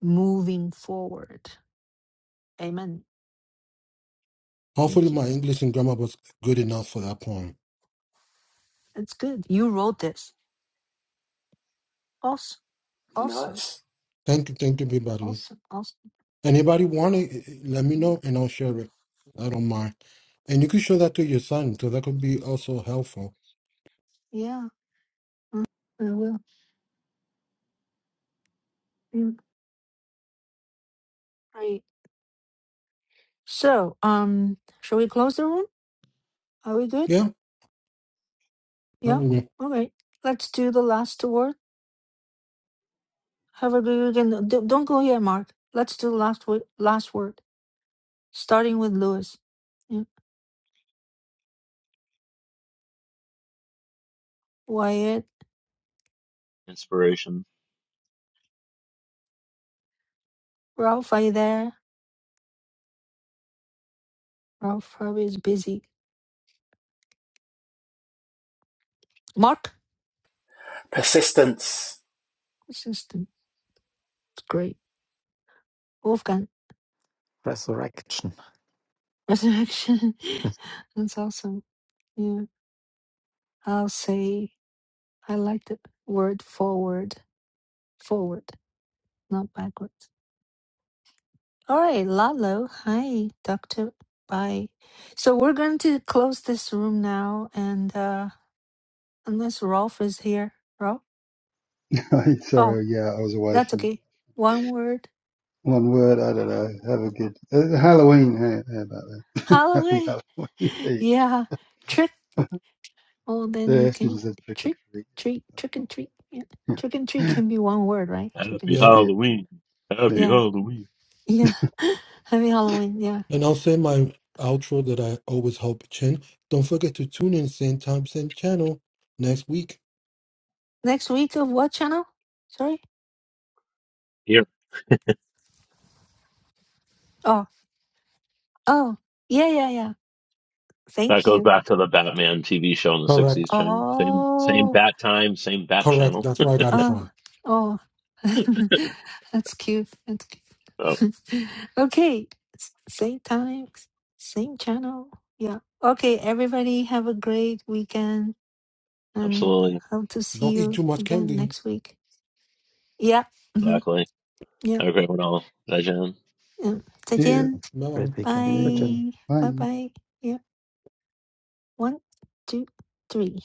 Speaker 1: moving forward. Amen.
Speaker 2: Hopefully,
Speaker 1: Thank you.
Speaker 2: my English and grammar was good enough for that poem.
Speaker 1: That's good. You wrote this. Awesome. Awesome.
Speaker 10: nice.
Speaker 2: Thank you, thank you, everybody.
Speaker 1: Awesome. Awesome.
Speaker 2: Anybody want it? Let me
Speaker 1: Mm,
Speaker 2: know, and I'll share it. I don't mind. And you could show that to your son, so that could be also helpful.
Speaker 1: Yeah. Mm, I will. Mm, Great. So, um, shall we close the room? Are we good?
Speaker 2: Yeah. I
Speaker 1: Yeah.
Speaker 2: don't know.
Speaker 1: All right. Let's do the last word. Have a good and d- don't go yet, Mark. Let's do the last word. Last word, starting with Lewis. Yeah. Wyatt,
Speaker 8: Inspiration.
Speaker 1: Ralph, are you there? Ralph probably is busy. Mark,
Speaker 10: Persistence.
Speaker 1: this is the- it's great. Wolfgang,
Speaker 11: resurrection.
Speaker 1: resurrection. That's awesome. Yeah. I'll say. I like the word forward, forward, not backwards. All right, Lalo. Hi, Doctor. Bye. So we're going to close this room now, and uh, unless Rolf is here, Rolf. Oh,
Speaker 5: Sorry, yeah, I was away
Speaker 1: that's
Speaker 5: from
Speaker 1: okay. One word.
Speaker 5: one word. I don't know. Have a good uh, Halloween. How, how about that? Happy
Speaker 1: Halloween.
Speaker 5: Halloween. There you go.
Speaker 1: Yeah, trick. Oh, then you
Speaker 5: The
Speaker 1: can
Speaker 5: students said trick or
Speaker 1: trick,
Speaker 5: treat.
Speaker 1: treat, trick and treat. Yeah.
Speaker 5: Yeah,
Speaker 1: Trick and treat can be one word, right? Trick and
Speaker 8: Happy
Speaker 2: Yeah.
Speaker 1: treat.
Speaker 5: yeah.
Speaker 8: Halloween.
Speaker 5: There you go.
Speaker 8: Happy
Speaker 1: Yeah,
Speaker 8: Halloween.
Speaker 1: yeah. Happy Halloween. Yeah.
Speaker 2: And I'll say my outro that I always hope, Chin. Don't forget to tune in same time, same channel next week.
Speaker 1: Next week of what channel? Sorry.
Speaker 8: Here.
Speaker 1: Oh. Oh, yeah, yeah, yeah.
Speaker 8: That
Speaker 1: Thank
Speaker 8: goes
Speaker 1: you.
Speaker 8: back to the Batman TV show in the 60s,
Speaker 2: Correct.
Speaker 8: Jing. Same, same
Speaker 1: Oh,
Speaker 8: bat time, same bat
Speaker 2: Correct.
Speaker 8: channel.
Speaker 2: That's where I got it
Speaker 1: oh,
Speaker 2: from.
Speaker 1: oh. That's cute. That's
Speaker 8: Oh,
Speaker 1: cute. okay, s- same time, s- same channel. Yeah. Okay, everybody have a great weekend and
Speaker 8: absolutely.
Speaker 1: hope to see
Speaker 2: Don't eat
Speaker 1: you
Speaker 2: too much
Speaker 1: again
Speaker 2: candy.
Speaker 1: next week. Yeah. Mm-hmm.
Speaker 8: Exactly.
Speaker 1: Yeah.
Speaker 8: Have a great one all. Bye, Jen.
Speaker 1: yeah.
Speaker 5: Cheers.
Speaker 1: 再见.
Speaker 2: Bye.
Speaker 11: Great
Speaker 5: Have a good evening.
Speaker 11: weekend.
Speaker 1: Bye. Bye
Speaker 5: Bye.
Speaker 1: bye. Yeah. One, two, three.